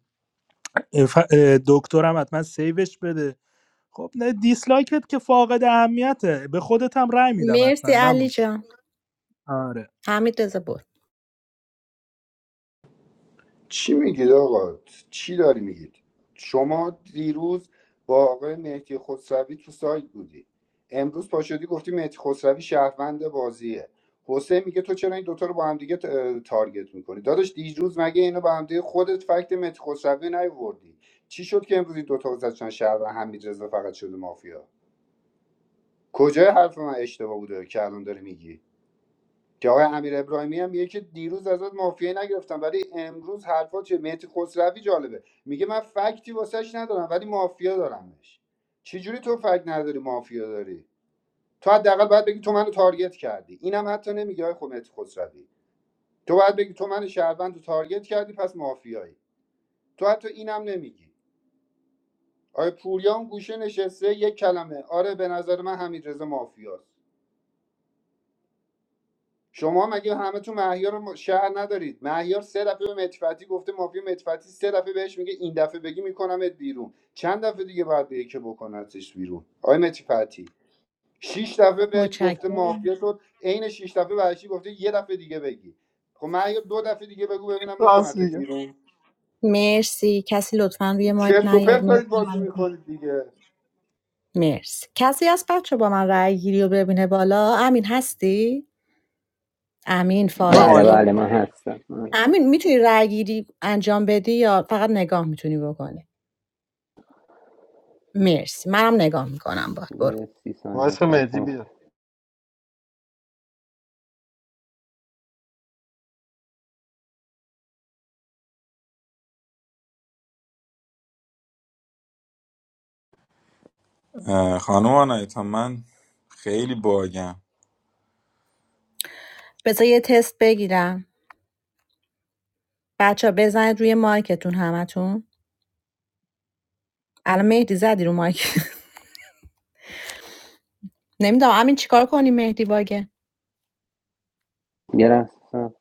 [SPEAKER 8] اف- اه، دکترم حتما سیوش بده خب نه دیسلایکت که فاقد اهمیته به خودت هم رأی میدم
[SPEAKER 14] مرسی
[SPEAKER 8] حتما
[SPEAKER 14] علی
[SPEAKER 8] مموش
[SPEAKER 14] جان
[SPEAKER 8] آره
[SPEAKER 14] حمید رضا بود
[SPEAKER 13] چی میگید آقا چی داری میگید شما دیروز با آقای مهدی خسروی تو سایت بودی امروز پاشدی گفتی مهدی خسروی شهروند بازیه حسین میگه تو چرا این دوتا رو با هم دیگه ت- تارگت میکنی داداش دیروز مگه اینو با هم دیگه خودت فکت مهدی خسروی نیوردی چی شد که امروز این دوتا گذاشتن شهروند حمیدرضا فقط شده مافیا کجای حرف من اشتباه بوده که الان داری میگی که آقای امیر ابراهیمی هم میگه که دیروز ازت مافیایی نگرفتم ولی امروز حرفات چه مهدی خسروی جالبه میگه من فکتی واسش ندارم ولی مافیا دارمش چجوری تو فکت نداری مافیا داری تو حداقل باید بگی تو منو تارگت کردی اینم حتی نمیگی آقای خب مهدی خسروی تو باید بگی تو من شهروند رو تارگت کردی پس مافیایی تو حتی اینم نمیگی آیا پوریام گوشه نشسته یک کلمه آره به نظر من حمیدرضا مافیاست شما مگه همتون مهیار رو شهر ندارید مهیار سه دفعه به متفتی گفته مافیا متفتی سه دفعه بهش میگه این دفعه بگی میکنمت بیرون چند دفعه دیگه باید بگه که بکنتش بیرون آقای متفتی شش دفعه بهت گفته
[SPEAKER 14] متشکرم
[SPEAKER 13] مافیا تو عین شش دفعه برشی گفته یه دفعه دیگه بگی خب مهیار دو دفعه دیگه بگو ببینم
[SPEAKER 1] راست
[SPEAKER 13] میکنتت
[SPEAKER 1] میگه
[SPEAKER 13] بیرون
[SPEAKER 14] مرسی کسی لطفا روی مایک
[SPEAKER 13] چرت و
[SPEAKER 14] نیاد
[SPEAKER 13] پرت دارید
[SPEAKER 14] مرسی
[SPEAKER 13] بازی
[SPEAKER 14] حمید رضا.
[SPEAKER 13] میکنید دیگه
[SPEAKER 14] مرسی کسی از بچه با من رأی گیری رو ببینه بالا امین هستی امین
[SPEAKER 18] من
[SPEAKER 16] بله
[SPEAKER 18] آیکون
[SPEAKER 14] فائزه
[SPEAKER 16] بله، من هستم من هستم.
[SPEAKER 14] امین میتونی رأی گیری انجام بدی یا فقط نگاه میتونی بکنی مرسی منم نگاه میکنم باد برو
[SPEAKER 16] یه سی ثانیه
[SPEAKER 1] واسه
[SPEAKER 16] صبر
[SPEAKER 1] مهدی
[SPEAKER 16] کن.
[SPEAKER 1] بیاد
[SPEAKER 11] اه، خانم آنایتا من خیلی باگم
[SPEAKER 14] بذار یه تست بگیرم بچه ها بزنید روی مایکتون همتون الان مهدی زدی رو مایک نمیدونم امین چیکار کنی مهدی باگه
[SPEAKER 16] یه لحظه صبر.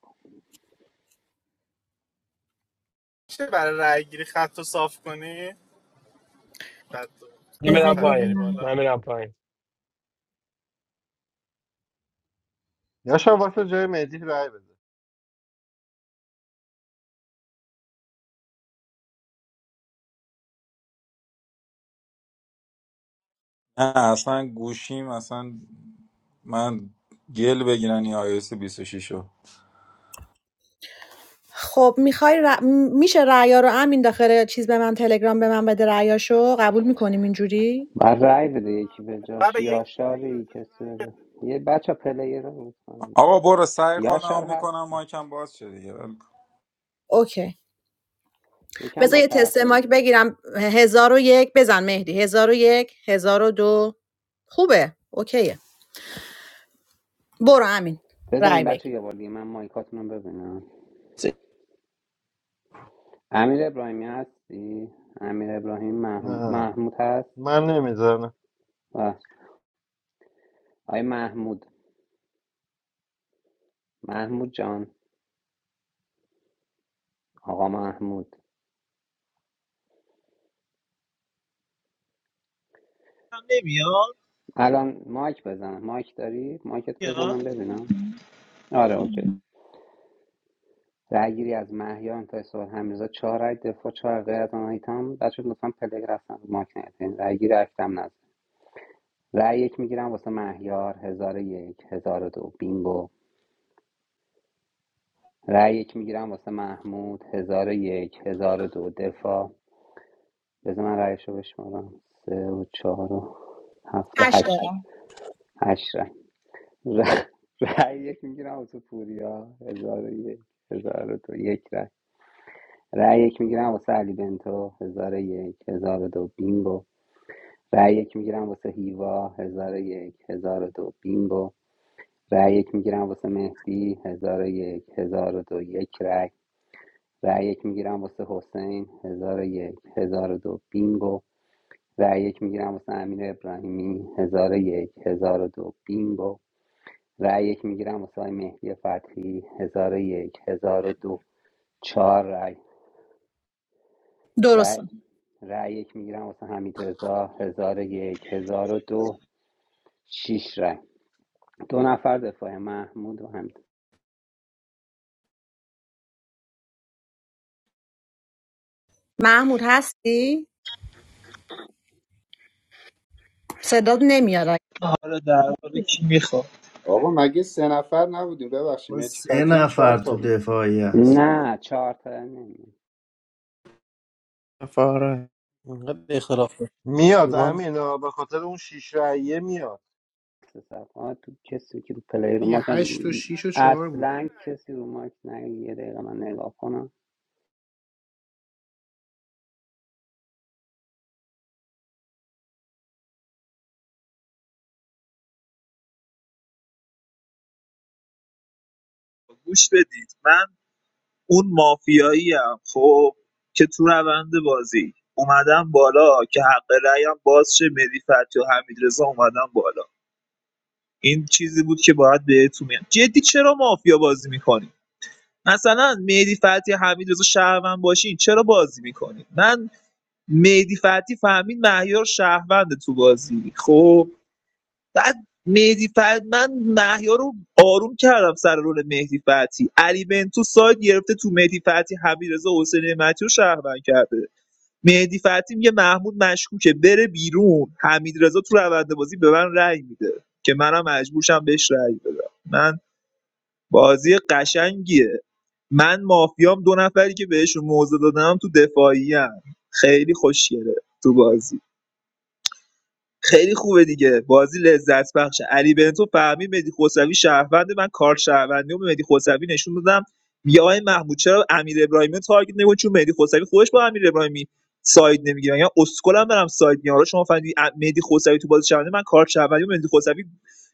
[SPEAKER 4] میشه برای رای گیری خط رو صاف کنی بعد
[SPEAKER 3] من
[SPEAKER 4] دو
[SPEAKER 14] بذار
[SPEAKER 3] میرم
[SPEAKER 4] نفر رو بیاری
[SPEAKER 3] پایین
[SPEAKER 14] ببینم
[SPEAKER 4] بالا
[SPEAKER 3] من میرم پایین
[SPEAKER 1] یا شاید واسه جای مهدی رای بده
[SPEAKER 11] نه اصلا گوشیم اصلا من گل بگیرن این iOS 26 رو
[SPEAKER 14] خب میخوای ر... م- میشه رأیا رو امین داخل چیز به من تلگرام به من بده رأیاشو قبول میکنیم اینجوری
[SPEAKER 16] بعد رأی بده یکی به
[SPEAKER 4] بعد
[SPEAKER 16] جاش
[SPEAKER 4] به یکی بده
[SPEAKER 16] یاشاری
[SPEAKER 4] بچه‌ش
[SPEAKER 16] کسی
[SPEAKER 4] رای
[SPEAKER 16] به
[SPEAKER 4] بده
[SPEAKER 16] جا- یه بچه پلیر رو میکنم
[SPEAKER 11] آقا برو سعی خودم
[SPEAKER 16] یاشار
[SPEAKER 11] میکنم
[SPEAKER 16] هست
[SPEAKER 11] مایکم باز شه دیگه ول کن.
[SPEAKER 14] اوکی
[SPEAKER 16] یکم
[SPEAKER 14] بذار
[SPEAKER 16] با
[SPEAKER 14] یه تست
[SPEAKER 16] تاخیر
[SPEAKER 14] مایک
[SPEAKER 16] میشه
[SPEAKER 14] بگیرم هزار و یک بزن مهدی هزار و یک هزار و دو خوبه اوکیه برو امین رای
[SPEAKER 16] بزنیم
[SPEAKER 14] بگی
[SPEAKER 16] بچه یه بار دیگه من مایکاتون رو ببینم امیر ابراهیمی هستی امیر ابراهیم مح-
[SPEAKER 1] نه
[SPEAKER 16] محمود هست
[SPEAKER 1] من نمیذارم
[SPEAKER 16] و آقای محمود محمود جان آقا محمود
[SPEAKER 17] هم نمیاد
[SPEAKER 16] الان مایک بزن مایک داری مایکت بزن من
[SPEAKER 17] میاد
[SPEAKER 16] ببینم آره اوکی رأی گیری از مهیار تا سوال حمیدرضا چهار رأی دفاع چهار غیر از آن ایتام بچه لطفا پلگ رفتن رو مایک نیاد یعنی رأی گیری اکتم نزد رای یک میگیرم واسه مهیار هزار و یک هزار و دو بینگو رای یک میگیرم واسه محمود هزار و یک هزار و دو دفاع بذار من رأیشو بشمارم سه و چهار و هفت و
[SPEAKER 14] هشت دارم
[SPEAKER 16] هشت هشت رأی ر- رأی یک میگیرم واسه پوریا هزار و یک هزار و دو یک رأی رأی یک میگیرم واسه علی بنتو هزار و یک هزار و دو بینگو رأی یک میگیرم واسه هیوا هزار و یک هزار و دو بینگو رأی یک میگیرم واسه مهدی هزار و یک هزار و دو یک رأی رأی یک میگیرم واسه حسین هزار و یک هزار و دو بینگو رأی یک میگیرم واسه امیر ابراهیمی هزار و یک هزار و دو بینگو رأی یک میگیرم واسه آقای مهدی فتحی هزار و یک هزار و دو چهار رای
[SPEAKER 14] درسته
[SPEAKER 16] رای رأی یک میگیرم واسه حمید رضا هزار و یک هزار و دو شش رای دو نفر دفاع محمود و حمید
[SPEAKER 14] محمود هستی؟ صدات نمیاد
[SPEAKER 17] حالا در واقع کی میخواد
[SPEAKER 13] آقا مگه سه نفر نبودیم ببخشید
[SPEAKER 12] با سه
[SPEAKER 13] متفتی هم چهار
[SPEAKER 12] نفر
[SPEAKER 13] تا
[SPEAKER 12] تو
[SPEAKER 13] بود
[SPEAKER 12] دفاعی هست
[SPEAKER 16] نه چهار تا نمی‌دونم.
[SPEAKER 15] فاره
[SPEAKER 18] اینقدر اختلاف
[SPEAKER 1] میاد
[SPEAKER 18] داره.
[SPEAKER 1] امین آه، به خاطر اون شیش رایه میاد
[SPEAKER 16] سه تو کسی که رو پلی رو
[SPEAKER 2] یه
[SPEAKER 16] ماکم
[SPEAKER 2] هشت و شیش و
[SPEAKER 4] حمیدرضا
[SPEAKER 2] چهار بود
[SPEAKER 16] اصلا
[SPEAKER 4] شیش رای بود.
[SPEAKER 16] کسی رو ماک نه یه دقیقه من نگاه کنم
[SPEAKER 17] گوش بدید من اون مافیایی ام خب که تو روند بازی اومدم بالا که حق رأیم باز شه مهدی فتحی و حمید اومدم بالا این چیزی بود که باید بهتون میگم جدی چرا مافیا بازی میکنی مثلا مهدی فتحی حمید رضا شهروند باشین چرا بازی میکنی مهدی فتحی فهمید مهیار شهروند تو بازی خب بعد مهدی فتحی من مهیار رو آروم کردم سر رول مهدی فتحی علی بنتو ساید گرفته تو مهدی فتحی حمیدرضا حسین نعمتی رو شهروند کرده مهدی فتحی میگه محمود مشکوکه بره بیرون حمیدرضا تو روند بازی به من رأی میده که منم مجبورشم بهش رأی بدم من بازی قشنگیه من مافیام دو نفری که بهشون موضع دادم تو دفاعیم خیلی خوشگله تو بازی خیلی خوبه دیگه بازی لذت بخشه علی بنتو فهمید مهدی خسروی شهروند من کار شهروندی و به مهدی خسروی نشون دادم بیا آقای محمود چرا امیر ابراهیمی رو تارگت نمی‌کنی چون مهدی خسروی خودش با امیر ابراهیمی ساید نمیگیره یا اسکلم برم ساید میاره حالا شما فهمیدی ا- مهدی خسروی تو بازی شهروندی من کار شهروندی و مهدی خسروی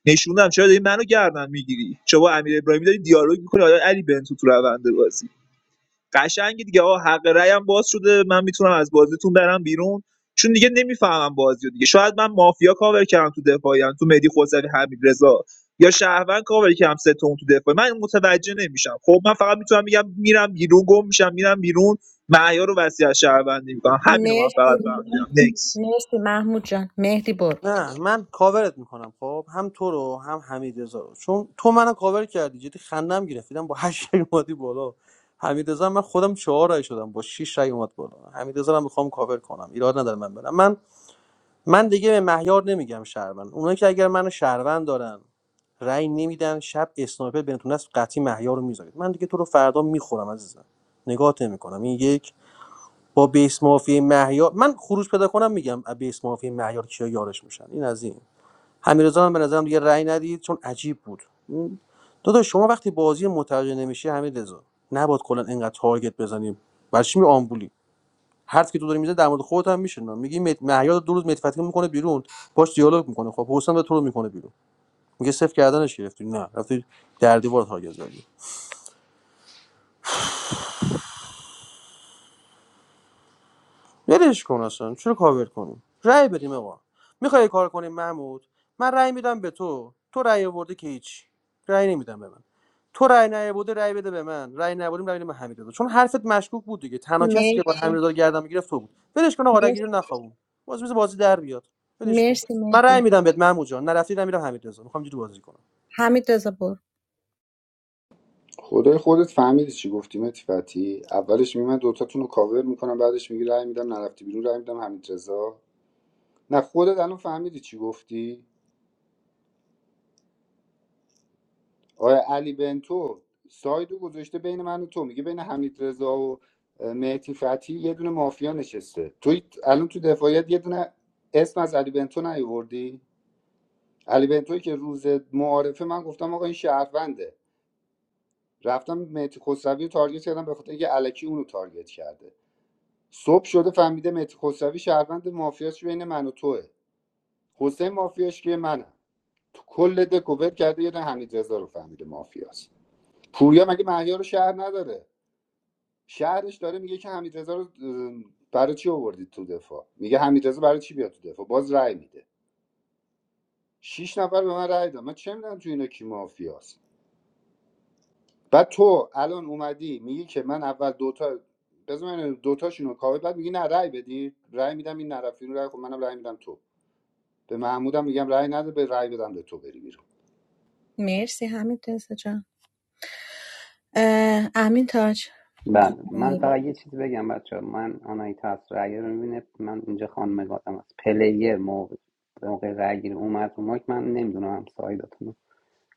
[SPEAKER 17] نشوندم چرا داری منو گردن میگیری چرا با امیر ابراهیمی داری دیالوگ میکنی آیا علی بنتو تو روند بازی قشنگه دیگه آقا حق رأیم باز شده من میتونم از بازیتون برم بیرون چون دیگه نمیفهمم بازی رو دیگه شاید من مافیا کاور کردم تو دفاعیم تو مهدی خسروی حمید رضا یا شهروند کاور کردم سه تا تو دفاع من متوجه نمیشم خب من فقط میتونم میگم میرم بیرون گم میشم میرم بیرون معیار رو وسیع شهروندی میکنم همین رو من
[SPEAKER 14] مرسی
[SPEAKER 17] فقط فهمیدم نکس
[SPEAKER 14] مرسی محمود جان مهدی برو
[SPEAKER 18] نه من کاورت میکنم خب هم تو رو هم حمید رو چون تو منو کاور کردی جدی خندم گرفتیدم با هشت رای اومدی بالا حمید من خودم چهار رای شدم با شش رای اومد بالا حمید هم میخوام کاور کنم ایراد نداره من برم من من دیگه به مهیار نمیگم شهروند اونایی که اگر منو شهروند دارن رای نمیدن شب اسنایپر بنتون است قطعی مهیار رو میذارید من دیگه تو رو فردا میخورم عزیزم نگاهت نمیکنم این یک با بیس مافی مهیار من خروج پیدا کنم میگم بیس مافی مهیار کیا یارش میشن این از این حمیدرضا هم به نظرم دیگه رأی ندید چون عجیب بود داداش شما وقتی بازی متوجه نمیشی حمیدرضا نباید کلا اینقدر تارگت بزنیم برای چی می آمبولی حرف که تو داری میزنی در مورد خودت هم میشه میگی مت... مهیار دو روز متفتی میکنه بیرون باش دیالوگ میکنه خب حسین به تو رو میکنه بیرون میگه صفر کردنش گرفتی نه رفتی در دیوار تارگت زدی ولش کن اصلا چرا کاور کنیم رأی بدیم آقا میخوای کار کنیم محمود من رأی میدم به تو تو رأی آوردی که هیچ رأی نمیدم به من تو رأی نیاورده رأی بده به من رأی نیاوردیم رأی بده به حمیدرضا چون حرفت مشکوک بود دیگه تنها کسی که
[SPEAKER 14] مرسی
[SPEAKER 18] با حمیدرضا رو گردن میگرفت تو بود ولش کن آقا رأی گیری رو نخوابون باز میز بازی در بیاد ولش کن
[SPEAKER 14] مرسی
[SPEAKER 18] من رأی
[SPEAKER 14] مهدی
[SPEAKER 18] میدم بهت محمود جان نرفتی رأی میدم حمیدرضا میخوام اینجوری بازی کنم
[SPEAKER 14] حمید رضا برو
[SPEAKER 13] خدای خودت فهمیدی چی گفتی متی فتی اولش می من دوتاتون رو کاور میکنم بعدش میگی رأی میدم نرفتی بیرون رأی میدم حمید رضا نه خودت الان فهمیدی چی گفتی آیا علی بنتو سایدو گذاشته بین من و تو میگه بین حمید رضا و اه، مهدی فتی یه دونه مافیا نشسته تو الان تو دفاعیت یه دونه اسم از علی بنتو نیوردی علی بنتوی که روز معارفه من گفتم آقا این شهرونده رفتم مهدی خسروی رو تارگت کردم به خاطر اینکه الکی اونو تارگت کرده صبح شده فهمیده مهدی خسروی شهروند مافیاش بین من و توه حسین مافیاش که منم تو کل دکوور کرده یه دونه حمید رو فهمیده مافیاست پوریا مگه مهیار رو شهر نداره شهرش داره میگه که حمید رضا رو برای چی آوردید تو دفاع میگه حمید رضا برای چی بیاد تو دفاع باز رأی میده شش نفر به من رأی دادن من چه میدونم تو اینا کی مافیاست بعد تو الان اومدی میگی که من اول دوتا بذار من دوتاشونو کاور بعد میگی نه رأی بدی رأی میدم این نرفیون رأی خب منم رأی میدم تو به محمودم میگم رأی نده به رأی بدم به تو بری بیرون
[SPEAKER 14] مرسی حمید رضا جان اه، امین تاج
[SPEAKER 16] بله من فقط یه چیز بگم بچه ها. من آنایتا از رأی رو میبینه من اینجا خانم گادم از پلیر موقع موقع رأی گیری اومد رو مایک من نمیدونم هم سایداتون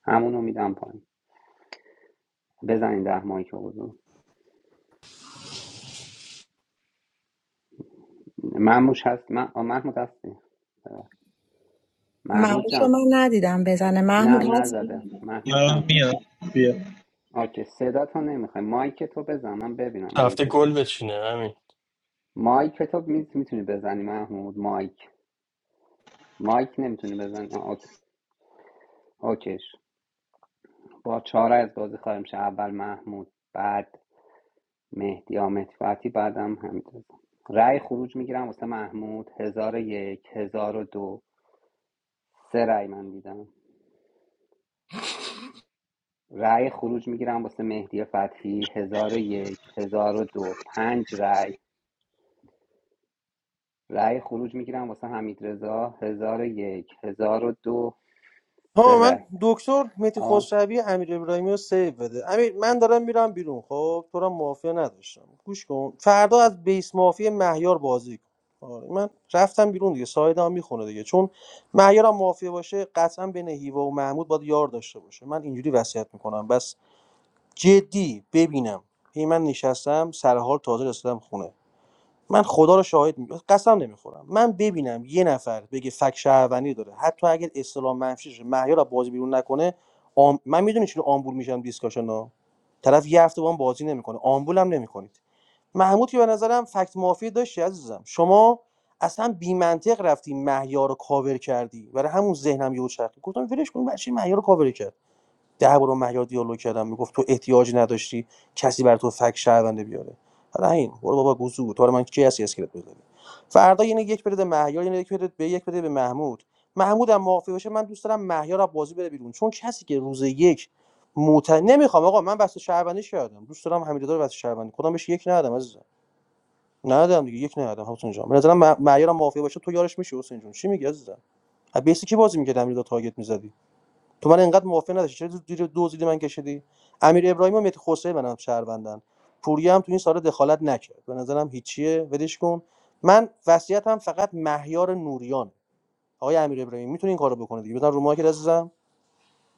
[SPEAKER 16] همونو میدم پایین بزنین ده مایک رو بزن محموش هست من محمود هستی محمود
[SPEAKER 14] محمود
[SPEAKER 16] جان
[SPEAKER 14] شما ندیدم بزنه محمود
[SPEAKER 16] نه
[SPEAKER 14] هستی؟
[SPEAKER 16] نزده محمود جان آکه صدا تو نمیخوای مایک تو بزن من ببینم
[SPEAKER 3] هفته
[SPEAKER 16] مایک
[SPEAKER 3] گل
[SPEAKER 16] تو
[SPEAKER 3] بچینه همین
[SPEAKER 16] مایک تو می... میتونی بزنی محمود مایک مایک نمیتونی بزنی آه، اوکی اوکیش با چاره از بازی خواهیم شد اول محمود بعد مهدی آمد فتی بعدم حمید رأی خروج میگیرم واسه محمود هزار و یک هزار و دو سه رأی من دیدم رأی خروج میگیرم واسه مهدی فتحی هزار و یک هزار و دو پنج رأی رأی خروج میگیرم واسه حمید رضا هزار و یک هزار و دو سه
[SPEAKER 18] ها من
[SPEAKER 16] رأی
[SPEAKER 18] دکتر مهدی
[SPEAKER 16] آه.
[SPEAKER 18] خسروی امیر ابراهیمی رو سیو بده امیر من دارم میرم بیرون خب تو را مافیا نداشتم گوش کن فردا از بیس مافیا مهیار بازی کن آره من رفتم بیرون دیگه سایدم هم میخونه دیگه چون مهیار هم مافیا باشه قطعا بین هیوا و محمود باید یار داشته باشه من اینجوری وصیت میکنم بس جدی ببینم هی من نشستم سر حال تازه رسیدم خونه من خدا رو شاهد می... قسم نمیخورم من ببینم یه نفر بگه فک شهروندی داره حتی اگر اسلام منفیش شه مهیار از بازی بیرون نکنه آم... من میدونی چون آمبول میشم دیسکاشن ها طرف یه هفته با هم بازی نمیکنه آمبول نمیکنید محمود که به نظرم فکت مافی داشتی عزیزم شما اصلا بی منطق رفتی مهیار رو کاور کردی برای همون ذهنم یهو چرخید گفتم ولش کن بچه مهیار رو کاور کرد ده بار با مهیار دیالوگ کردم میگفت تو احتیاج نداشتی کسی بر تو فک شهرونده بیاره حالا این برو بابا گوزو تو رو من کی هستی اسکلت بذاری فردا یعنی یک بده مهیار یعنی یک بده به یک بده به محمود محمود هم معافی باشه من دوست دارم مهیار از بازی بره بیرون چون کسی که روز یک موت نمیخوام آقا من واسه شهروندی شدم دوست دارم حمیدرضا رو واسه شهروندی کدام بهش یک ندادم عزیزم ندادم دیگه یک ندادم حسین جان به نظرم مه- مهیار هم معافی باشه تو یارش میشی حسین جون چی میگی عزیزم از بیسی کی بازی میکرد حمیدرضا تارگت میزدی تو من انقدر موافق نداشتی چرا زیر دو زیر من کشیدی امیر ابراهیم و متی خسروی برام شهروندن پوریا هم تو این سال دخالت نکرد به نظرم هیچیه ولش کن من وصیتم فقط مهیار نوریان آقای امیر ابراهیم میتونی این کارو بکنه دیگه بزن رو مایک عزیزم.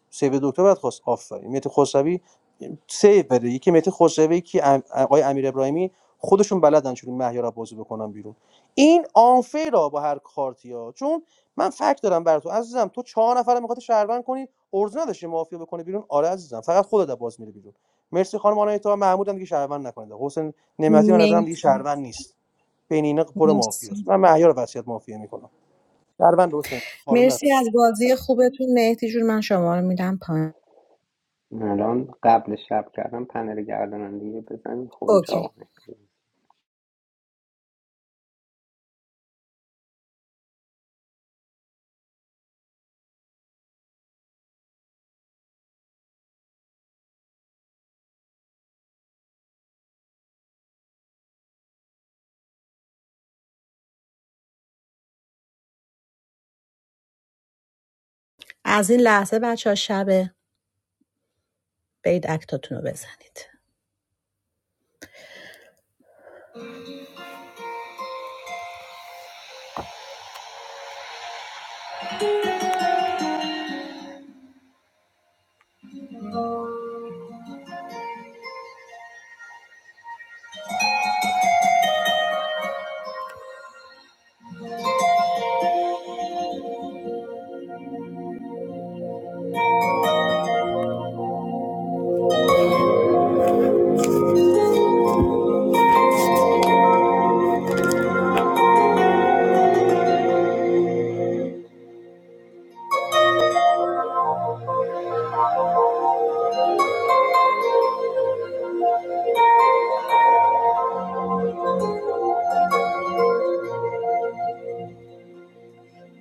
[SPEAKER 18] سیو دکتر باید خواست آفرین مهدی خسروی سیو بده یکی مهدی خسروی یکی ام- آقای امیر ابراهیمی خودشون بلدن چون مهیار رو بازی بکنن بیرون این آنفیر را با هر کارتی ها چون من فکر دارم بر تو عزیزم تو چهار نفر رو میخواد شهروند کنی ارز نداشی مافیا بکنه بیرون آره عزیزم فقط خودت از باز میره بیرون مرسی خانم آنایتا محمود هم دیگه شهروند نکنید حسین نعمتی به نظرم دیگه
[SPEAKER 14] مرسی
[SPEAKER 18] شهروند نیست بین اینا پر مافیاست
[SPEAKER 14] مرسی
[SPEAKER 18] من مهیار رو وصیت مافیا میکنم شهروند حسین
[SPEAKER 14] مرسی از بازی خوبتون مهدی جون من شما رو میدم پایین
[SPEAKER 16] الان قبل شب کردم پنل گردانندگی بزنین خروج آقا
[SPEAKER 14] اوکی
[SPEAKER 16] به
[SPEAKER 14] از این لحظه بچه ها شب بید اکتاتون رو بزنید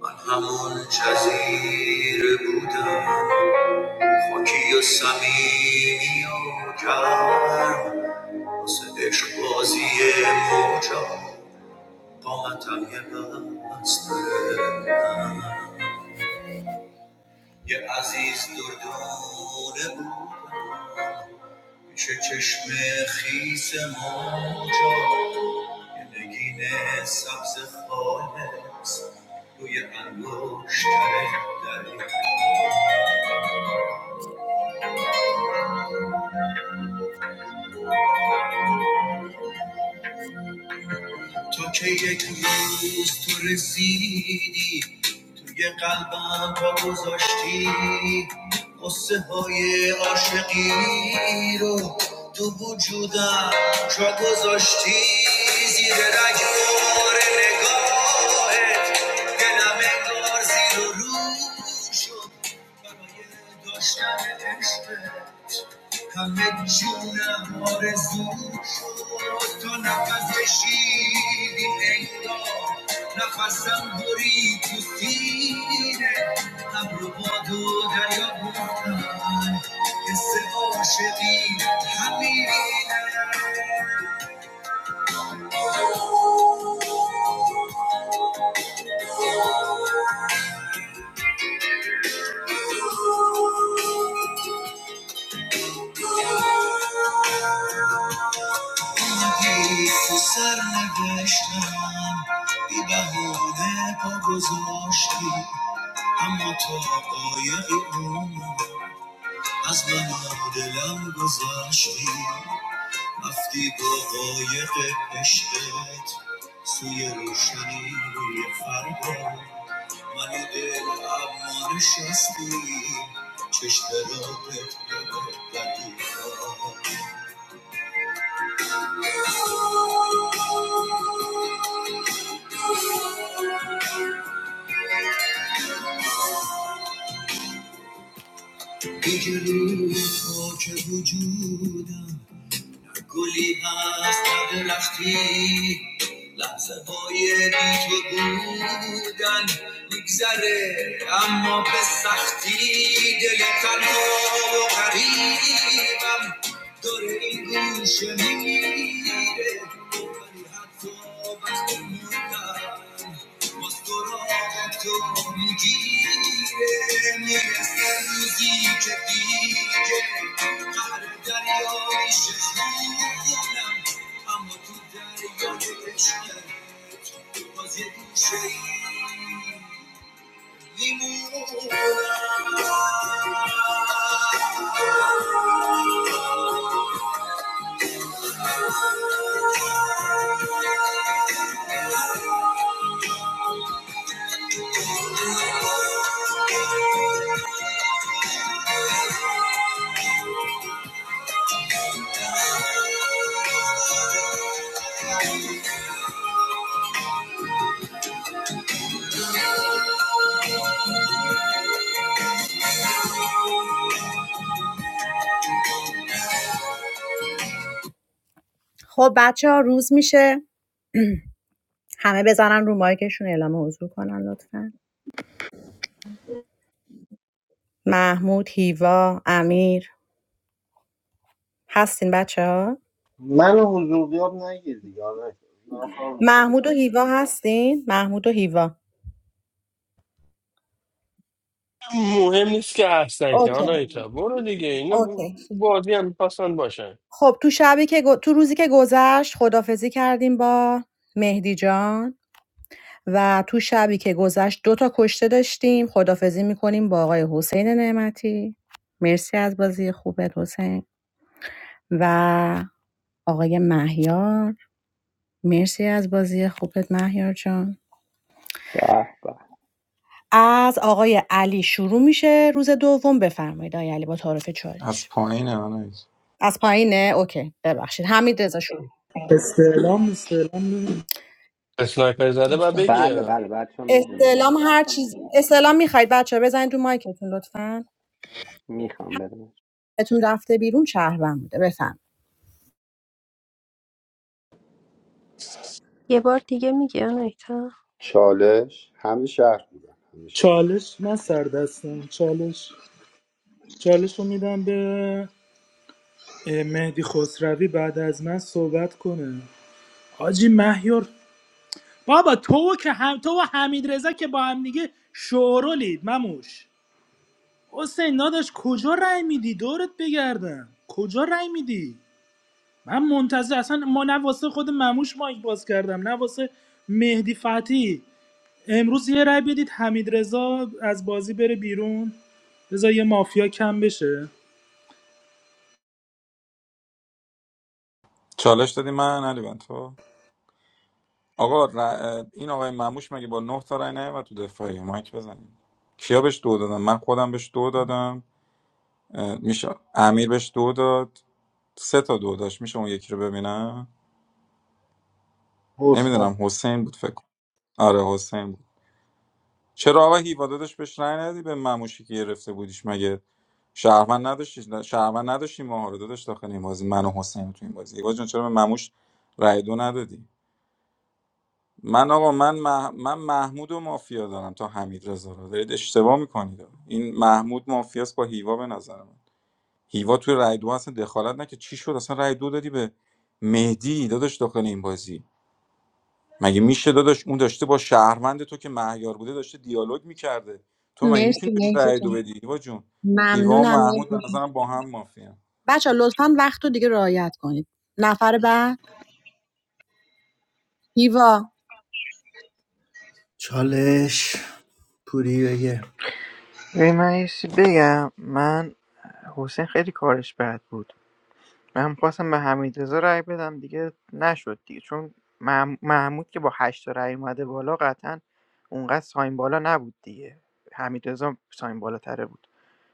[SPEAKER 14] من همون جزیره بودم خاکی و سمیمی و گرم واسه عشق موجا قامتم یه بستره یه عزیز دردونه بود پیش چشم خیس موجا یه نگین سبز خالص روی انگشتر دریا تو که یک روز تو رسیدی توی قلبم پا گذاشتی قصه های عاشقی رو تو وجودم جا گذاشتی زیر رگبار نگاهت دلم انگار زیر و رو شد برای داشتن عشقت همه جونم آرزو شد تا نفس کشیدیم انگار نفسم برید تو سینه هم رو باد و دریا بودن حس عاشقی همینه اومدی تو سر نوشتم بی بهونه پا گذاشتی اما تو قایقی بود از من و دلم گذشتی رفتی با قایق عشقت سوی روشنی روی فردا من و دل اما نشستی چشم را بدی دیگه روی خاک وجودم گلی هست در درختی لحظه های بی تو بودن میگذره اما به سختی دل تنها و قریبم دور این گوشه میگیره ولی حتی وقتی موندم باز تو خب بچه ها روز میشه همه بزنن رو مایکشون اعلام حضور کنن لطفا محمود هیوا امیر هستین بچه ها
[SPEAKER 1] من حضور غیاب نگیر دیگه آره. دارم کار میکنم
[SPEAKER 14] محمود و هیوا هستین محمود و هیوا
[SPEAKER 3] مهم نیست که هستن که
[SPEAKER 14] اوکی.
[SPEAKER 3] حالا ایتا برو دیگه اینو
[SPEAKER 14] اوکی
[SPEAKER 3] بازی هم میخواستن باشن
[SPEAKER 14] خب تو شبی که گ- تو روزی که گذشت خدافزی کردیم با مهدی جان و تو شبی که گذشت دو تا کشته داشتیم خدافزی میکنیم با آقای حسین نعمتی مرسی از بازی خوبت حسین و آقای مهیار مرسی از بازی خوبت مهیار جان
[SPEAKER 16] به
[SPEAKER 14] از آقای علی شروع میشه روز دوم بفرمایید آقای علی با تعارف
[SPEAKER 11] از
[SPEAKER 14] چالش
[SPEAKER 11] پایینه من
[SPEAKER 14] از پایینه اوکی ببخشید حمید رضا شروع.
[SPEAKER 8] استعلام استعلام نه.
[SPEAKER 3] اسنایپر زده و
[SPEAKER 15] دوستان
[SPEAKER 16] بله
[SPEAKER 3] بگی
[SPEAKER 16] بله بچه هم میدونه
[SPEAKER 14] استعلام هر چیز استعلام میخواید بچه بزنید رو مایکتون لطفاً
[SPEAKER 16] میخوام بدمش
[SPEAKER 14] اتون رفته بیرون شهرم بوده بفهم
[SPEAKER 10] One more time, please.
[SPEAKER 13] چالش همه شهر بودن همه شهر
[SPEAKER 8] چالش من سر دستم چالش چالش رو میدم به اه، مهدی خسروی بعد از من صحبت کنه حاجی مهیار بابا تو که هم تو و حمید رضا که با هم دیگه شورولید مموش حسین داداش کجا رای میدی دورت بگردم کجا رای میدی من منتظر اصلا ما نه واسه خود مموش مایک باز کردم نه واسه مهدی فتی امروز یه رای بدید حمید رضا از بازی بره بیرون بذار یه مافیا کم بشه
[SPEAKER 11] چالش دادی من علی بن تو آقا ر- این آقای مموش مگه با نه تا رای نیومد تو دفاعی مایک بزنیم کیا بهش دو دادم من خودم بهش دو دادم اه، میشه امیر بهش دو داد سه تا دو داشت میشه اون یکی رو ببینم
[SPEAKER 1] حسین
[SPEAKER 11] نمیدونم حسین بود فکر کنم آره حسین بود چرا آقا هیوا داداش بهش رأی ندی به مموشی که گرفته بودیش مگه شهروند نداشتی شهروند نداشتی ماها رو داداش داخل این بازی من و حسین تو این بازی هیوا جان چرا به مموش رأی دو ندادی من آقا من مح... من محمود و مافیا دارم تا حمید رضا رو دارید اشتباه میکنید این محمود مافیاست با هیوا به نظر من هیوا توی رأی دو اصلا دخالت نکرد چی شد اصلا رأی دو دادی به مهدی داداش داخل این بازی مگه میشه داداش اون داشته با شهروند تو که مهیار بوده داشته دیالوگ میکرده تو مگه
[SPEAKER 14] مرسی
[SPEAKER 11] میتونی بهش
[SPEAKER 14] مهدی
[SPEAKER 11] رأی دو
[SPEAKER 14] جان
[SPEAKER 11] بدی هیوا جون هیوا و
[SPEAKER 14] ممنونم
[SPEAKER 11] محمود به
[SPEAKER 14] مهدی
[SPEAKER 11] نظرم با هم مافیان
[SPEAKER 14] بچه لطفاً وقت رو دیگه رعایت کنید نفر بعد هیوا
[SPEAKER 12] چالش پوری بگه
[SPEAKER 15] ببین من یه چیزی بگم من حسین خیلی کارش بد بود من می‌خواستم به حمیدرضا رأی بدم دیگه نشد دیگه چون مح- محمود که با 8 تا رأی اومده بالا قطعا اونقدر ساین بالا نبود دیگه حمیدرضا ساین بالاتره بود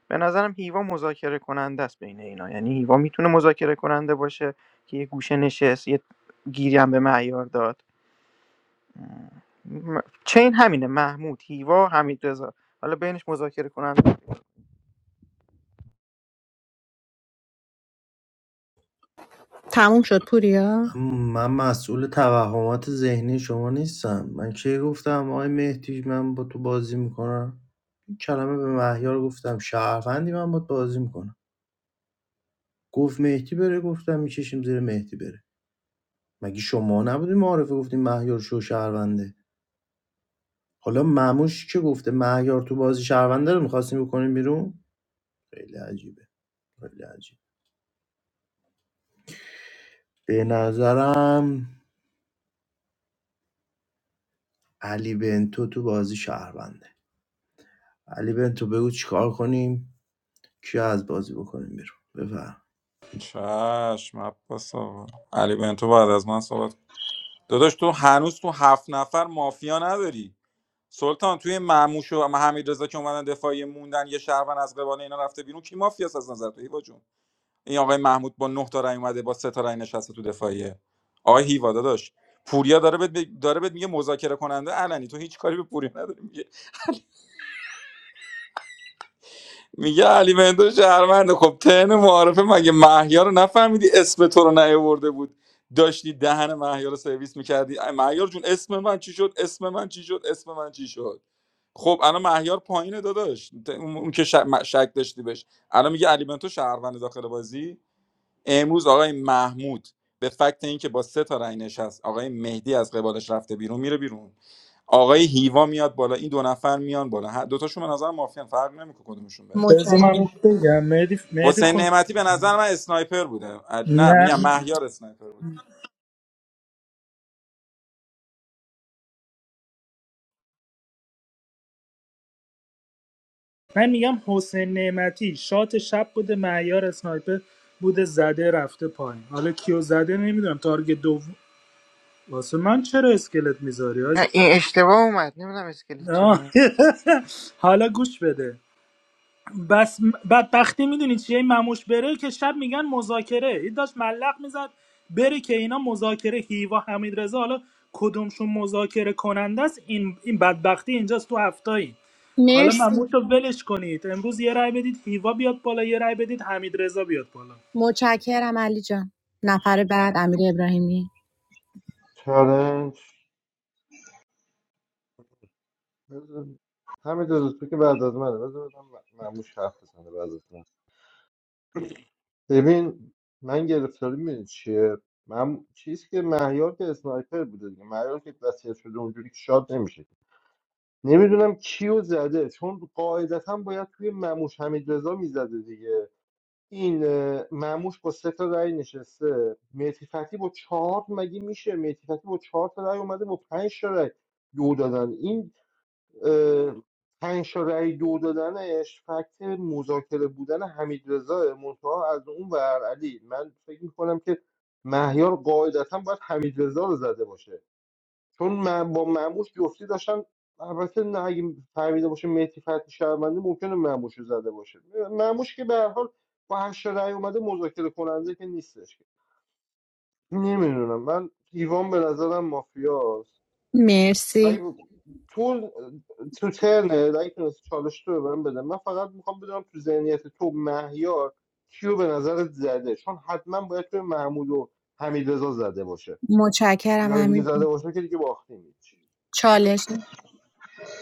[SPEAKER 15] به نظرم هیوا مذاکره کننده است بین اینا یعنی هیوا میتونه مذاکره کننده باشه که یه گوشه نشست یه گیری هم به معیار داد م- چین همینه محمود هیوا حمیدرضا حالا بینش مذاکره کننده
[SPEAKER 14] تموم شد پوریا
[SPEAKER 12] م- من مسئول توهمات ذهنی شما نیستم من کی گفتم آقای مهدی من با تو بازی میکنم این کلمه به مهیار گفتم شهروندی من با بازی میکنم گفت مهدی بره گفتم میکشیم زیر مهدی بره مگه شما نبودی معارفه گفتیم مهیار شو شهرونده حالا معموش که گفته مهیار تو بازی شهرونده رو میخواستیم بکنیم بیرون خیلی عجیبه خیلی عجیب به نظرم علی بنتو تو بازی شهرونده علی بنتو بگو چیکار کنیم کیا از بازی بکنیم بیرون بفهم
[SPEAKER 11] چشم عباس آقا علی بنتو بعد از من صحبت کن. داداش تو هنوز تو هفت نفر مافیا نداری سلطان توی معموش و حمید رضا که اومدن دفاعی موندن یه شهروند از قبال اینا رفته بیرون کی مافیاست از نظر تو هیوا جون؟ این آقای محمود با نه تا رای اومده با سه تا رای نشسته تو دفاعیه آقای هیوا داداش پوریا داره بهت داره بهت میگه مذاکره کننده علنی تو هیچ کاری به پوریا نداری میگه میگه علی مندو شهرمنده خب تن معارفه مگه محیا رو نفهمیدی اسم تو رو نیاورده بود داشتی دهن محیا رو سرویس میکردی مهیار جون اسم من چی شد اسم من چی شد اسم من چی شد خب الان مهیار پایینه داداش اون اون که شک داشتی بهش الان میگه علی بنتو شهروند داخل بازی امروز آقای محمود به فکت اینکه با سه تا رأی نشست آقای مهدی از قبالش رفته بیرون میره بیرون آقای هیوا میاد بالا این دو نفر میان بالا هر دو تاشون به نظر مافیان فرق نمیکنه کدومشون بره
[SPEAKER 8] بذار من
[SPEAKER 14] متشکرم
[SPEAKER 8] بگم مهدی مهدی
[SPEAKER 11] حسین
[SPEAKER 8] خود
[SPEAKER 11] نعمتی به نظر من اسنایپر بوده عج- نه میگم
[SPEAKER 8] نه
[SPEAKER 11] مهیار اسنایپر بود
[SPEAKER 8] من میگم حسین نعمتی شات شب بوده معیار اسنایپر بوده زده رفته پایین حالا کیو زده نمیدونم تارگت دوم واسه من چرا اسکلت میذاری
[SPEAKER 15] نه، این اشتباه اومد نمیدونم اسکلیت چرا
[SPEAKER 8] آه. حالا گوش بده بس م- بدبختی میدونی چیه این مموش بره که شب میگن مذاکره این داشت ملق میزد بره که اینا مذاکره هیوا حمید رضا حالا کدومشون مذاکره کننده است این این بدبختی اینجاست تو هفتایی حالا مموش
[SPEAKER 14] مرسی
[SPEAKER 8] رو ولش کنید امروز یه رای بدید هیوا بیاد بالا یه رای بدید حمید رضا بیاد بالا
[SPEAKER 14] متشکرم علی جان نفر بعد امیر ابراهیمی
[SPEAKER 1] چالش بذار- همین دو تو که بعد از منه بذار بدم م- معموش حرف بزنه بعد از من ببین من گرفتاری میدونی چیه من چیزی که مهیار که اسنایپر بوده دیگه مهیار که وصیت شده اونجوری که شاد نمیشه نمیدونم کیو زده چون قاعدتا باید توی معموش حمید رضا میزده دیگه این اه، معموش با سه تا رأی نشسته مهدی فتحی با چهار مگه میشه مهدی فتحی با چهار تا رأی اومده با پنج تا رأی دو دادن این اه، پنج تا رأی دو دادنش فکت مذاکره بودن حمید رضا منتها از اون ور علی من فکر میکنم که مهیار قاعدتا باید حمید رضا رو زده باشه چون من با معموش جفتی داشتن البته نه اگه فهمیده باشه مهدی فتحی شهرونده ممکنه معموش رو زده باشه معموش که به هر حال با هشت تا رأی اومده مذاکره کننده که نیستش نمیدونم من ایوان به نظرم مافیاست
[SPEAKER 14] مرسی
[SPEAKER 1] اگه تو تو ترنه اگه تونستی چالش تو به من بده من فقط میخوام بدونم تو ذهنیت تو مهیار کیو به نظرت زده چون حتما باید تو محمود و حمیدرضا زده باشه
[SPEAKER 14] متشکرم
[SPEAKER 1] جای دیگه
[SPEAKER 14] امیر
[SPEAKER 1] زده باشه که دیگه باختیم هیچ
[SPEAKER 14] چالش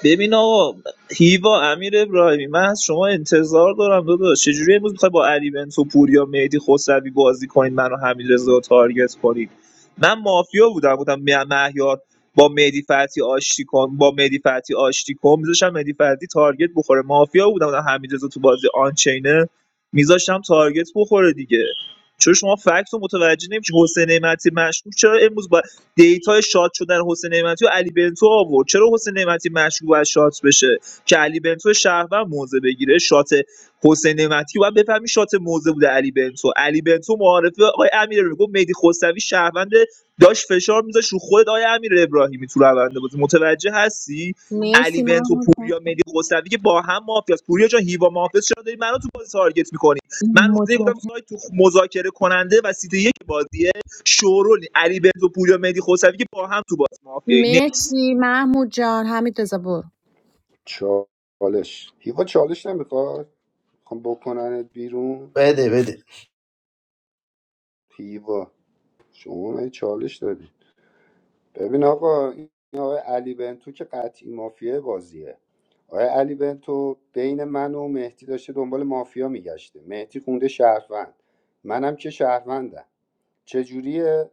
[SPEAKER 17] ببین آقا هیوا امیر ابراهیمی من از شما انتظار دارم داداش چجوری امروز میخوای با علی بنتو پوریا مهدی خسروی بازی کنید منو حمیدرضا رو تارگت کنید من مافیا بودم بودم م- مهیار با مهدی فتی آشتی کن با مهدی فتی آشتی کن میذاشتم مهدی فتی تارگت بخوره مافیا بودم بودم حمیدرضا تو بازی آنچینه میذاشتم تارگت بخوره دیگه چون شما فکت رو متوجه نمیشه حسین نعمتی مشکوک چرا امروز دیتای شات شدن حسین نعمتی و علی بنتو آورد چرا حسین نعمتی مشروع از شات بشه که علی بنتو شهروند موزه بگیره شات حسین نعمتی و بفهمی شات موزه بوده علی بنتو علی بنتو معارفه آقای امیر رو گفت مهدی خسروی شهروند داشت فشار میذاش رو خود آقای امیر ابراهیمی تو روند بازی متوجه هستی علی
[SPEAKER 14] مرسی
[SPEAKER 17] بنتو
[SPEAKER 14] محمود جان
[SPEAKER 17] پوریا مهدی خسروی که با هم مافیاست پوریا جان هیوا مافیاست چرا داری منو تو بازی تارگت میکنی من روزی گفتم
[SPEAKER 14] متشکرم
[SPEAKER 17] سایت تو مذاکره کننده و سیت یک بازیه شورولی علی بنتو پوریا مهدی خسروی که با هم تو باز مافیای نکس
[SPEAKER 14] مرسی مرسی محمود جان همین برو
[SPEAKER 13] چالش هیوا چالش نمیخواد میخوام بکننت بیرون
[SPEAKER 12] بده بده
[SPEAKER 13] هیوا شما من چالش دادی ببین آقا این آقای علی بنتو که قطعی مافیای بازیه آقای علی بنتو بین من و مهدی داشته دنبال مافیا میگشته مهدی خونده شهروند منم که شهروندم چجوریه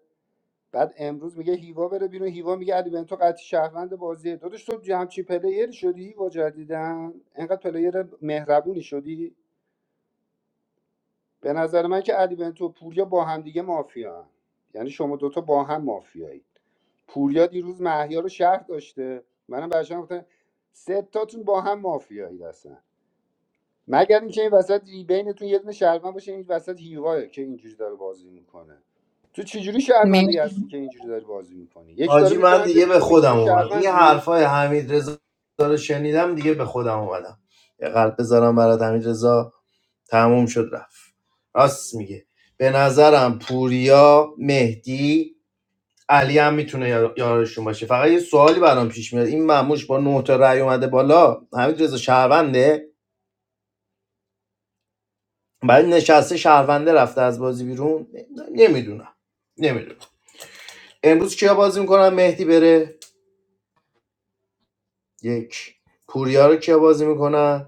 [SPEAKER 13] بعد امروز میگه هیوا بره بیرون هیوا میگه علی بنتو قطعی شهروند بازیه داداش تو همچین پلیری شدی هیوا جدیدن انقدر پلیر مهربونی شدی به نظر من که علی بنتو و پوریا با هم دیگه مافیا یعنی شما دوتا با هم مافیایی پوریا دیروز محیا رو شهر داشته منم برشان گفتم سه تاتون با هم مافیایی هستن مگر اینکه این وسط ری- بینتون یه دونه شهروند باشه این وسط هیواه که اینجوری داره بازی میکنه تو چجوری
[SPEAKER 14] مرسی
[SPEAKER 13] شهروندی هستی که اینجوری داری بازی میکنی یکی داره
[SPEAKER 12] حاجی من
[SPEAKER 13] میکنه
[SPEAKER 12] دیگه به
[SPEAKER 13] بیرون میگی تو
[SPEAKER 12] خودم اومد این
[SPEAKER 13] شهروندی
[SPEAKER 12] حرفای حمید رضا رو شنیدم دیگه به خودم اومدم یه قلب بذارم برات حمید رضا تموم شد رفت راست میگه به نظرم پوریا مهدی علی هم میتونه یار- یارشون باشه فقط یه سوالی برام پیش میاد این مموش با نه تا رأی اومده بالا حمید رضا شهرونده بعد نشسته شهرونده رفته از بازی بیرون نمیدونم نمیدونم امروز کیا بازی میکنن مهدی بره یک پوریا رو کیا بازی میکنن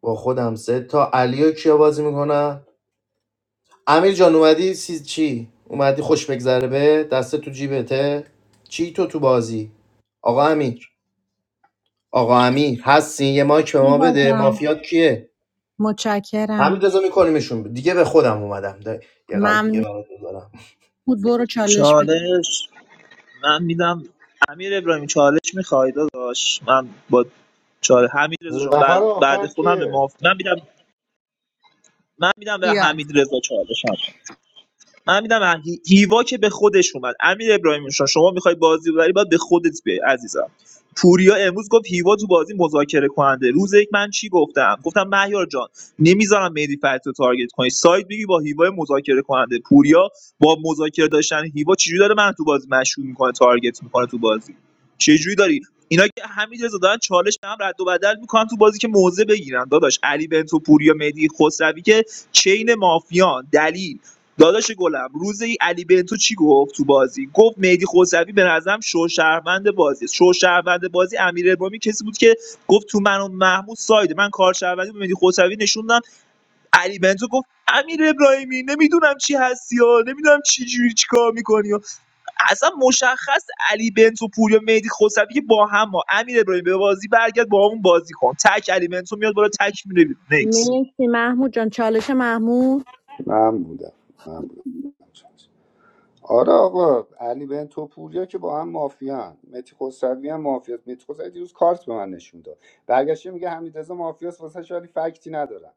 [SPEAKER 12] با خودم سه تا علی و کیا بازی میکنم امیر جان اومدی سی... چی اومدی خوش بگذره به دست تو جیبته چی تو تو بازی آقا امیر آقا امیر هستین یه مایک به ما
[SPEAKER 14] هیوا
[SPEAKER 12] بده
[SPEAKER 14] جان
[SPEAKER 12] مافیات کیه همین
[SPEAKER 14] متشکرم
[SPEAKER 12] رضا میکنیمشون دیگه به خودم اومدم ده. یه قلب دیگه
[SPEAKER 14] ممنون
[SPEAKER 12] برات بذارم
[SPEAKER 14] بود برو چالش بگیر
[SPEAKER 17] چالش من میدم امیر ابراهیمی چالش میخوای داداش من با چالش حمید رضا جان بعد,
[SPEAKER 1] نفر
[SPEAKER 17] بعد
[SPEAKER 1] آخر
[SPEAKER 17] خودم به
[SPEAKER 1] کیه
[SPEAKER 17] ماف... من میدم من میدم به
[SPEAKER 14] یاد
[SPEAKER 17] حمید رضا چالش هم من میدم هیوا که به خودش اومد امیر ابراهیمی شما شما میخوای بازی ببری باید به خودت بیای عزیزم پوریا امروز گفت هیوا تو بازی مذاکره کننده روز یک من چی گفتم گفتم مهیار جان نمیذارم مهدی فتحی رو تارگت کنی ساید بگی با هیوا مذاکره کننده پوریا با مذاکره داشتن هیوا چجوری داره من تو بازی مشغول میکنه تارگت میکنه تو بازی چجوری داری اینا که همین رضا دارن چالش به هم رد و بدل میکنن تو بازی که موزه بگیرن داداش علی بنتو پوریا مهدی خسروی که چین مافیان دلیل داداش گلم روزی علی بنتو چی گفت تو بازی گفت مهدی خسروی به نظرم شوشهروند بازی شوشهروند بازی امیر ابراهیمی کسی بود که گفت تو من و محمود سایده من کارشهروندی به مهدی خسروی نشوندم علی بنتو گفت امیر ابراهیمی نمیدونم چی هستی ها نمیدونم چی جوری چی میکنی ها. اصلا مشخص علی بنتو پوریا مهدی خسروی که با هم ها. امیر ابراهیمی به بازی برگرد با همون بازی کن تک علی بنتو میاد بالا تک میره بیرون. نکس
[SPEAKER 14] مرسی محمود جان چالش محمود
[SPEAKER 13] من بودم من بودم آره آقا علی بن توپوریا که با هم مافیان متی خسروی هم مافیاست متی خسروی دیروز کارت به من نشون داد برگشته میگه حمیدرضا مافیاست واسه شاری فکتی ندارم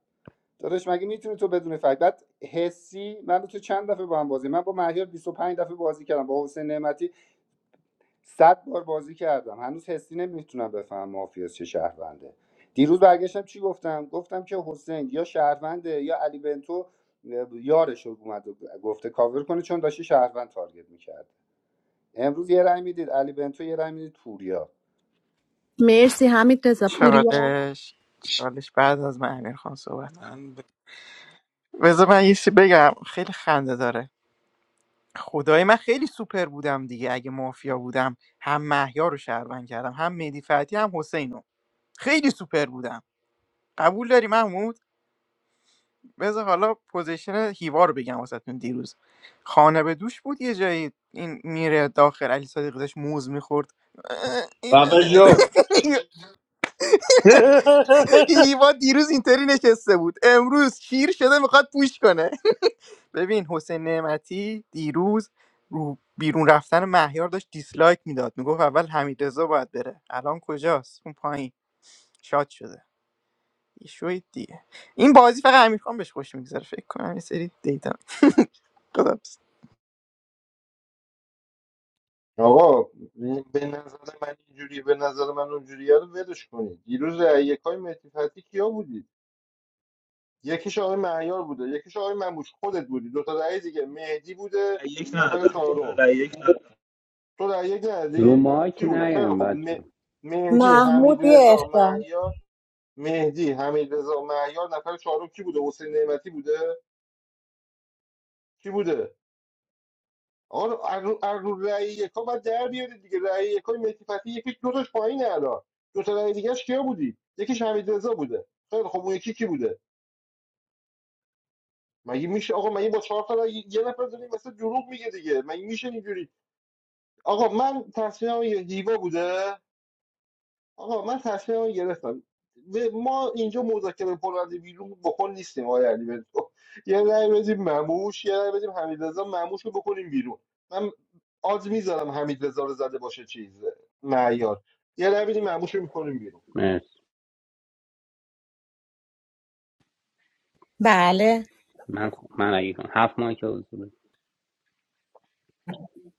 [SPEAKER 13] داداش مگه میتونی تو بدون فکت بعد حسی من تو چند دفعه با هم بازی من با مهیار 25 دفعه بازی کردم با حسین نعمتی صد بار بازی کردم هنوز حسی نمیتونم بفهمم مافیاس چه شهرونده دیروز برگشتم چی گفتم گفتم که حسین یا شهرونده یا علی بنتو اه، یارش رو اومد و گفته کاور کنه چون داشته شهروند تارگت میکرد امروز یه رأی میدید علی بنتو یه رأی میدید پوریا
[SPEAKER 14] مرسی حمید رضا پوریا
[SPEAKER 15] چالش چالش بعد از من امیر خان صحبت کن
[SPEAKER 11] من ب...
[SPEAKER 15] بذار من یه چی بگم خیلی خنده داره خدای من خیلی سوپر بودم دیگه اگه مافیا بودم هم محیا رو شهروند کردم هم مهدی فتحی هم حسینو خیلی سوپر بودم قبول داری محمود بذار حالا پوزیشن هیوا رو بگم واسهتون دیروز خانه به دوش بود یه جایی این میره داخل علی صادقی داشت موز میخورد
[SPEAKER 12] بابا جو
[SPEAKER 15] هیوا دیروز اینطوری نشسته بود امروز شیر شده میخواد پوش کنه ببین حسین نعمتی دیروز رو بیرون رفتن مهیار داشت دیسلایک میداد میگفت اول حمیدرضا باید بره الان کجاست اون پایین شاد شده شوید دیگه این بازی فقط امیرخان بهش خوش میگذره فکر کنم یه سری دیتا خداحافظ
[SPEAKER 1] آقا به نظر من اینجوری به نظر من اونجوری رو ولش کنید دیروز رأی یکای مهدی فتحی کیا بودید یکیش آقای مهیار بوده یکیش آقای منبوش خودت بودی دو تا رأی دیگه مهدی بوده
[SPEAKER 17] یک
[SPEAKER 1] نفر
[SPEAKER 17] ندادم من
[SPEAKER 1] چهارم
[SPEAKER 17] رأی یک ندادم.
[SPEAKER 1] تو در یک
[SPEAKER 16] رو
[SPEAKER 1] ندی خب
[SPEAKER 16] مایک
[SPEAKER 1] کی بود خیلی
[SPEAKER 16] نیایم
[SPEAKER 1] خب
[SPEAKER 16] بچه
[SPEAKER 1] م- مهدی
[SPEAKER 14] محمود
[SPEAKER 1] حمید
[SPEAKER 14] یه
[SPEAKER 1] رضا
[SPEAKER 14] اختار
[SPEAKER 1] مهیار مهدی حمید رضا مهیار نفر چهارم کی بوده حسین نعمتی بوده کی بوده آقا رو- از رو از رو رأی یکا باید در بیارید دیگه رأی یکای مهدی فتحی یکی دو تاش پایینه الان دو تا رأی دیگه‌ش کیا بودی یکیش حمید بوده خیلی خب اون یکی کی بوده مگه میشه آقا مگه با چهار تا رأی یه نفر داریم مثلا دروغ میگه دیگه مگه میشه اینجوری آقا من تصمیمم یه هیوا بوده آقا من تصمیم رو گرفتم و ما اینجا مذاکره کننده بیرون بکن نیستیم آقای علی بنتو یه رأی بدیم مموش یه رأی بدیم حمیدرضا مموش رو بکنیم بیرون من آز میذارم حمیدرضا رو زده باشه چیز معیار یه رأی بدیم مموش رو میکنیم بیرون
[SPEAKER 16] مرسی
[SPEAKER 14] بله
[SPEAKER 16] من خب- من اگه کنم هفت مایک حضور بده.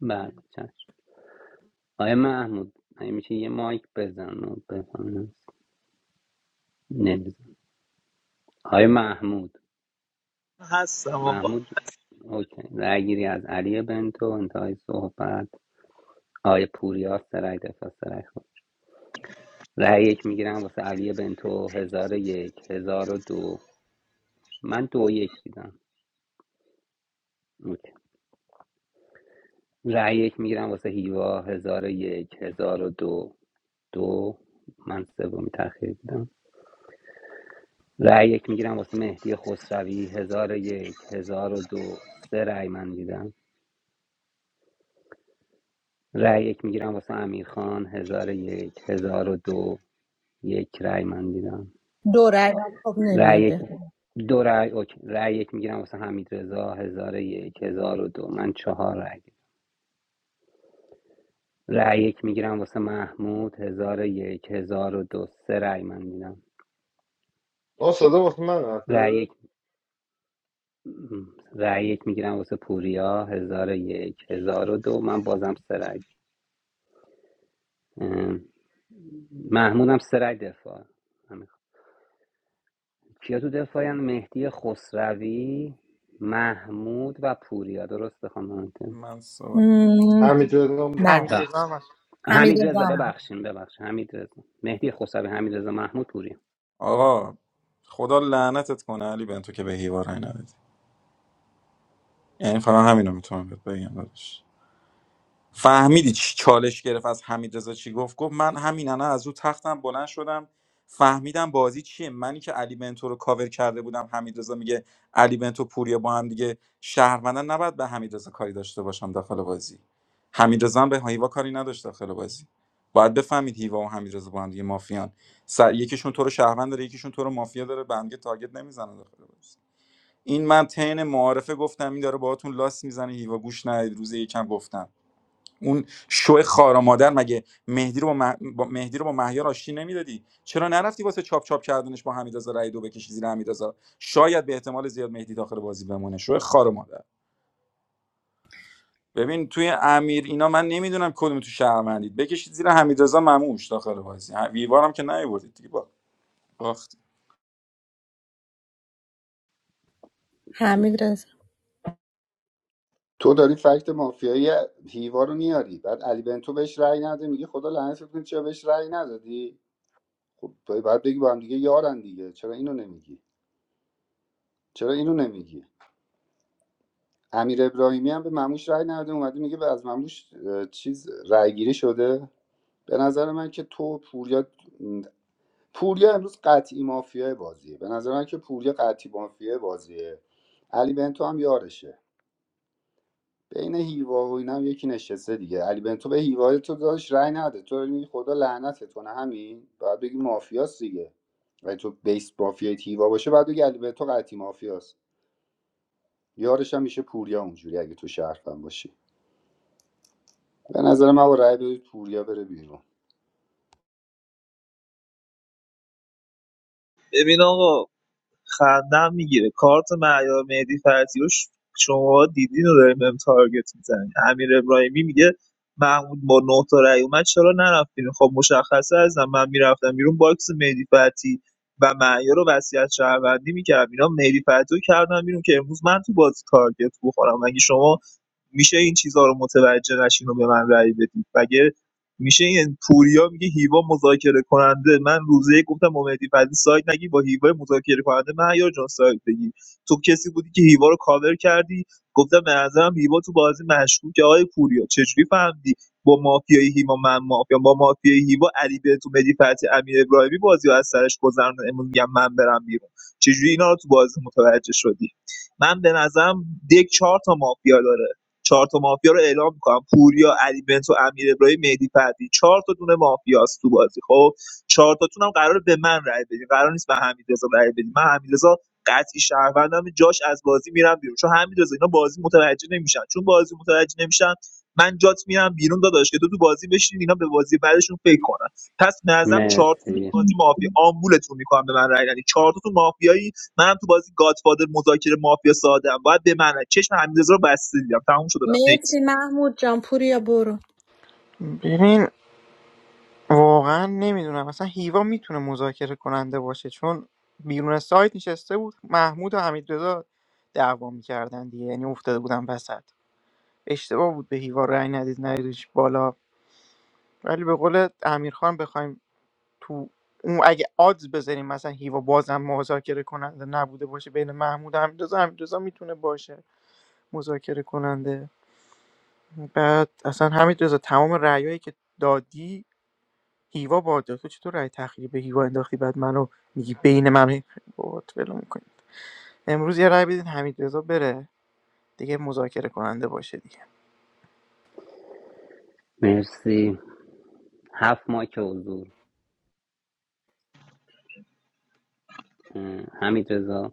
[SPEAKER 16] بله چشم آقای محمود اگه میشه یه مایک بزن و بزن نمیزن آقای محمود
[SPEAKER 17] هستم آقا
[SPEAKER 16] محمود اوکی رأی گیری از علی بنتو انتهای صحبت آقای پوریا سرای دفاع سرای خود رأی یک میگیرم واسه علی بنتو هزار و یک هزار و دو من دو یک دیدم اوکی رأی یک میگیرم واسه هیوا هزار و یک هزار و دو دو من سومی تأخیری دیدم رأی یک میگیرم واسه مهدی خسروی هزار و یک هزار و دو سه رأی من دیدم رأی یک میگیرم واسه امیر خان هزار و یک هزار و دو یک رأی من دیدم
[SPEAKER 14] دوره خب
[SPEAKER 16] رأی
[SPEAKER 14] نمیاد
[SPEAKER 16] یک
[SPEAKER 14] دفاع.
[SPEAKER 16] دو رأی اوکی. رأی یک میگیرم واسه حمید رضا هزار و یک هزار و دو من چهار رأی دیدم. رأی یک میگیرم واسه محمود هزار و یک هزار و دو سه رأی من دیدم
[SPEAKER 1] آه صدا واسه من رفته
[SPEAKER 16] رأی م، رأی یک میگیرم واسه پوریا هزار و یک هزار و دو من بازم سرگ محمودم سرگ دفاع همین. کیا تو دفاعین مهدی خسروی محمود و پوریا درسته خانم
[SPEAKER 11] من صحبت-
[SPEAKER 14] مم،
[SPEAKER 1] حمیدرضا بود
[SPEAKER 14] بله
[SPEAKER 16] بله
[SPEAKER 15] حمیدرضا هم هست.
[SPEAKER 14] حمید
[SPEAKER 16] حمید رضا
[SPEAKER 14] رضا.
[SPEAKER 16] ببخشیم ببخشیم حمید رضا مهدی خسروی حمید رضا محمود پوریا
[SPEAKER 11] آقا خدا لعنتت کنه علی بن تو که به هیوا رأی ندادی یعنی فقط همینو میتونم بهت بگم داداش. فهمیدی چی چالش گرفت از حمیدرضا چی گفت گفت من همین الان از او تختم بلند شدم فهمیدم بازی چیه منی که علی بنتو رو کاور کرده بودم حمیدرضا میگه علی بنتو پوریا با هم دیگه شهروندن نباید به حمیدرضا کاری داشته باشم داخل بازی حمیدرضا هم به هیوا کاری نداشت داخل بازی باید بفهمید هیوا و حمیدرضا با هم دیگه مافیان سر... یکیشون تو رو شهروند داره یکیشون تو رو مافیا داره به هم دیگه تارگت نمیزنه داخل بازی این من تین معارفه گفتم این داره باهاتون لاس میزنه هیوا گوش ندید روز یکم گفتم اون شو خارا مادر مگه مهدی رو با, مه... با مهدی رو با مهیار آشتی نمیدادی چرا نرفتی واسه چاپ چاپ کردنش با حمیدرضا رای دو بکشی زیر حمیدرضا شاید به احتمال زیاد مهدی داخل بازی بمونه شو خار مادر ببین توی امیر اینا من نمیدونم کدوم تو شهروندید بکشید زیر حمیدرضا مموش داخل بازی ویوارم که نیوردید دیگه با باخت
[SPEAKER 14] حمید رضا
[SPEAKER 13] تو داری فکت مافیایی هیوا رو میاری بعد علی بنتو بهش رأی نده میگه خدا لعنتت کنه چرا بهش رأی ندادی خب باید بگی با هم دیگه یارن دیگه چرا اینو نمیگی چرا اینو نمیگی امیر ابراهیمی هم به مموش رأی نداده اومده میگه به از مموش اه، چیز رأی گیری شده به نظر من که تو و پوریا پوریا امروز قطعی مافیای بازیه به نظر من که پوریا قطعی مافیای بازیه علی بنتو هم یارشه بین هیوا و اینا هم یکی نشسته دیگه علی بنتو به هیوا تو داشت رأی نده تو داری میگی خدا لعنتت کنه همین باید بگی مافیاست دیگه و تو بیس مافیای هیوا باشه بعد بگی علی بنتو قطعی مافیاست یارش هم میشه پوریا اونجوری اگه تو شهر باشه به نظر من با رأی بدید پوریا بره بیرون
[SPEAKER 17] ببین آقا خندم میگیره کارت معیار مهدی فتحی رو ش- شماها دیدین و داریم بهم تارگت میزنین امیر ابراهیمی میگه محمود با نه تا رأی اومد چرا نرفتین خب مشخصه ازم من میرفتم بیرون باکس مهدی فتحی و معیار رو وصیت شهروندی میکردم اینا مهدی فتحی رو کردم بیرون که امروز من تو بازی تارگت بخورم مگه شما میشه این چیزها رو متوجه نشین و به من رأی بدید مگه میشه این پوریا میگه هیوا مذاکره کننده من روزه یک گفتم با مهدی فتی سایت نگی با هیوا مذاکره کننده من یا جان سایت بگی تو کسی بودی که هیوا رو کاور کردی گفتم به نظرم هیوا تو بازی مشکوکه آقای پوریا چجوری فهمیدی با مافیای هیوا من مافیا با مافیای هیوا علی بنتو مهدی فتی امیر ابراهیمی بازی رو از سرش گذرن امروز میگم من برم بیرون چجوری اینا رو تو بازی متوجه شدی من به نظرم دک چهار تا مافیا داره چهار تا مافیا رو اعلام می‌کنم پوریا علی بنتو امیر ابراهیمی مهدی فتحی چهار تا دونه مافیاست تو بازی خب چهار تاتون هم قرار به من رای بدین قرار نیست به حمیدرضا رای بدین من حمیدرضا قطعی شهروندم جاش از بازی میرم بیرون چون حمیدرضا اینا بازی متوجه نمیشن چون بازی متوجه نمیشن من جات میرم بیرون داداش که تو تو بازی بشین اینا به بازی بعدشون فکر کنن پس به نظرم چهار تا
[SPEAKER 16] مرسی
[SPEAKER 17] بازی مافیا آمبولتون می‌کنم به من رای ندین چهار تا تو مافیایی منم تو بازی گادفادر مذاکره مافیا سادم باید بمنه چشم حمیدرضا رو بسته دیدم تموم شد و رفت نکس
[SPEAKER 14] مرسی محمود جان پوریا برو
[SPEAKER 15] ببین واقعا نمیدونم مثلا هیوا میتونه مذاکره کننده باشه چون بیرون سایت نشسته بود محمود و حمیدرضا دعوا میکردن دیگه یعنی افتاده بودن وسط اشتباه بود به هیوا رأی ندید ندیدش بالا ولی به قول امیرخان بخوایم تو اون اگه آدز بذاریم مثلا هیوا بازم مذاکره کننده نبوده باشه بین محمود و حمیدرضا حمیدرضا میتونه باشه مذاکره کننده بعد اصلا حمیدرضا تمام رأیایی که دادی هیوا باده تو چطور رأی تأخیری به هیوا انداختی بعد منو میگی بین من بابات ولو میکنی امروز یه رأی بدین حمیدرضا بره دیگه مذاکره کننده باشه دیگه
[SPEAKER 16] مرسی هفت ماه که حضور اه، حمید رضا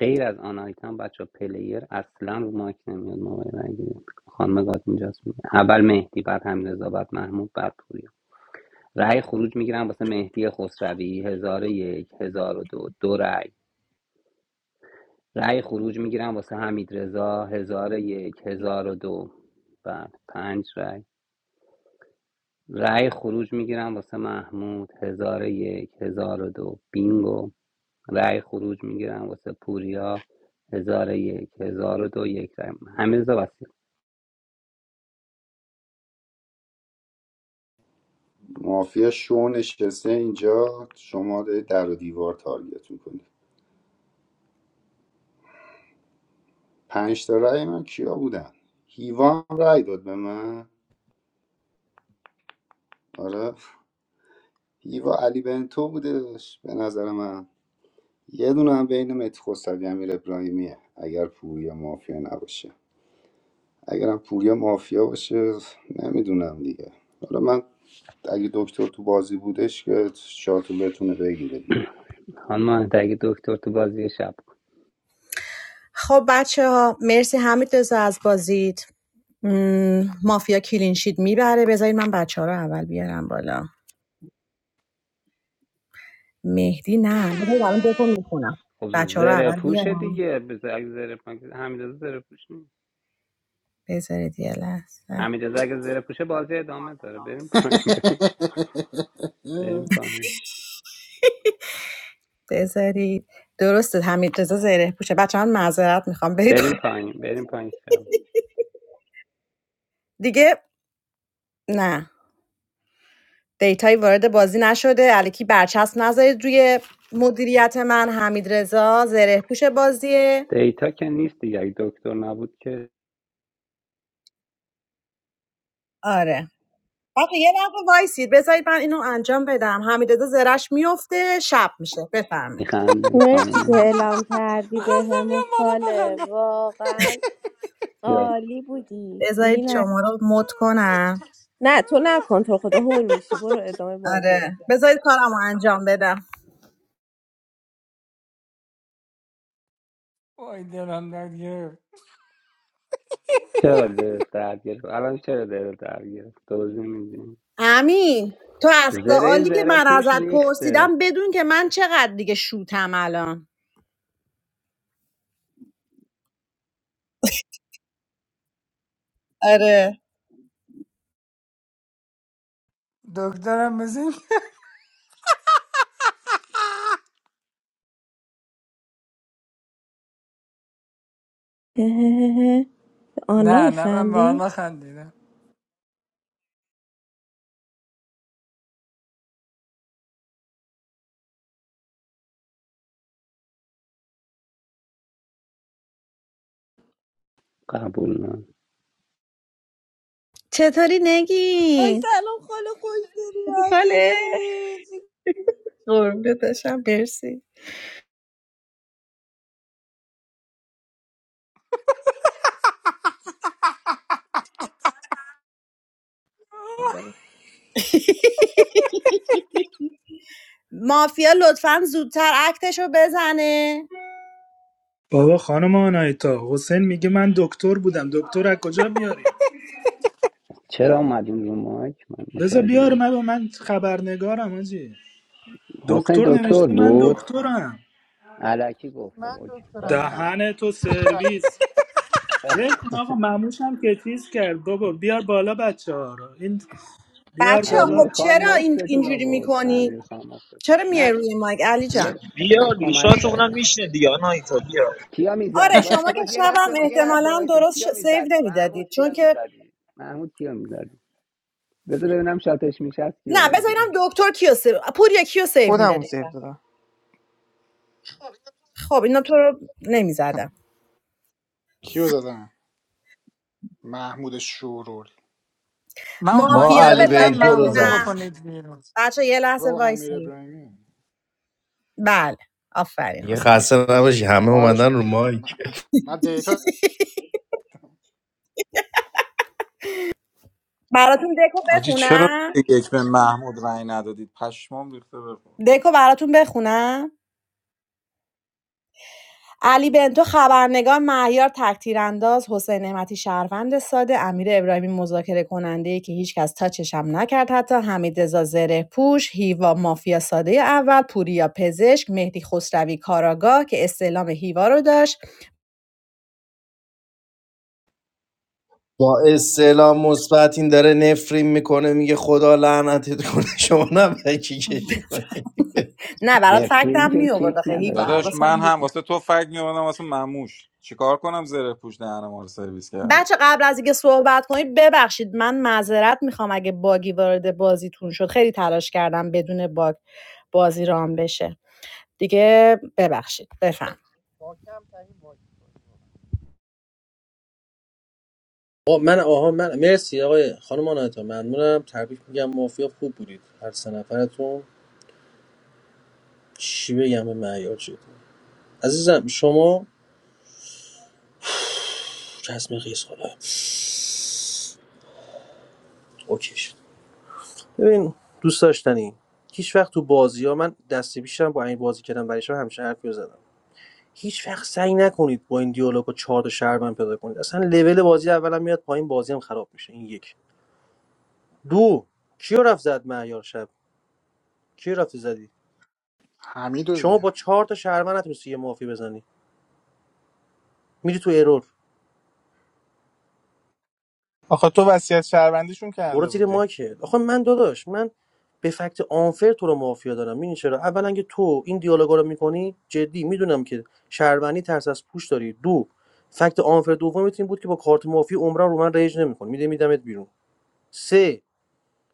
[SPEAKER 16] غیر از آن آیتم بچه پلیر اصلا رو مایک نمیاد موقع رای گیری خانم گاد اینجاست میگه اول مهدی بعد حمیدرضا بعد محمود بعد پوریا رای خروج میگیرم واسه مهدی خسروی هزار و یک هزار و دو دو رای رای خروج میگیرم واسه حمیدرضا هزار و یک هزار و دو بعد پنج رای رای خروج میگیرم واسه محمود هزار و یک هزار و دو بینگو رای خروج میگیرم واسه پوریا هزار و یک هزار و دو یک رأی همه
[SPEAKER 13] مافیا شو نشسته اینجا شما دارید در و دیوار تارگت میکنید پنج تا رأی من کیا بودن هیوا هم رأی داد به من آره هیوا علی بنتو بودش به نظر من یه دونه هم بین متی خسروی امیر ابراهیمیه اگر پوریا مافیا نباشه اگرم پوریا مافیا باشه نمیدونم دیگه حالا من اگه دکتر تو بازی بودش که شاتو بتونه بگیره دیگه
[SPEAKER 16] خانم مهدی، دکتر تو بازی شب
[SPEAKER 14] خب بچه ها مرسی حمید رضا از بازیت مم، مافیا کلینشید میبره بذارید من بچه ها رو اول بیارم بالا مهدی نه بذار الان دکو میخونم
[SPEAKER 16] خب
[SPEAKER 14] بچه ها رو
[SPEAKER 16] زره
[SPEAKER 14] اول
[SPEAKER 16] پوشه
[SPEAKER 14] بیارم
[SPEAKER 16] دیگه بز- اگه زره پوشه حمیدرضا زره پوش نیست
[SPEAKER 14] بذارید یه لحظه
[SPEAKER 16] حمیدرضا اگه زره پوشه بازی ادامه داره بریم پایین بریم پایین
[SPEAKER 14] بذارید درسته حمید رضا زره پوشه بچه من معذرت میخوام برید
[SPEAKER 16] بریم پایین بریم پایین شب
[SPEAKER 14] دیگه نه دیتایی وارد بازی نشده الکی برچسب نذارید روی مدیریت من حمید رضا زره پوش بازیه
[SPEAKER 16] دیتا که نیست دیگه اگه دکتر نبود که
[SPEAKER 14] آره بچه یه دقیقه وایسید بذارید من اینو انجام بدم حمید رضا زرش میفته شب میشه بفرمایید
[SPEAKER 16] میخندیم
[SPEAKER 19] مرسی که
[SPEAKER 16] خانم
[SPEAKER 19] اعلام
[SPEAKER 20] Hahahahahahahahahah!
[SPEAKER 19] کردی بهمون
[SPEAKER 20] What
[SPEAKER 19] خاله
[SPEAKER 20] happened?
[SPEAKER 19] واقعا
[SPEAKER 16] بیا
[SPEAKER 19] عالی بودی بی
[SPEAKER 14] بذارید
[SPEAKER 19] نه,
[SPEAKER 14] شما رو مد کنم
[SPEAKER 19] نه تو نکن تو رو خدا هول میشی برو ادامه بازی رو
[SPEAKER 14] آره بذارید کارمو انجام بدم
[SPEAKER 20] Oh, I don't understand.
[SPEAKER 16] چرا دل درد گرفت الان چرا دل درد گرفت دوزی میدیم
[SPEAKER 14] امین تو از
[SPEAKER 16] زره
[SPEAKER 14] سوالی که
[SPEAKER 16] زره
[SPEAKER 14] من
[SPEAKER 16] پوش
[SPEAKER 14] ازت
[SPEAKER 16] ریخته
[SPEAKER 14] پرسیدم بدون که من چقدر دیگه شوتم الان آره
[SPEAKER 20] Doctor, are we?
[SPEAKER 19] اهههه.
[SPEAKER 20] No,
[SPEAKER 19] آنا
[SPEAKER 20] no, I'm
[SPEAKER 19] میخندی؟
[SPEAKER 20] fine. Did I?
[SPEAKER 16] قبول نه
[SPEAKER 14] چطوری
[SPEAKER 19] آی
[SPEAKER 14] نگین؟
[SPEAKER 19] سلام خاله خوش
[SPEAKER 14] خوبی
[SPEAKER 19] داری
[SPEAKER 14] خاله
[SPEAKER 19] چطوری؟
[SPEAKER 14] قربونت بشم مرسی مافیا لطفا زودتر اکتشو بزنه
[SPEAKER 8] بابا خانم آنایتا حسین میگه من دکتر بودم دکتر از کجا بیاری
[SPEAKER 16] چرا اومدیم رو مایک من
[SPEAKER 8] بذار
[SPEAKER 16] متوجه
[SPEAKER 8] بیار من
[SPEAKER 16] نیستم.
[SPEAKER 8] من خبرنگارم آجی
[SPEAKER 16] حسین
[SPEAKER 8] دکتر
[SPEAKER 16] دکتر
[SPEAKER 8] نوشته من
[SPEAKER 16] بود
[SPEAKER 8] دکترم
[SPEAKER 16] علکی گفت خب اوکی باز تموم شد.
[SPEAKER 8] دهن تو سرویس ول کن آقا مموش هم که چیز کرد بابا بیار بالا بچه ها رو این بیار
[SPEAKER 14] بچه خب
[SPEAKER 16] امیر
[SPEAKER 8] بالا
[SPEAKER 16] خان
[SPEAKER 14] چرا این
[SPEAKER 16] مفتتون
[SPEAKER 14] اینجوری
[SPEAKER 16] آورد امیر
[SPEAKER 14] میکنی؟
[SPEAKER 16] مفتتون
[SPEAKER 14] چرا
[SPEAKER 16] آورد.
[SPEAKER 14] میای
[SPEAKER 16] نه
[SPEAKER 14] روی مایک علی جان؟
[SPEAKER 16] یه
[SPEAKER 17] بیا
[SPEAKER 16] یه
[SPEAKER 17] لیشات
[SPEAKER 16] کمک
[SPEAKER 17] شات اونم
[SPEAKER 16] کرده
[SPEAKER 17] میشینه دیگه آنایتا بیا
[SPEAKER 16] کیا
[SPEAKER 14] آره
[SPEAKER 16] میزدی
[SPEAKER 14] شما
[SPEAKER 16] وایسه
[SPEAKER 14] که
[SPEAKER 16] باش یه
[SPEAKER 14] شبم
[SPEAKER 16] لحظه با... یه لحظه
[SPEAKER 14] احتمالا
[SPEAKER 16] وایسه
[SPEAKER 14] درست ش...
[SPEAKER 16] کیا
[SPEAKER 14] سیو
[SPEAKER 16] میزدی محمود
[SPEAKER 14] نمیدادید چون
[SPEAKER 16] کیا
[SPEAKER 14] که
[SPEAKER 16] میزدی محمود کیا میزدی بذار ببینم شاتش میشه کیا
[SPEAKER 14] نه بذارینم
[SPEAKER 16] میزدی
[SPEAKER 14] دکتر کیو سیو پوریا کیو سیو
[SPEAKER 15] خودم اون
[SPEAKER 14] میدادید
[SPEAKER 15] سیو دادم
[SPEAKER 14] خب اینا تو رو نمیزدم
[SPEAKER 2] کیو زدم محمود شورول
[SPEAKER 20] I
[SPEAKER 12] ما
[SPEAKER 14] مافیا رو
[SPEAKER 12] علی
[SPEAKER 20] didn't see
[SPEAKER 14] بذارید
[SPEAKER 12] بنتو رو
[SPEAKER 20] Mahmoud to be
[SPEAKER 12] زدیم
[SPEAKER 14] بخونم
[SPEAKER 20] on it.
[SPEAKER 14] بچه یه
[SPEAKER 2] و
[SPEAKER 14] لحظه
[SPEAKER 2] امیر
[SPEAKER 14] وایسی
[SPEAKER 2] ابراهیمی
[SPEAKER 14] بله آفرین
[SPEAKER 12] یه
[SPEAKER 14] حسینه
[SPEAKER 12] خسته نباشی همه
[SPEAKER 2] خواهش
[SPEAKER 12] اومدن رو
[SPEAKER 2] میکنم
[SPEAKER 12] مایک
[SPEAKER 2] من من دیتا
[SPEAKER 14] براتون دکو
[SPEAKER 11] حاجی چرا
[SPEAKER 14] بخونم
[SPEAKER 11] یک به محمود رای ندادید پشمام ریخته به خون.
[SPEAKER 14] دکو براتون بخونم علی بنتو خبرنگار مهیار تکتیرانداز حسین نعمتی شهروند ساده امیر ابراهیمی مذاکره کننده که هیچکس تاچشم نکرد حتی حمید رضا پوش هیوا مافیا ساده اول پوریا پزشک مهدی خسروی کاراگاه که استعلام هیوا رو داشت
[SPEAKER 12] با استعلام مثبت این داره نفرین میکنه میگه خدا لعنتت کنه شما نم کی کشی کنی
[SPEAKER 14] نه برات
[SPEAKER 16] افرین
[SPEAKER 14] فکتم
[SPEAKER 16] که
[SPEAKER 14] می آورد
[SPEAKER 16] کیک
[SPEAKER 14] آخه هیوا
[SPEAKER 16] نداره
[SPEAKER 11] داداش من
[SPEAKER 14] حواسم
[SPEAKER 11] هم
[SPEAKER 14] بود.
[SPEAKER 11] واسه تو فکر می‌کنم واسه مموش چیکار کنم زره پوش دهنم ما رو سرویس کرده
[SPEAKER 14] بچه قبل از اینکه صحبت کنید ببخشید من معذرت میخوام اگه باگی وارد بازیتون شد خیلی تلاش کردم بدون باگ بازی رام بشه دیگه ببخشید بفهم
[SPEAKER 18] آقا من آها من مرسی آقای خانم آناتا ممنونم تبریک میگم مافیا خوب بودید هر سه نفرتون چی بگم به معیار شد عزیزم شما تو رسم قیس خدا اوکی شد ببین دوست داشتنی هیچ وقت تو بازی ها من دست پیشم با این بازی کردم برای شما همیشه حرفی رو زدم هیچ وقت سعی نکنید با این دیالوگا چهار تا شهروند پیدا کنید اصلا لول بازی اولا میاد پایین بازی هم خراب میشه این یک دو کیو رفت زد معیار شب کیو رفتی زدی
[SPEAKER 2] حمیدو دیدم
[SPEAKER 18] شما با چهار تا شهروند نتونستی یه مافی بزنی میری تو ایرور،
[SPEAKER 4] آخه تو وصیت شهروندیشون
[SPEAKER 18] برو
[SPEAKER 4] کرده
[SPEAKER 18] زیر
[SPEAKER 4] بودی
[SPEAKER 18] ماکت آخه من داداش من به فکت آنفر تو رو مافیا دارم میدونی چرا اولا که تو این دیالوگا رو میکنی جدی میدونم که شهروندی ترس از پوش داری دو فکت آنفر دوم این بود که با کارت مافیا عمرا رو من رنج نمیکنی میده میدمت بیرون سه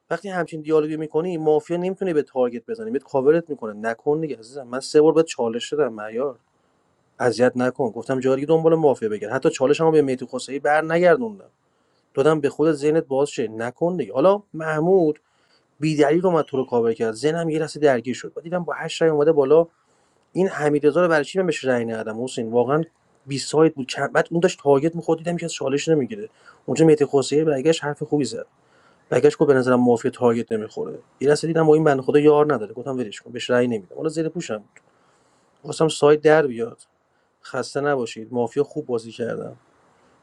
[SPEAKER 18] وقتی همچین دیالوگی میکنی مافیا نمیتونه به تارگت بزنه بهت کاورت میکنه نکن دیگه عزیزم من سه بار بهت چالش دادم معیار اذیت نکن گفتم جاری دنبال مافیا بگرد حتی چالشمو به میتی خسروی بر دادم به خودت ذهنت باز شه نکن دیگه حالا محمود بیدلیل اومد تو رو کاور کرد ذهنم یه لحظه درگیر شد و دیدم با 8 رای اومده بالا این حمیدرضا رو برای چی من بهش رأی ندادم حسین واقعا بی سایت بود بعد اون داشت تارگت می‌خورد دیدم که چالش نمیگیره اونجا مهدی خسروی برگشت حرف خوبی زد برگشت گفت به نظرم مافیا تارگت نمیخوره یه لحظه دیدم با این بنده خدا یار نداره گفتم ولش کن بهش رای نمیدم حالا زیر پوشم بود خواستم سایت در بیاد خسته نباشید مافیا خوب بازی کردم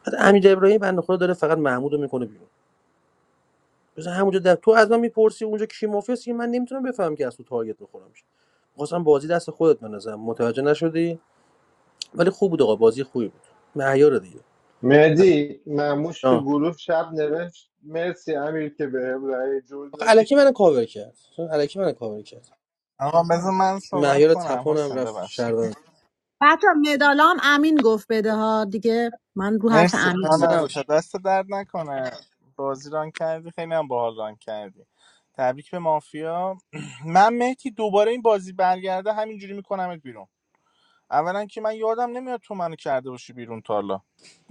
[SPEAKER 18] بعد امیر ابراهیم بنده خدا داره فقط محمود میکنه بیرون مثلا همونجا در تو از من میپرسی اونجا کی مافیاست که من نمیتونم بفهمم که از تو تارگت میخورم خواستم بازی دست خودت بنازم متوجه نشدی ولی خوب بود آقا بازی خوبی بود مهیار دیگه پس
[SPEAKER 1] مهدی مموش تو
[SPEAKER 18] آه.
[SPEAKER 1] گروه شب نوشت مرسی امیر که به رأی جور
[SPEAKER 18] آقا
[SPEAKER 1] دادی
[SPEAKER 18] الکی منو کاور کرد چون الکی منو کاور کرد
[SPEAKER 4] آقا بذار من صحبت
[SPEAKER 18] مهیار
[SPEAKER 4] کنم
[SPEAKER 18] تپانم
[SPEAKER 4] حسین
[SPEAKER 18] رفت
[SPEAKER 4] ببخشید
[SPEAKER 18] شهروند
[SPEAKER 14] بچه مدالام امین گفت بده ها دیگه من رو حرف
[SPEAKER 4] مرسی
[SPEAKER 14] امین
[SPEAKER 18] خسته
[SPEAKER 4] آنا
[SPEAKER 14] میگم
[SPEAKER 4] تا
[SPEAKER 18] نباشید
[SPEAKER 4] دست درد نکنه بازی ران کردی خیلی هم باحال ران کردی تبریک به مافیا من مهدی دوباره این بازی برگرده همینجوری میکنمت بیرون اولا که من یادم نمیاد تو منو کرده باشی بیرون تا حالا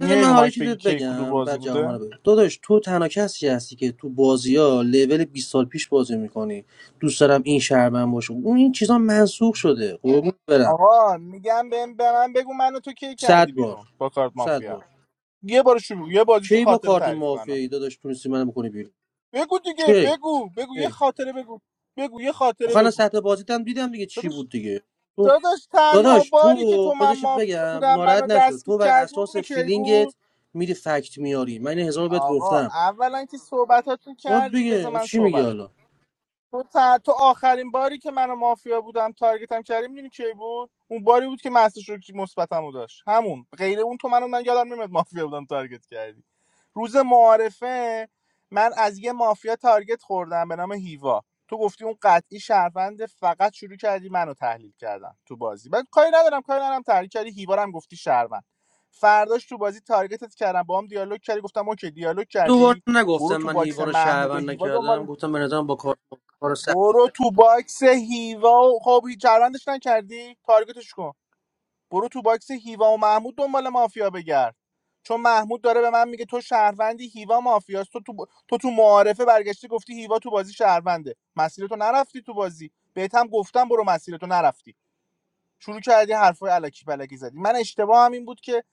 [SPEAKER 18] بذار من
[SPEAKER 4] رو
[SPEAKER 18] حالا
[SPEAKER 4] مایک بگی
[SPEAKER 18] چیزت
[SPEAKER 4] کی کدو
[SPEAKER 18] بگم
[SPEAKER 4] بازی
[SPEAKER 18] بعد جواب رو
[SPEAKER 4] بوده
[SPEAKER 18] بده داداش تو تنها کسی هستی که تو بازی ها لول 20 سال پیش بازی میکنی دوست دارم این شهروند باشه اون این چیزا منسوخ شده قربون برم
[SPEAKER 4] آقا میگم به, من بگو منو تو کی کردی
[SPEAKER 18] صد بار
[SPEAKER 4] بیرون با کارت
[SPEAKER 18] صد
[SPEAKER 4] مافیا
[SPEAKER 18] بار
[SPEAKER 4] یه بار شروع یه بازیشو
[SPEAKER 18] کی با
[SPEAKER 4] خاطره
[SPEAKER 18] کارت
[SPEAKER 4] تعریف کنم
[SPEAKER 18] مافیایی داداش تونستی منو بکنی بیرون
[SPEAKER 4] بگو دیگه
[SPEAKER 18] کی
[SPEAKER 4] بگو بگو یه
[SPEAKER 18] کی
[SPEAKER 4] خاطره بگو بگو یه
[SPEAKER 18] آخه
[SPEAKER 4] خاطره
[SPEAKER 18] الان
[SPEAKER 4] بگو
[SPEAKER 18] سطح بازیت دیدم دیگه چی
[SPEAKER 4] داداش
[SPEAKER 18] بود دیگه تو
[SPEAKER 4] داداش تنها
[SPEAKER 18] داداش تو
[SPEAKER 4] باری که تو من
[SPEAKER 18] بذارشت
[SPEAKER 4] مافیا
[SPEAKER 18] بگم
[SPEAKER 4] بودم
[SPEAKER 18] ناراحت
[SPEAKER 4] منو
[SPEAKER 18] نشد
[SPEAKER 4] دستگیر
[SPEAKER 18] تو بر
[SPEAKER 4] کردی
[SPEAKER 18] اساس
[SPEAKER 4] میدونی کی
[SPEAKER 18] فیلینگت
[SPEAKER 4] بود
[SPEAKER 18] میری فکت میاری من این هزار بار بهت
[SPEAKER 4] آقا
[SPEAKER 18] گفتم
[SPEAKER 4] اولا که صحبتاتون
[SPEAKER 18] خب
[SPEAKER 4] کردی بذار
[SPEAKER 18] دیگه
[SPEAKER 4] من
[SPEAKER 18] چی میگی
[SPEAKER 4] صحبت
[SPEAKER 18] حالا
[SPEAKER 4] تو, تا- تو آخرین باری که من و مافیا بودم تارگتم کردی میدونی کی بود اون باری بود که مسعود شکری مثبتمو داشت همون غیر اون تو منو من یادم نمیاد مافیا بودم تارگت کردی روز معارفه من از یه مافیا تارگت خوردم به نام هیوا تو گفتی اون قطعی شهروند فقط شروع کردی منو تحلیل کردن تو بازی من کاری ندارم کاری ندارم تحلیل کردی هیوا رو هم گفتی شهروند فرداش تو بازی تارگتت کردم با هم دیالوگ کردی گفتم اوکی دیالوگ
[SPEAKER 18] دوباره
[SPEAKER 4] کردی
[SPEAKER 18] نگفتم
[SPEAKER 4] برو تو
[SPEAKER 18] من
[SPEAKER 4] باکس
[SPEAKER 18] هیوا رو
[SPEAKER 4] محمود و
[SPEAKER 18] شهروند
[SPEAKER 4] هیوا
[SPEAKER 18] نکردم
[SPEAKER 4] دنبال
[SPEAKER 18] گفتم به نظرم با کار کار سختی
[SPEAKER 4] برو
[SPEAKER 18] کرد
[SPEAKER 4] تو باکس هیوا و خب هیچ چرندش نکردی تارگتش کن برو تو باکس هیوا و محمود دنبال مافیا بگرد چون محمود داره به من میگه تو شهروندی هیوا مافیاست تو تو, ب- تو تو معارفه برگشتی گفتی هیوا تو بازی شهرونده مسیرتو نرفتی تو بازی بهت هم گفتم برو مسیرتو نرفتی شروع کردی حرفای الکی پلکی زدی من اشتباه هم این بود که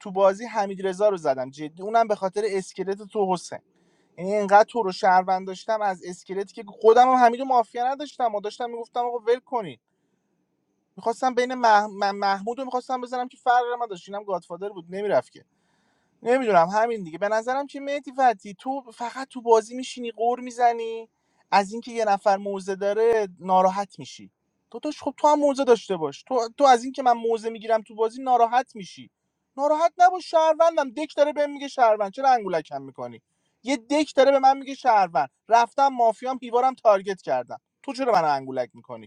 [SPEAKER 4] تو بازی حمید رو زدم جدی اونم به خاطر اسکلت تو حسین یعنی اینقدر تو رو شهروند داشتم از اسکلتی که خودم هم حمید و مافیا نداشتم و داشتم میگفتم آقا ول کنین میخواستم بین مح... من- محمود رو میخواستم بزنم که فرق من داشت اینم گادفادر بود نمیرفت که نمیدونم همین دیگه به نظرم که مهدی فتی تو فقط تو بازی میشینی قور میزنی از اینکه یه نفر موزه داره ناراحت میشی تو داشت خب تو هم موزه داشته باش تو, تو از اینکه من موزه میگیرم تو بازی ناراحت میشی ناراحت نباش شهروندم دک داره بهم میگه شهروند چرا انگولکم میکنی یه دک داره به من میگه شهروند رفتم مافیام هیوارم تارگت کردم تو چرا من انگولک میکنی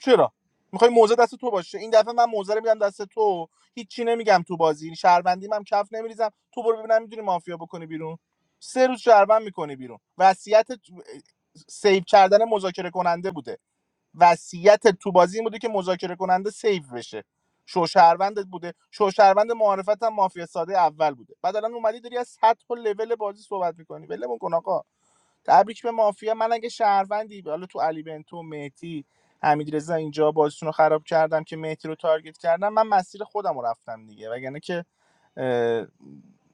[SPEAKER 4] چرا میخوای موزه دست تو باشه این دفعه من موزه رو میدم دست تو هیچی نمیگم تو بازی شهروندی من کف نمیریزم تو برو ببینم میدونی مافیا بکنی بیرون سه روز شهروند میکنی بیرون وصیت سیو کردن مذاکره کننده بوده وصیت تو بازی این بوده که مذاکره کننده سیو بشه شو شهروندت بوده شو شهروند معرفت هم مافیا ساده اول بوده بعد الان اومدی داری از سطح و لول بازی صحبت میکنی ولمون کن آقا تبریک به مافیا من اگه شهروندی حالا تو علی بنتو مهدی حمیدرضا اینجا بازیتون رو خراب کردم که مهدی رو تارگت کردم من مسیر خودم رو رفتم دیگه وگرنه که اه،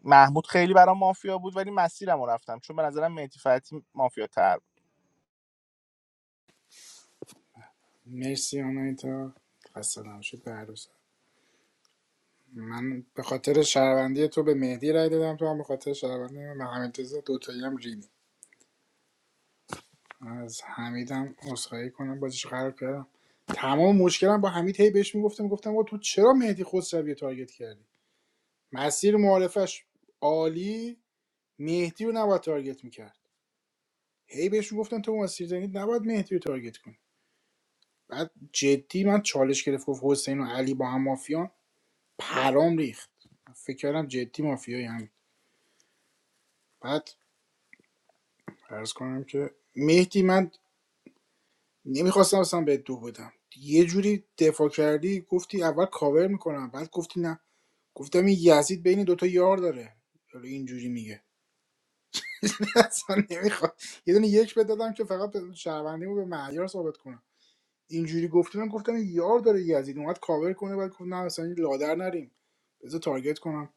[SPEAKER 4] محمود خیلی برام مافیا بود ولی مسیرم رو رفتم چون به نظرم مهدی فتی مافیا تر.
[SPEAKER 2] مرسی آنایتا خسته نباشید به هر دوستان. من به خاطر شهروندی تو به مهدی رای دادم تو هم به خاطر شهروندی من به همین تزا دوتایی هم ریدی از حمید هم عذرخواهی کنم بازیش خراب کردم تمام مشکلم با حمید هی بهش میگفتم گفتم آقا تو چرا مهدی خسروی رو تارگت کردی مسیر معارفش عالی مهدی رو نباید تارگت میکرد هی بهش میگفتم تو مسیر زنید نباید مهدی رو تارگت کنی بعد جدی من چالش گرفت گفت حسین و علی با هم مافیان پرام ریخت فکر کردم جدی مافیایی هم بعد عرض کنم که مهدی من نمیخواستم اصلا به دو بدم یه جوری دفاع کردی گفتی اول کاور میکنم بعد گفتی نه گفتم این یزید بین دوتا یار داره حالا اینجوری میگه اصلا نمیخواد یه دونه یک بدادم که فقط شهروندیمو به معیار ثابت کنم اینجوری گفتی من گفتم این یار داره یزید اومد کاور کنه بعد گفت نه اصلا این لادر نریم بذار تارگت کنم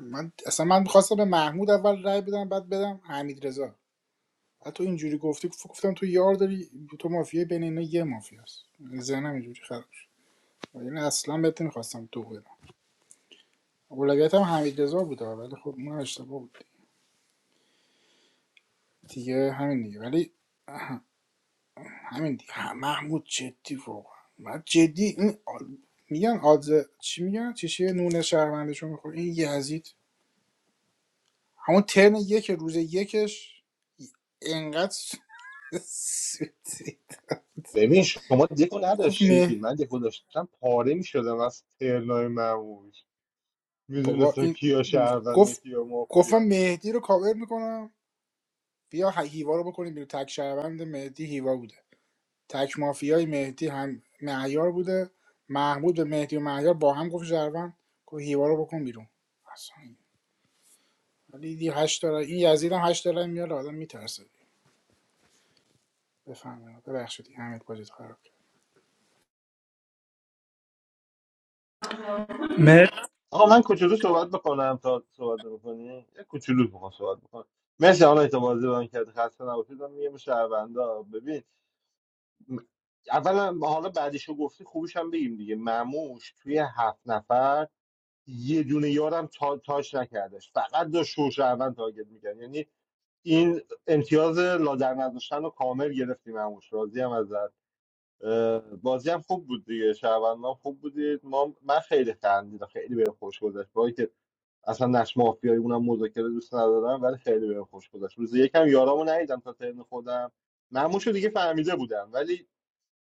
[SPEAKER 2] من اصلا من میخواستم به محمود اول رای بدم بعد بدم حمید رضا بعد تو اینجوری گفتی گفت- گفتم تو یار داری تو مافیای بین اینا یه مافیاست یعنی ذهنم اینجوری خراب شد و یعنی اصلا بهت نمیخواستم تو بدم اولویت هم حمید رضا بوده ولی خب اون اشتباه بود دیگه همین دیگه ولی همین دیگه ه- محمود جدی واقعا من جدی این آل- میگن آدز چی میگن چیشه نون شهروندشون میخوره این یزید همون ترن یک روز یکش انقدر
[SPEAKER 1] ببین شما دکو
[SPEAKER 2] گفت مه
[SPEAKER 1] نداشتی من دکو داشتم پاره میشدم از ترنای مموش
[SPEAKER 2] بابا
[SPEAKER 1] میدونستم
[SPEAKER 2] این
[SPEAKER 1] کیا شهرونده
[SPEAKER 2] گفت
[SPEAKER 1] کیا
[SPEAKER 2] گفتم
[SPEAKER 1] مافیا
[SPEAKER 2] مهدی رو کاور میکنم بیا ه- هیوا رو بکنیم بیرون تک شهروند مهدی هیوا بوده تک مافیای مهدی هم معیار بوده محمود به مهدی و معیار با هم گفت شهروند گفت هیوا رو بکن بیرون اصلا ولی دی هشت داره این یزید هم هشت داره میاره آدم میترسه بفهمه ببخشید همه باجت خراب
[SPEAKER 8] مر...
[SPEAKER 1] آقا من کوچولو صحبت بکنم تا صحبت بکنی یه کوچولو میخوام صحبت بکنم مرسی آنها تا بازی بان کرد خسته نباشید من میگم شهروندا ببین م- اولا حالا بعدیشو گفتی خوبیش هم بگیم دیگه مموش توی هفت نفر یه دونه یارم تا تاش نکردش فقط داشت شوشهروند تارگت میکرد یعنی این امتیاز لادر نداشتن رو کامل گرفتیم مموش راضی هم اه، بازی هم خوب بود دیگه شهروندان خوب بودید ما من خیلی خندیدم خیلی بهم خوش گذشت با اینکه اصلا نقش مافیایی اونم مذاکره دوست ندارم ولی خیلی بهم خوش گذشت روز یکم یارامو ندیدم تا ترم خودم معموشو دیگه فهمیده بودم ولی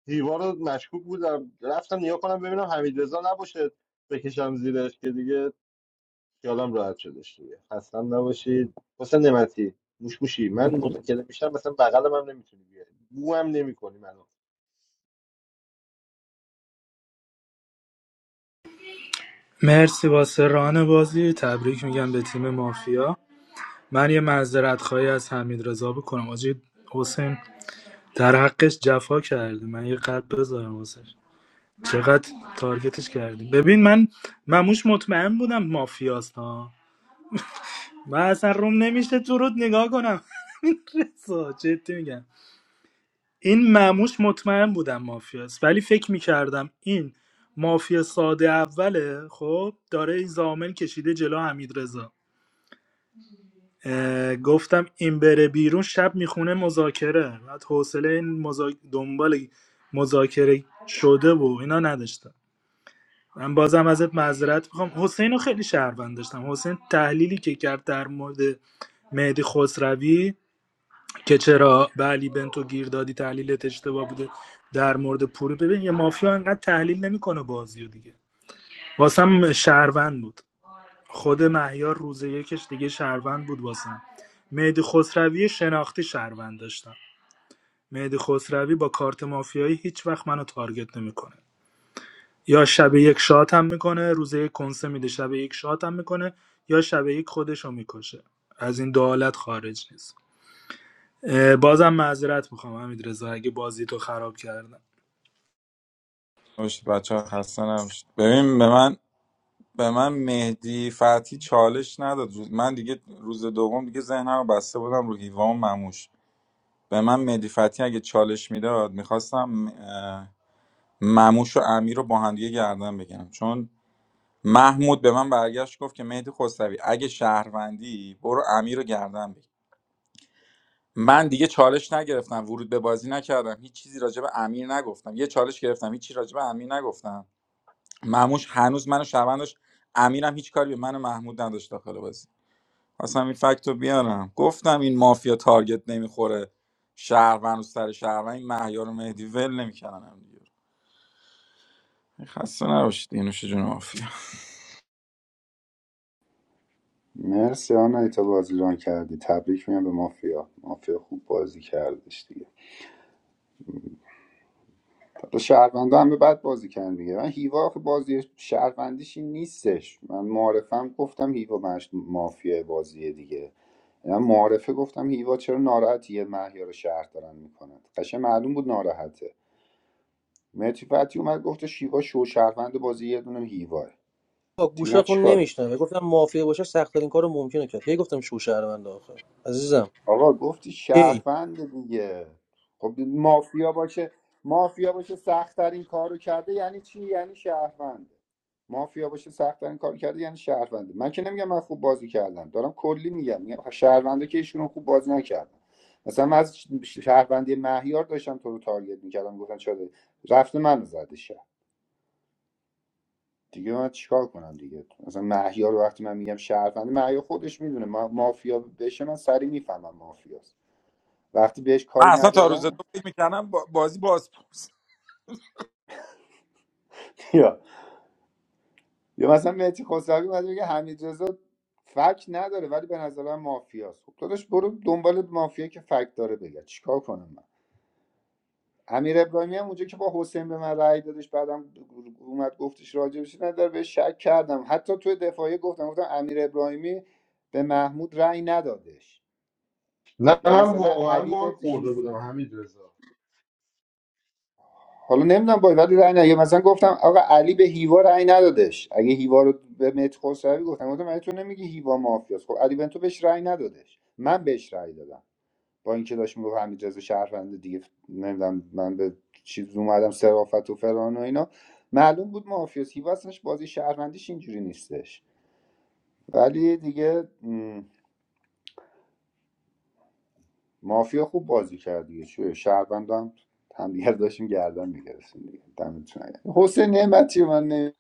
[SPEAKER 1] هیوا رو مشکوک بودم رفتم نیا کنم ببینم حمیدرضا نباشه بکشم زیرش که دیگه خیالم راحت شدش دیگه خستم نباشید حسین نعمتی موش موشی من مذاکره میشم مثلا بغلم هم نمیتونی بیاری بو هم نمیکنی منو
[SPEAKER 8] مرسی واسه ران بازی تبریک میگم به تیم مافیا من یه معذرت خواهی از حمید رضا بکنم آجی حسین در حقش جفا کرده من یه قلب بذارم واسه چقدر تارگتش کردیم ببین من مموش مطمئن بودم مافیاست ها من اصلا روم نمیشه تو رود نگاه کنم رضا جدی میگم این مموش مطمئن بودم مافیاست ولی فکر میکردم این مافیا ساده اوله خب داره این زامن کشیده جلو حمید رضا گفتم این بره بیرون شب میخونه مذاکره بعد حوصله این مذا- دنبال مذاکره شده و اینا نداشتم من بازم ازت معذرت میخوام حسین رو خیلی شهروند داشتم حسین تحلیلی که کرد در مورد مهدی خسروی که چرا به علی بنتو گیر دادی تحلیلت اشتباه بوده در مورد پوری ببین یه مافیا انقدر تحلیل نمیکنه بازی رو دیگه واسم شهروند بود خود مهیار روز یکش دیگه شهروند بود واسم مهدی خسروی شناختی شهروند داشتم مهدی خسروی با کارت مافیایی هیچ وقت منو تارگت نمیکنه یا شب یک شات هم میکنه روز یک کنسه میده شب یک شات هم میکنه یا شب یک خودش میکشه از این دو حالت خارج نیست اه، بازم معذرت میخوام حمید رضا اگه بازی تو خراب کردم
[SPEAKER 11] نوشت بچه ها خسته نباشید ببین به من به من مهدی فتحی چالش نداد روز- من دیگه روز دوم دیگه ذهنم رو بسته بودم رو هیوا و مموش به من مهدی فتحی اگه چالش میداد میخواستم مموش و امیر رو با هم دیگه گردن بگیرم چون محمود به من برگشت گفت که مهدی خسروی اگه شهروندی برو امیر رو گردن بگیر من دیگه چالش نگرفتم ورود به بازی نکردم هیچ چیزی راجع به امیر نگفتم یه چالش گرفتم هیچ چیزی راجع به امیر نگفتم مهموش هنوز منو شهروند داشت امیرم هیچ کاری به من و محمود نداشت داخل بازی اصلا این فکت رو بیارم گفتم این مافیا تارگت نمیخوره شهروند و سر شهروند این مهیار و مهدی ول نمیکردن هم دیگه خسته نباشید اینوش جون مافیا
[SPEAKER 13] مرسی آنایتا بازی ران کردی تبریک میگم به مافیا مافیا خوب بازی کردش دیگه حالا شهروندا هم به بد بازی کردن دیگه من هیوا آخه بازی شهروندیش این نیستش من معارفم گفتم هیوا مش مافیا بازیه دیگه یعنی من معارفه گفتم هیوا چرا ناراحتیه مهیار رو شهر دارن میکنن قشنگ معلوم بود ناراحته متی فتی اومد گفته شیوا شو شهروند بازی یه دونه هیواه
[SPEAKER 18] با
[SPEAKER 13] دیگه من
[SPEAKER 18] گوشاتون
[SPEAKER 13] چیکار
[SPEAKER 18] نمیشنوه گفتم مافیا باشه سخت ترین کار ممکنه کرد هی گفتم شو شهروند آخه عزیزم
[SPEAKER 13] آقا گفتی
[SPEAKER 18] کی
[SPEAKER 13] شهروند دیگه خب مافیا باشه مافیا باشه سختترین کارو کرده یعنی چی یعنی شهرونده مافیا باشه سختترین کارو کرده یعنی شهرونده من که نمیگم من خوب بازی کردم دارم کلی میگم میگم شهرونده که ایشون خوب بازی نکردم مثلا من از شهروندی مهیار داشتم تو رو تارگت میکردم گفتن شده رفته منو زده شهر دیگه من چیکار کنم دیگه مثلا مهیار رو وقتی من میگم شهرونده مهیار خودش میدونه ما مافیا بشه من سری میفهمم مافیاست وقتی بهش
[SPEAKER 11] من
[SPEAKER 13] کاری
[SPEAKER 11] اصلا تا روز دو
[SPEAKER 13] ندارم
[SPEAKER 11] فکر میکردم با- بازی باز پرس.
[SPEAKER 13] یا یا مثلا مهدی خسروی اومده بگه حمید رضا فک نداره ولی به نظر من مافیاست خب داداش برو دنبال مافیا که فک داره بگه چیکار کنم من امیر ابراهیمی هم اونجا که با حسین به من رأی دادش بعدم اومد گفتش راجبش نداره بهش شک کردم حتی توی دفاعی گفتم گفتم امیر ابراهیمی به محمود رأی ندادش
[SPEAKER 1] نه
[SPEAKER 13] یا
[SPEAKER 1] من
[SPEAKER 13] مثلا
[SPEAKER 1] واقعا
[SPEAKER 13] علی
[SPEAKER 1] بار
[SPEAKER 13] به
[SPEAKER 1] خورده بودم همین رضا
[SPEAKER 13] حالا نمیدونم باید ولی رأی نه مثلا گفتم آقا علی به هیوا رأی ندادش اگه هیوا رو به مهدی خسروی گفتم گفتم علی تو نمیگی هیوا مافیاست خب علی بنتو بهش رأی ندادش من بهش رأی دادم با اینکه داشت میگفت حمیدرضا شهروند دیگه نمیدونم من به چیز اومدم صرافت و فلان و اینا معلوم بود مافیاست هیوا اصلاش بازی شهروندیش اینجوری نیستش ولی دیگه م، مافیا خوب بازی کرد دیگه چه شهروندم هم دیگه رو داشتیم گردن می‌گرفتیم دیگه دمتون گرم. حسین نعمتی رو من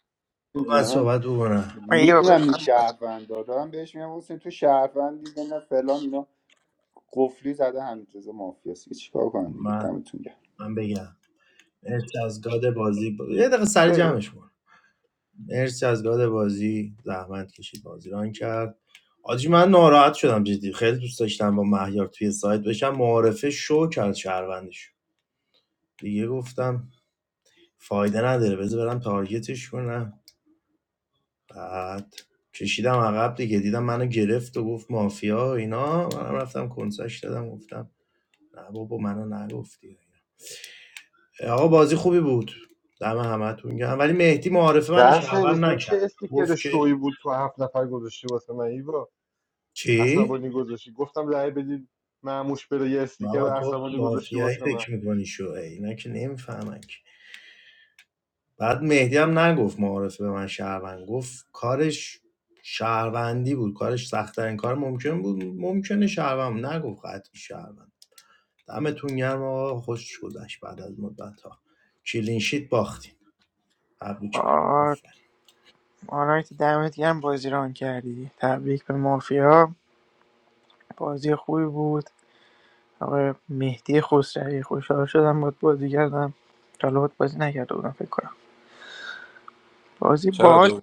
[SPEAKER 12] من
[SPEAKER 13] نمیدونم
[SPEAKER 12] صحبت بکنم
[SPEAKER 15] آه، یه بار بزن.
[SPEAKER 13] میدونم این شهروندا دارم بهش میگم حسین تو شهروندی نه فلان اینا قفلی زده همینجوری مافیاست دیگه چیکار کنم دیگه
[SPEAKER 12] من
[SPEAKER 13] دمتون گرم
[SPEAKER 12] من بگم مرسی از گاد بازی ب... یه دقیقه سری جمعش کن مرسی از گاد بازی زحمت کشید بازی ران کرد آجی من ناراحت شدم جدی خیلی دوست داشتم با مهیار توی سایت بشم معارفه شو کرد شهروندش دیگه گفتم فایده نداره بذار برم تارگتش کنم بعد کشیدم عقب دیگه دیدم منو گرفت و گفت مافیا و اینا منم رفتم کنسش دادم گفتم نه بابا منو نگفتی آقا بازی خوبی بود دم همتون گرم ولی مهدی معارفه منو
[SPEAKER 1] در
[SPEAKER 12] شهروند
[SPEAKER 1] سرویس اون چه
[SPEAKER 12] نکرد
[SPEAKER 1] استیکر
[SPEAKER 12] گفت که
[SPEAKER 1] شوی بود تو هفت نفر گذاشتی واسه من ایوا
[SPEAKER 12] چی
[SPEAKER 1] عصبانی گذاشتی گفتم لعه بدید معموش بره یه استیکر
[SPEAKER 12] بابا تو
[SPEAKER 1] عصبانی گذاشتی
[SPEAKER 12] مافیایی
[SPEAKER 1] واسه من
[SPEAKER 12] فکر میکنی شو ای، اینا که نمیفهمن که. بعد مهدی هم نگفت معارفه به من شهروند گفت کارش شهروندی بود کارش سختترین کار ممکن بود ممکنه شهروند بود. نگفت قطعی شهروند دمتون گرم آقا خوش گذشت بعد از مدت ها کلینشیت باختین تبریک میگم
[SPEAKER 15] بگو.
[SPEAKER 12] آفرین.
[SPEAKER 15] آرایت دمت گرم بازی ران کردی تبریک به مافیا بازی خوبی بود آقای مهدی خسروی خوشحال شدم باید بازی کردم تا حالا باهات بازی نکرده بودم فکر کنم بازی
[SPEAKER 11] چرا
[SPEAKER 15] باحال
[SPEAKER 11] دوم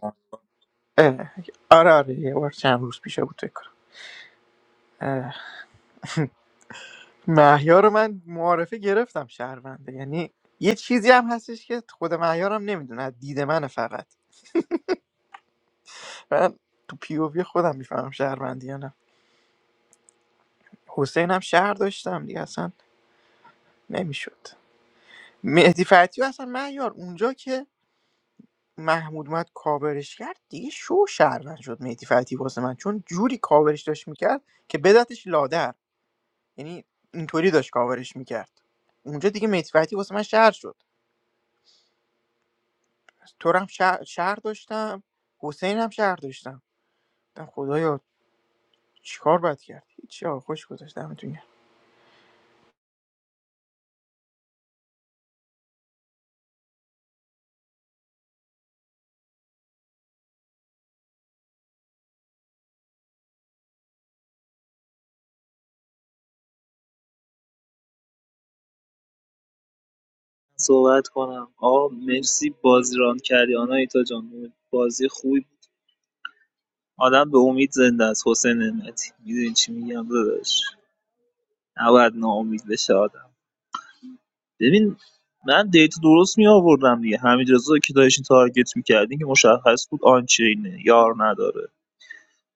[SPEAKER 15] اه، آره آره یه بار چند روز پیش بود فکر کنم اه، محیا رو من معارفه گرفتم شهرونده یعنی یه چیزی هم هستش که خود معیارم نمیدونه دید من فقط من تو پی او وی خودم میفهمم شهروندی یا نه حسین هم شهر داشتم دیگه اصلا نمیشد مهدی فتحی و اصلا مهیار اونجا که محمود اومد کاورش کرد دیگه شو شهروند شد مهدی فتحی واسه من چون جوری کاورش داشت میکرد که بدتش لادر یعنی اینطوری داشت کاورش میکرد اونجا دیگه مهدی فتحی واسه من شهر شد تو رو هم شهر, شهر داشتم حسین هم شهر داشتم گفتم خدایا چیکار باید کرد هیچی آقا خوش گذاشت دمتون گرم.
[SPEAKER 17] صحبت کنم آقا مرسی بازی ران کردی آنایتا جان بازی خوبی بود. آدم به امید زنده است حسین نعمتی میدونی چی میگم داداش نباید ناامید بشه آدم ببین من دیتا درست می آوردم دیگه همین که داشتین تارگت میکردین که مشخص بود آنچینه یار نداره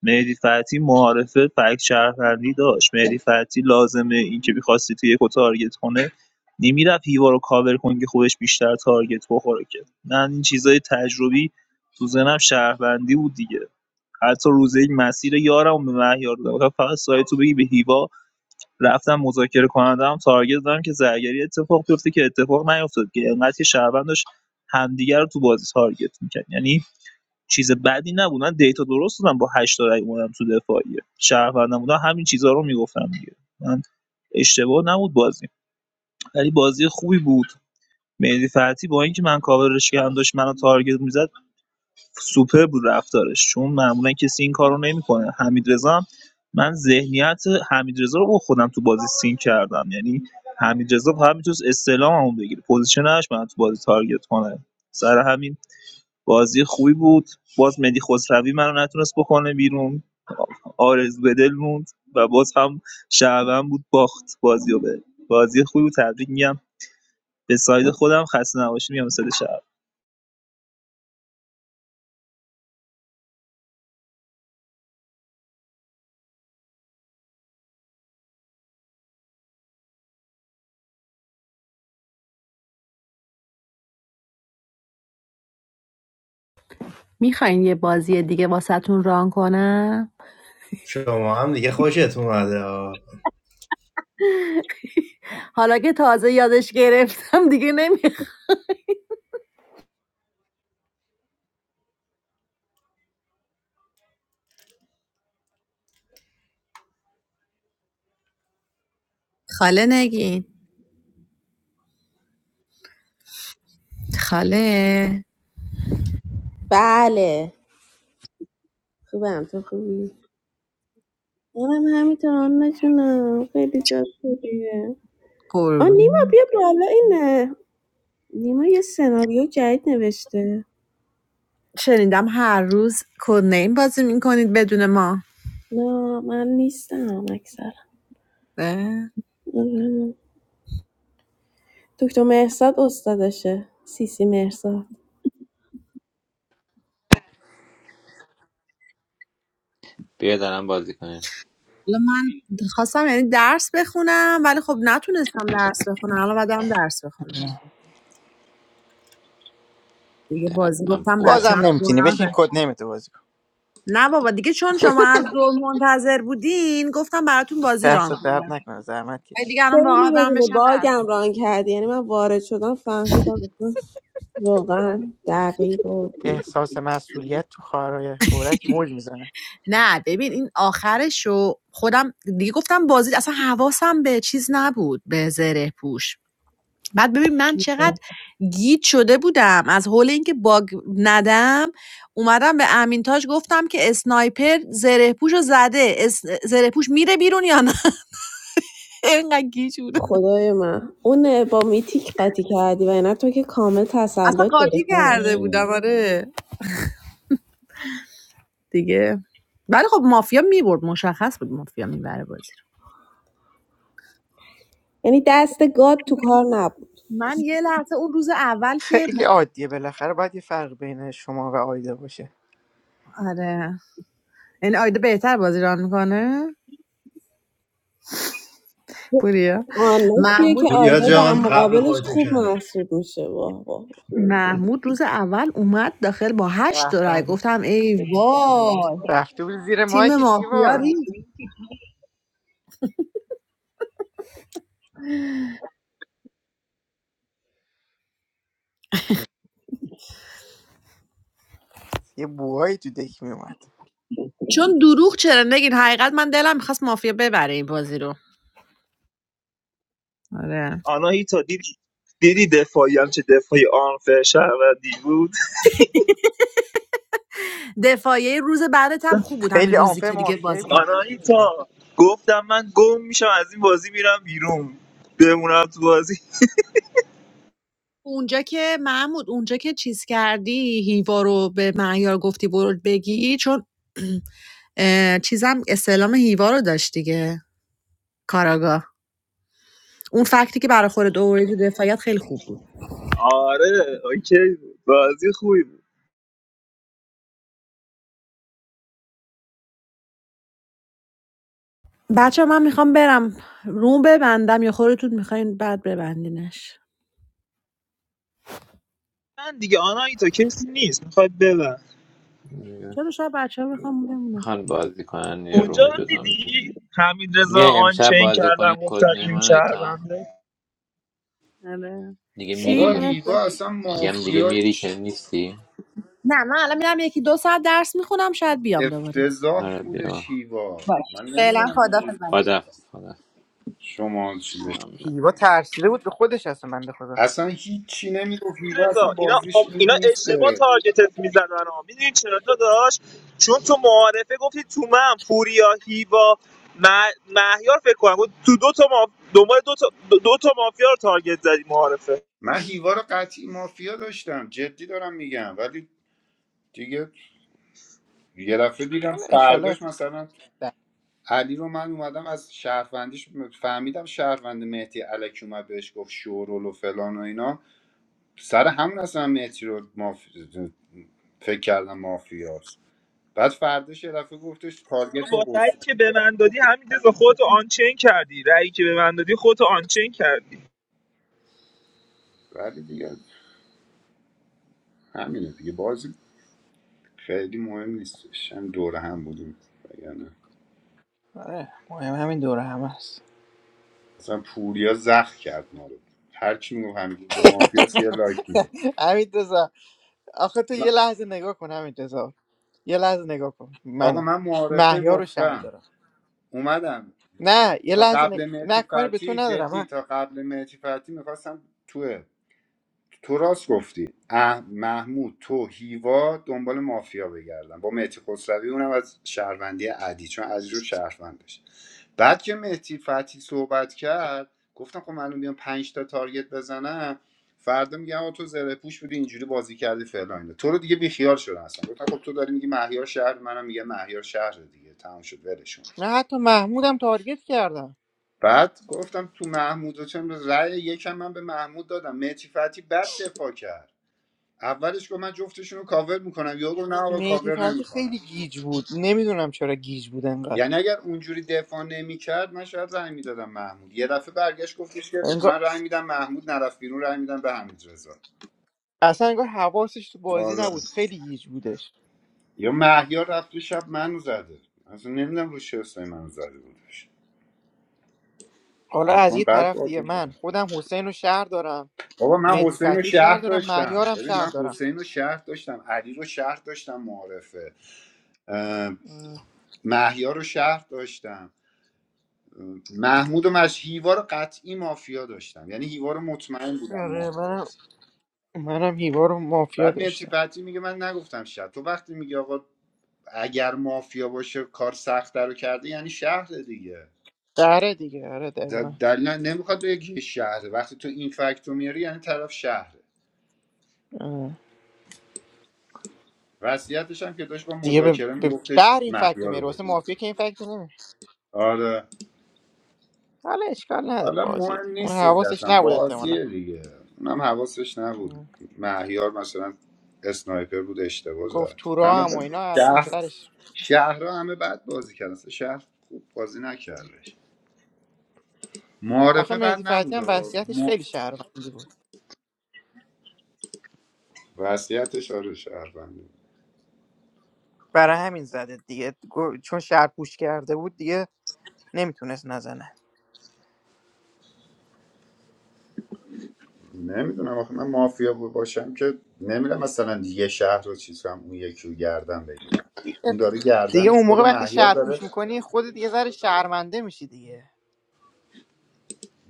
[SPEAKER 17] مهدی فتحی معارفه فکت شهروندی داشت مهدی فتحی لازمه اینکه می‌خواستی تو یکو تارگت کنه نمیرفت هیوا رو کاور کنی که خودش بیشتر تارگت بخوره که نه این چیزای تجربی تو ذهنم شهروندی بود دیگه حتی روزه یک مسیر یارم به مهیار دادم گفتم فقط سایت تو بگی به هیوا رفتم مذاکره کننده هم تارگت دادم که زرگری اتفاق بیفته که اتفاق نیفتاد که انقدر که شهروند داشت همدیگه رو تو بازی تارگت میکرد یعنی چیز بدی نبود من دیتا درست دادم با 8 تا رای اومدم تو دفاعیه شهروندم بودم همین چیزها رو میگفتم دیگه من اشتباه نبود بازی ولی بازی خوبی بود مهدی فتحی با اینکه من کاورش کردم داشت منو تارگت میزد سوپر بود رفتارش چون معمولا کسی این کارو نمیکنه حمید هم من ذهنیت حمید رضا رو خودم تو بازی سین کردم یعنی حمید رضا فقط میتونست استعلاممو بگیره پوزیشنش من تو بازی تارگت کنه سر همین بازی خوبی بود باز مهدی خسروی منو نتونست بکنه بیرون آرزو به دل موند و باز هم شعبم بود باخت بازیو رو به بازی خوبی بود تبریک میگم به ساید خودم خسته نباشی میگم به ساید شعب
[SPEAKER 12] شما هم دیگه خوشتون اومده آقا.
[SPEAKER 14] حالا که تازه یادش گرفتم دیگه نمیخوام خاله نگین خاله
[SPEAKER 19] بله خوبم تو خوبی؟ منم همینطور آنا جونم خیلی جاد خوبیه آ نیما
[SPEAKER 14] قربون
[SPEAKER 19] بیا بالا اینه نیما یه سناریو جدید نوشته
[SPEAKER 14] شنیدم هر روز کد نیم بازی میکنید بدون ما
[SPEAKER 19] نه من نیستم اکثر
[SPEAKER 14] اه.
[SPEAKER 19] دکتر مهرزاد استادشه سیسی مهرزاد
[SPEAKER 5] بیا دارم بازی کنیم
[SPEAKER 14] حالا من خواستم یعنی درس بخونم ولی خب نتونستم درس بخونم الان باید برم درس بخونم دیگه بازی
[SPEAKER 5] درم
[SPEAKER 14] گفتم بچه
[SPEAKER 5] خوبه
[SPEAKER 15] بازم نمیتونی
[SPEAKER 14] گناه
[SPEAKER 15] بشین
[SPEAKER 14] داره.
[SPEAKER 15] کد نمیتو بازی کن
[SPEAKER 14] نه بابا دیگه چون شما از ظهر منتظر بودین گفتم براتون بازی
[SPEAKER 15] دست
[SPEAKER 14] ران
[SPEAKER 15] درد
[SPEAKER 14] کنم
[SPEAKER 15] نکنه زحمت
[SPEAKER 14] ولی
[SPEAKER 15] کشیدی
[SPEAKER 14] دیگه الان
[SPEAKER 19] خیلی
[SPEAKER 14] واقعا برم
[SPEAKER 19] بدون
[SPEAKER 14] بشم درس
[SPEAKER 19] باگم ران کردی یعنی من وارد شدم فهمیدم اصلا واقعا دقیق و
[SPEAKER 15] احساس مسئولیت تو خواهرای اورک موج میزنه
[SPEAKER 14] نه ببین این آخرشو خودم دیگه گفتم بازی اصلا حواسم به چیز نبود به زره پوش بعد ببین من چقدر گیج شده بودم از حول اینکه باگ ندم اومدم به امین تاج گفتم که اسنایپر زره پوشو زده اس... زره پوش میره بیرون یا نه اینقدر گیج بودم
[SPEAKER 19] خدای من اون با میتیک قاطی کردی و اینا تو که کامل
[SPEAKER 14] اصلا
[SPEAKER 19] تسلط داری
[SPEAKER 14] قاطی
[SPEAKER 19] خانم.
[SPEAKER 14] کرده بودم آره دیگه ولی خب مافیا میبرد مشخص بود مافیا میبره بازی رو
[SPEAKER 19] یعنی دست گاد تو کار نبود
[SPEAKER 14] من یه لحظه اون روز اول که
[SPEAKER 15] خیلی عادیه بالاخره باید یه فرق بین شما و آیدا باشه
[SPEAKER 14] آره این آیده بهتر بازی ران میکنه پوریا
[SPEAKER 19] آنلاین کیه
[SPEAKER 14] محمود
[SPEAKER 19] که
[SPEAKER 12] پوریا
[SPEAKER 19] آیدا در
[SPEAKER 12] جان قبل
[SPEAKER 19] مقابلش
[SPEAKER 12] خودتو
[SPEAKER 19] خوب
[SPEAKER 12] کردی
[SPEAKER 19] محسوب میشه واه واه.
[SPEAKER 14] محمود روز اول اومد داخل با هشت
[SPEAKER 15] به
[SPEAKER 14] رای
[SPEAKER 15] به.
[SPEAKER 14] گفتم ای وای
[SPEAKER 15] رفته بود زیر
[SPEAKER 14] تیم
[SPEAKER 15] مایک
[SPEAKER 14] مافیا
[SPEAKER 15] دیوا
[SPEAKER 14] ریخت.
[SPEAKER 15] یه بوهایی تو دک میومد
[SPEAKER 14] چون دروغ چرا نگین حقیقت من دلم میخواست مافیا ببره این بازی رو آره
[SPEAKER 17] آناهیتا دیدی دیدی دفاعی هم چه دفاعی آنفر شهروندی بود
[SPEAKER 14] دفاعیه روز بعدت هم خوب بود همین
[SPEAKER 15] خیلی
[SPEAKER 14] روزی
[SPEAKER 15] آنفر
[SPEAKER 14] که دیگه
[SPEAKER 15] مافیایی
[SPEAKER 14] بازی
[SPEAKER 15] بود
[SPEAKER 14] کردم
[SPEAKER 15] اتفاقا.
[SPEAKER 17] آناهیتا گفتم من گم میشم از این بازی میرم بیرون بمونم تو بازی
[SPEAKER 14] اونجا که محمود اونجا که چیز کردی هیوا رو به مهیار گفتی برو بگی چون اه، چیزم استعلام هیوا رو داشت دیگه کاراگاه اون فکتی که برای خود دوره دفاعیت خیلی خوب بود
[SPEAKER 17] آره اوکی بود. بازی خوبی بود
[SPEAKER 14] بچه من میخوام برم روم ببندم یا خودتون میخواین بعد ببندینش
[SPEAKER 17] من دیگه آناهیتا کسی نیست میخواد ببر
[SPEAKER 14] چرا شب بچه ها میخوام بمونم
[SPEAKER 5] میخوان بازی کنن یه
[SPEAKER 17] اونجا
[SPEAKER 5] روم
[SPEAKER 17] رو
[SPEAKER 5] جدا می‌کنن.
[SPEAKER 17] دیدی حمید رضا
[SPEAKER 5] بیا امشب
[SPEAKER 17] آنچین
[SPEAKER 5] بازی کنیم
[SPEAKER 17] کردم
[SPEAKER 5] کد
[SPEAKER 17] گفتم
[SPEAKER 5] نیم
[SPEAKER 17] این
[SPEAKER 5] آنایتا
[SPEAKER 17] شهرونده
[SPEAKER 14] آره.
[SPEAKER 5] دیگه میری
[SPEAKER 14] چی
[SPEAKER 13] بابا
[SPEAKER 5] که
[SPEAKER 13] هیوا
[SPEAKER 14] مرسی.
[SPEAKER 13] اصلا
[SPEAKER 5] میگم دیگه میری
[SPEAKER 13] مافیایش
[SPEAKER 5] که نیستی
[SPEAKER 14] نه من الان میرم یکی دو ساعت درس میخونم شاید بیام دوباره
[SPEAKER 13] افتضاح
[SPEAKER 5] آره
[SPEAKER 13] بودش
[SPEAKER 5] بیا
[SPEAKER 13] هیوا من
[SPEAKER 14] باش فعلا
[SPEAKER 13] نمیدونم چی
[SPEAKER 14] خدافظ
[SPEAKER 5] خدافز
[SPEAKER 13] شما چی بهش-
[SPEAKER 5] خدافز
[SPEAKER 15] هیوا ترسیده بود به خودش اصلا بنده خدا
[SPEAKER 13] اصلا هیچی نمیگفت هیوا اصلا
[SPEAKER 17] رضا اینا
[SPEAKER 13] بازیش
[SPEAKER 17] آم-
[SPEAKER 13] این
[SPEAKER 17] اینا اشتباه
[SPEAKER 13] نیسته
[SPEAKER 17] تارگتت میزدن ها میدونی چرا داداش چون تو معارفه گفتی تو من پوریا هیوا مه- مهیار فکر کنم گفت تو دو تا ما دنبال دو تا دو, دو تا مافیا رو تارگت زدی معارفه
[SPEAKER 13] من هیوا رو قطعی مافیا داشتم جدی دارم میگم ولی دیگه یه دفعه دیدم
[SPEAKER 15] حالا انشالله
[SPEAKER 13] فرداش مثلا
[SPEAKER 15] در-
[SPEAKER 13] علی رو من اومدم از شهروندیش فهمیدم شهروند مهدی علکی اومد بهش گفت شورول و فلان و اینا سر همون اصلا مهدی رو ماف... فکر کردم مافیاست بعد فرداش یه دفعه گفتش
[SPEAKER 17] تو
[SPEAKER 13] تارگت رو
[SPEAKER 17] با
[SPEAKER 13] قرصه
[SPEAKER 17] رأیی که به من دادی همین رضا خودتو آنچین کردی رأیی که به من دادی خودتو آنچین کردی
[SPEAKER 13] ولی دیگه همینه دیگه بازی خیلی مهم نیستش هم دوره هم بودیم وگرنه
[SPEAKER 15] آره مهم همین دوره هم هست
[SPEAKER 13] اصلا پوریا زخ کرد ما رو هر کی میگفت همینجور به مافیاست یه لایک میده
[SPEAKER 15] همین آخه تو یه لحظه نگاه کن همین رضا یه لحظه نگاه کن
[SPEAKER 13] آقا
[SPEAKER 15] منو
[SPEAKER 13] من معارفه
[SPEAKER 15] محیا رو شهر
[SPEAKER 13] گفتم
[SPEAKER 15] دارم
[SPEAKER 13] اومدم
[SPEAKER 15] نه یه
[SPEAKER 13] تا
[SPEAKER 15] لحظه نگ...
[SPEAKER 13] قبل مهدی
[SPEAKER 15] نه کاری به تو
[SPEAKER 13] فتی
[SPEAKER 15] ندارم
[SPEAKER 13] جدی
[SPEAKER 15] من
[SPEAKER 13] تا قبل مهدی فتی میخواستم تو تو راست گفتی اه محمود تو هیوا دنبال مافیا بگردم با مهدی خسروی اونم از شهروندی عدی چون از رو شهروند داشت بعد که مهدی فتی صحبت کرد گفتم خب من بیام پنج تا تارگت بزنم فردا میگم آقا تو زره پوش بودی اینجوری بازی کردی فعلا اینا تو رو دیگه بیخیال شدن اصلا گفتم خب تو داری میگی مهیار شهر منم میگم مهیار شهر دیگه تمام شد ولشون
[SPEAKER 15] من حتی محمودم تارگت کردم
[SPEAKER 13] بعد گفتم تو محمود و چند رأی یکم من به محمود دادم مهتی فتی بد دفاع کرد اولش گفت من جفتشون رو کاور میکنم یا گفت نه آقا
[SPEAKER 15] مهدی
[SPEAKER 13] کاور
[SPEAKER 15] فتحی
[SPEAKER 13] نمیکنم
[SPEAKER 15] خیلی گیج بود نمیدونم چرا گیج بود انقدر
[SPEAKER 13] یعنی اگر اونجوری دفاع نمیکرد من شاید رأی میدادم محمود یه دفعه برگشت گفتش که
[SPEAKER 15] انگار
[SPEAKER 13] من رأی میدم محمود نرفت بیرون رأی میدم به حمید رضا
[SPEAKER 15] اصلا انگار حواسش تو بازی
[SPEAKER 13] آره
[SPEAKER 15] نبود خیلی گیج بودش
[SPEAKER 13] یا مهیار رفت تو شب منو زده اصلا نمیدونم رو چه حسابی منو زده بودش
[SPEAKER 15] حالا از
[SPEAKER 13] حتما
[SPEAKER 15] یه
[SPEAKER 13] بعد
[SPEAKER 15] طرف دیگه
[SPEAKER 13] بود
[SPEAKER 15] من خودم حسین رو شهر دارم
[SPEAKER 13] بابا من
[SPEAKER 15] مهدی
[SPEAKER 13] حسین
[SPEAKER 15] فتحی
[SPEAKER 13] رو
[SPEAKER 15] رو شهر
[SPEAKER 13] شهر
[SPEAKER 15] دارم
[SPEAKER 13] داشتم
[SPEAKER 15] مهیارم
[SPEAKER 13] ببین
[SPEAKER 15] شهر
[SPEAKER 13] من
[SPEAKER 15] دارم
[SPEAKER 13] حسین رو شهر داشتم علی رو شهر داشتم معارفه اه، محیا رو شهر داشتم محمود و مش هیوا رو قطعی مافیا داشتم یعنی هیوا رو مطمئن بودم
[SPEAKER 15] آره منم
[SPEAKER 13] مافیاست
[SPEAKER 15] منم هیوا رو مافیا
[SPEAKER 13] بعد مهدی
[SPEAKER 15] داشتم
[SPEAKER 13] فتحی میگه من نگفتم شهر تو وقتی میگی آقا اگر مافیا باشه کار سختتر رو کرده یعنی شهر دیگه
[SPEAKER 15] آره دیگه آره
[SPEAKER 13] د-
[SPEAKER 15] دقیقا
[SPEAKER 13] دلیل نمیخواد بگی شهره وقتی تو این فکت رو میاری یعنی طرف شهره وصیتش هم که داشت با
[SPEAKER 15] دیگه به,
[SPEAKER 13] مذاکره
[SPEAKER 15] به شهر
[SPEAKER 13] میگفتش
[SPEAKER 15] این فکت رو
[SPEAKER 13] محیا
[SPEAKER 15] میاره
[SPEAKER 13] رو
[SPEAKER 15] واسه
[SPEAKER 13] بکنی
[SPEAKER 15] مافیا که این فکت رو نمیاره
[SPEAKER 13] آره
[SPEAKER 15] حالا اشکال نداره
[SPEAKER 13] حالا
[SPEAKER 15] بازی دیگه.
[SPEAKER 13] مهم
[SPEAKER 15] اون
[SPEAKER 13] نیست که
[SPEAKER 15] حواسش
[SPEAKER 13] اصلا
[SPEAKER 15] نبود احتمالا
[SPEAKER 13] بازیه دیگه اونم حواسش نبود مهیار مثلا اسنایپر بود اشتباه
[SPEAKER 15] گفت
[SPEAKER 13] زد
[SPEAKER 15] تو راه
[SPEAKER 13] همه بد.
[SPEAKER 15] هم و اینا حتما
[SPEAKER 13] شهر
[SPEAKER 15] سرش
[SPEAKER 13] شهرها همه بد بازی کردن اصلا شهر خوب بازی نکردش
[SPEAKER 15] آخه
[SPEAKER 13] معارفه بد
[SPEAKER 15] مهدی فتحی
[SPEAKER 13] نبود
[SPEAKER 15] هم
[SPEAKER 13] و
[SPEAKER 15] وضعیتش
[SPEAKER 13] م...
[SPEAKER 15] خیلی شهروندی بود
[SPEAKER 13] وضعیتش آره شهروندی
[SPEAKER 15] برای همین زده دیگه گو- چون شهرپوش کرده بود دیگه نمیتونست نزنه
[SPEAKER 13] نمیدونم آخه من مافیا بود باشم که نمیدونم مثلا یه شهر رو چیز کنم اون یکی رو گردن بگیرم اون داره
[SPEAKER 15] دیگه
[SPEAKER 13] گردنش
[SPEAKER 15] اون
[SPEAKER 13] خود
[SPEAKER 15] موقع وقتی
[SPEAKER 13] مهیار
[SPEAKER 15] شهرپوش
[SPEAKER 13] داره
[SPEAKER 15] میکنی خودت دیگه ذره شهرمنده میشی دیگه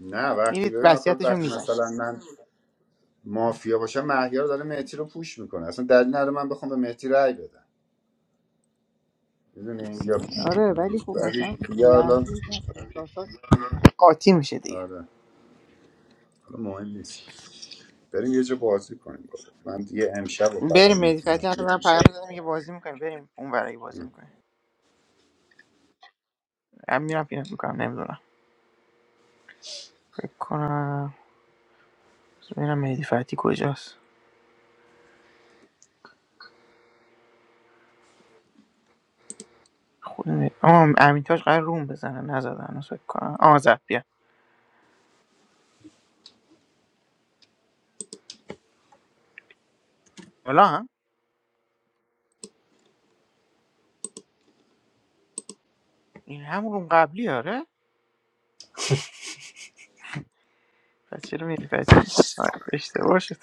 [SPEAKER 13] نه وقتی
[SPEAKER 15] میرید
[SPEAKER 13] ببین آخه
[SPEAKER 15] وضعیتش رو
[SPEAKER 13] وقتی
[SPEAKER 15] میزنی
[SPEAKER 13] مثلا من مافیا باشم مهیار داره مهدی رو پوش میکنه اصلا دلیل نداره من بخوام به مهدی رأی بدم میدونی یا
[SPEAKER 15] آره ولی خب
[SPEAKER 13] ولی
[SPEAKER 15] مثلا اون
[SPEAKER 13] دیگه الان
[SPEAKER 15] لحظه احساسات قاطی میشه دیگه
[SPEAKER 13] آره حالا مهم نیست بریم یه جا بازی کنیم بابا. من دیگه امشب رو
[SPEAKER 15] بریم
[SPEAKER 13] فقط
[SPEAKER 15] مهدی فتحی
[SPEAKER 13] میتونم
[SPEAKER 15] الان من پیام دادم که بازی میکنیم بریم اون برای بازی میکنیم من میرم پیدا میکنم نمیدونم فکر کنم بذار ببینم مهدی فتحی کجاست خود مه- آه امیتاج قرار روم بزنه نزد هنوز فکر کنم آه زد بیا حالا هم این همون روم قبلی آره پس چرا مهدی فتحی اینجا آره، اشتباه شد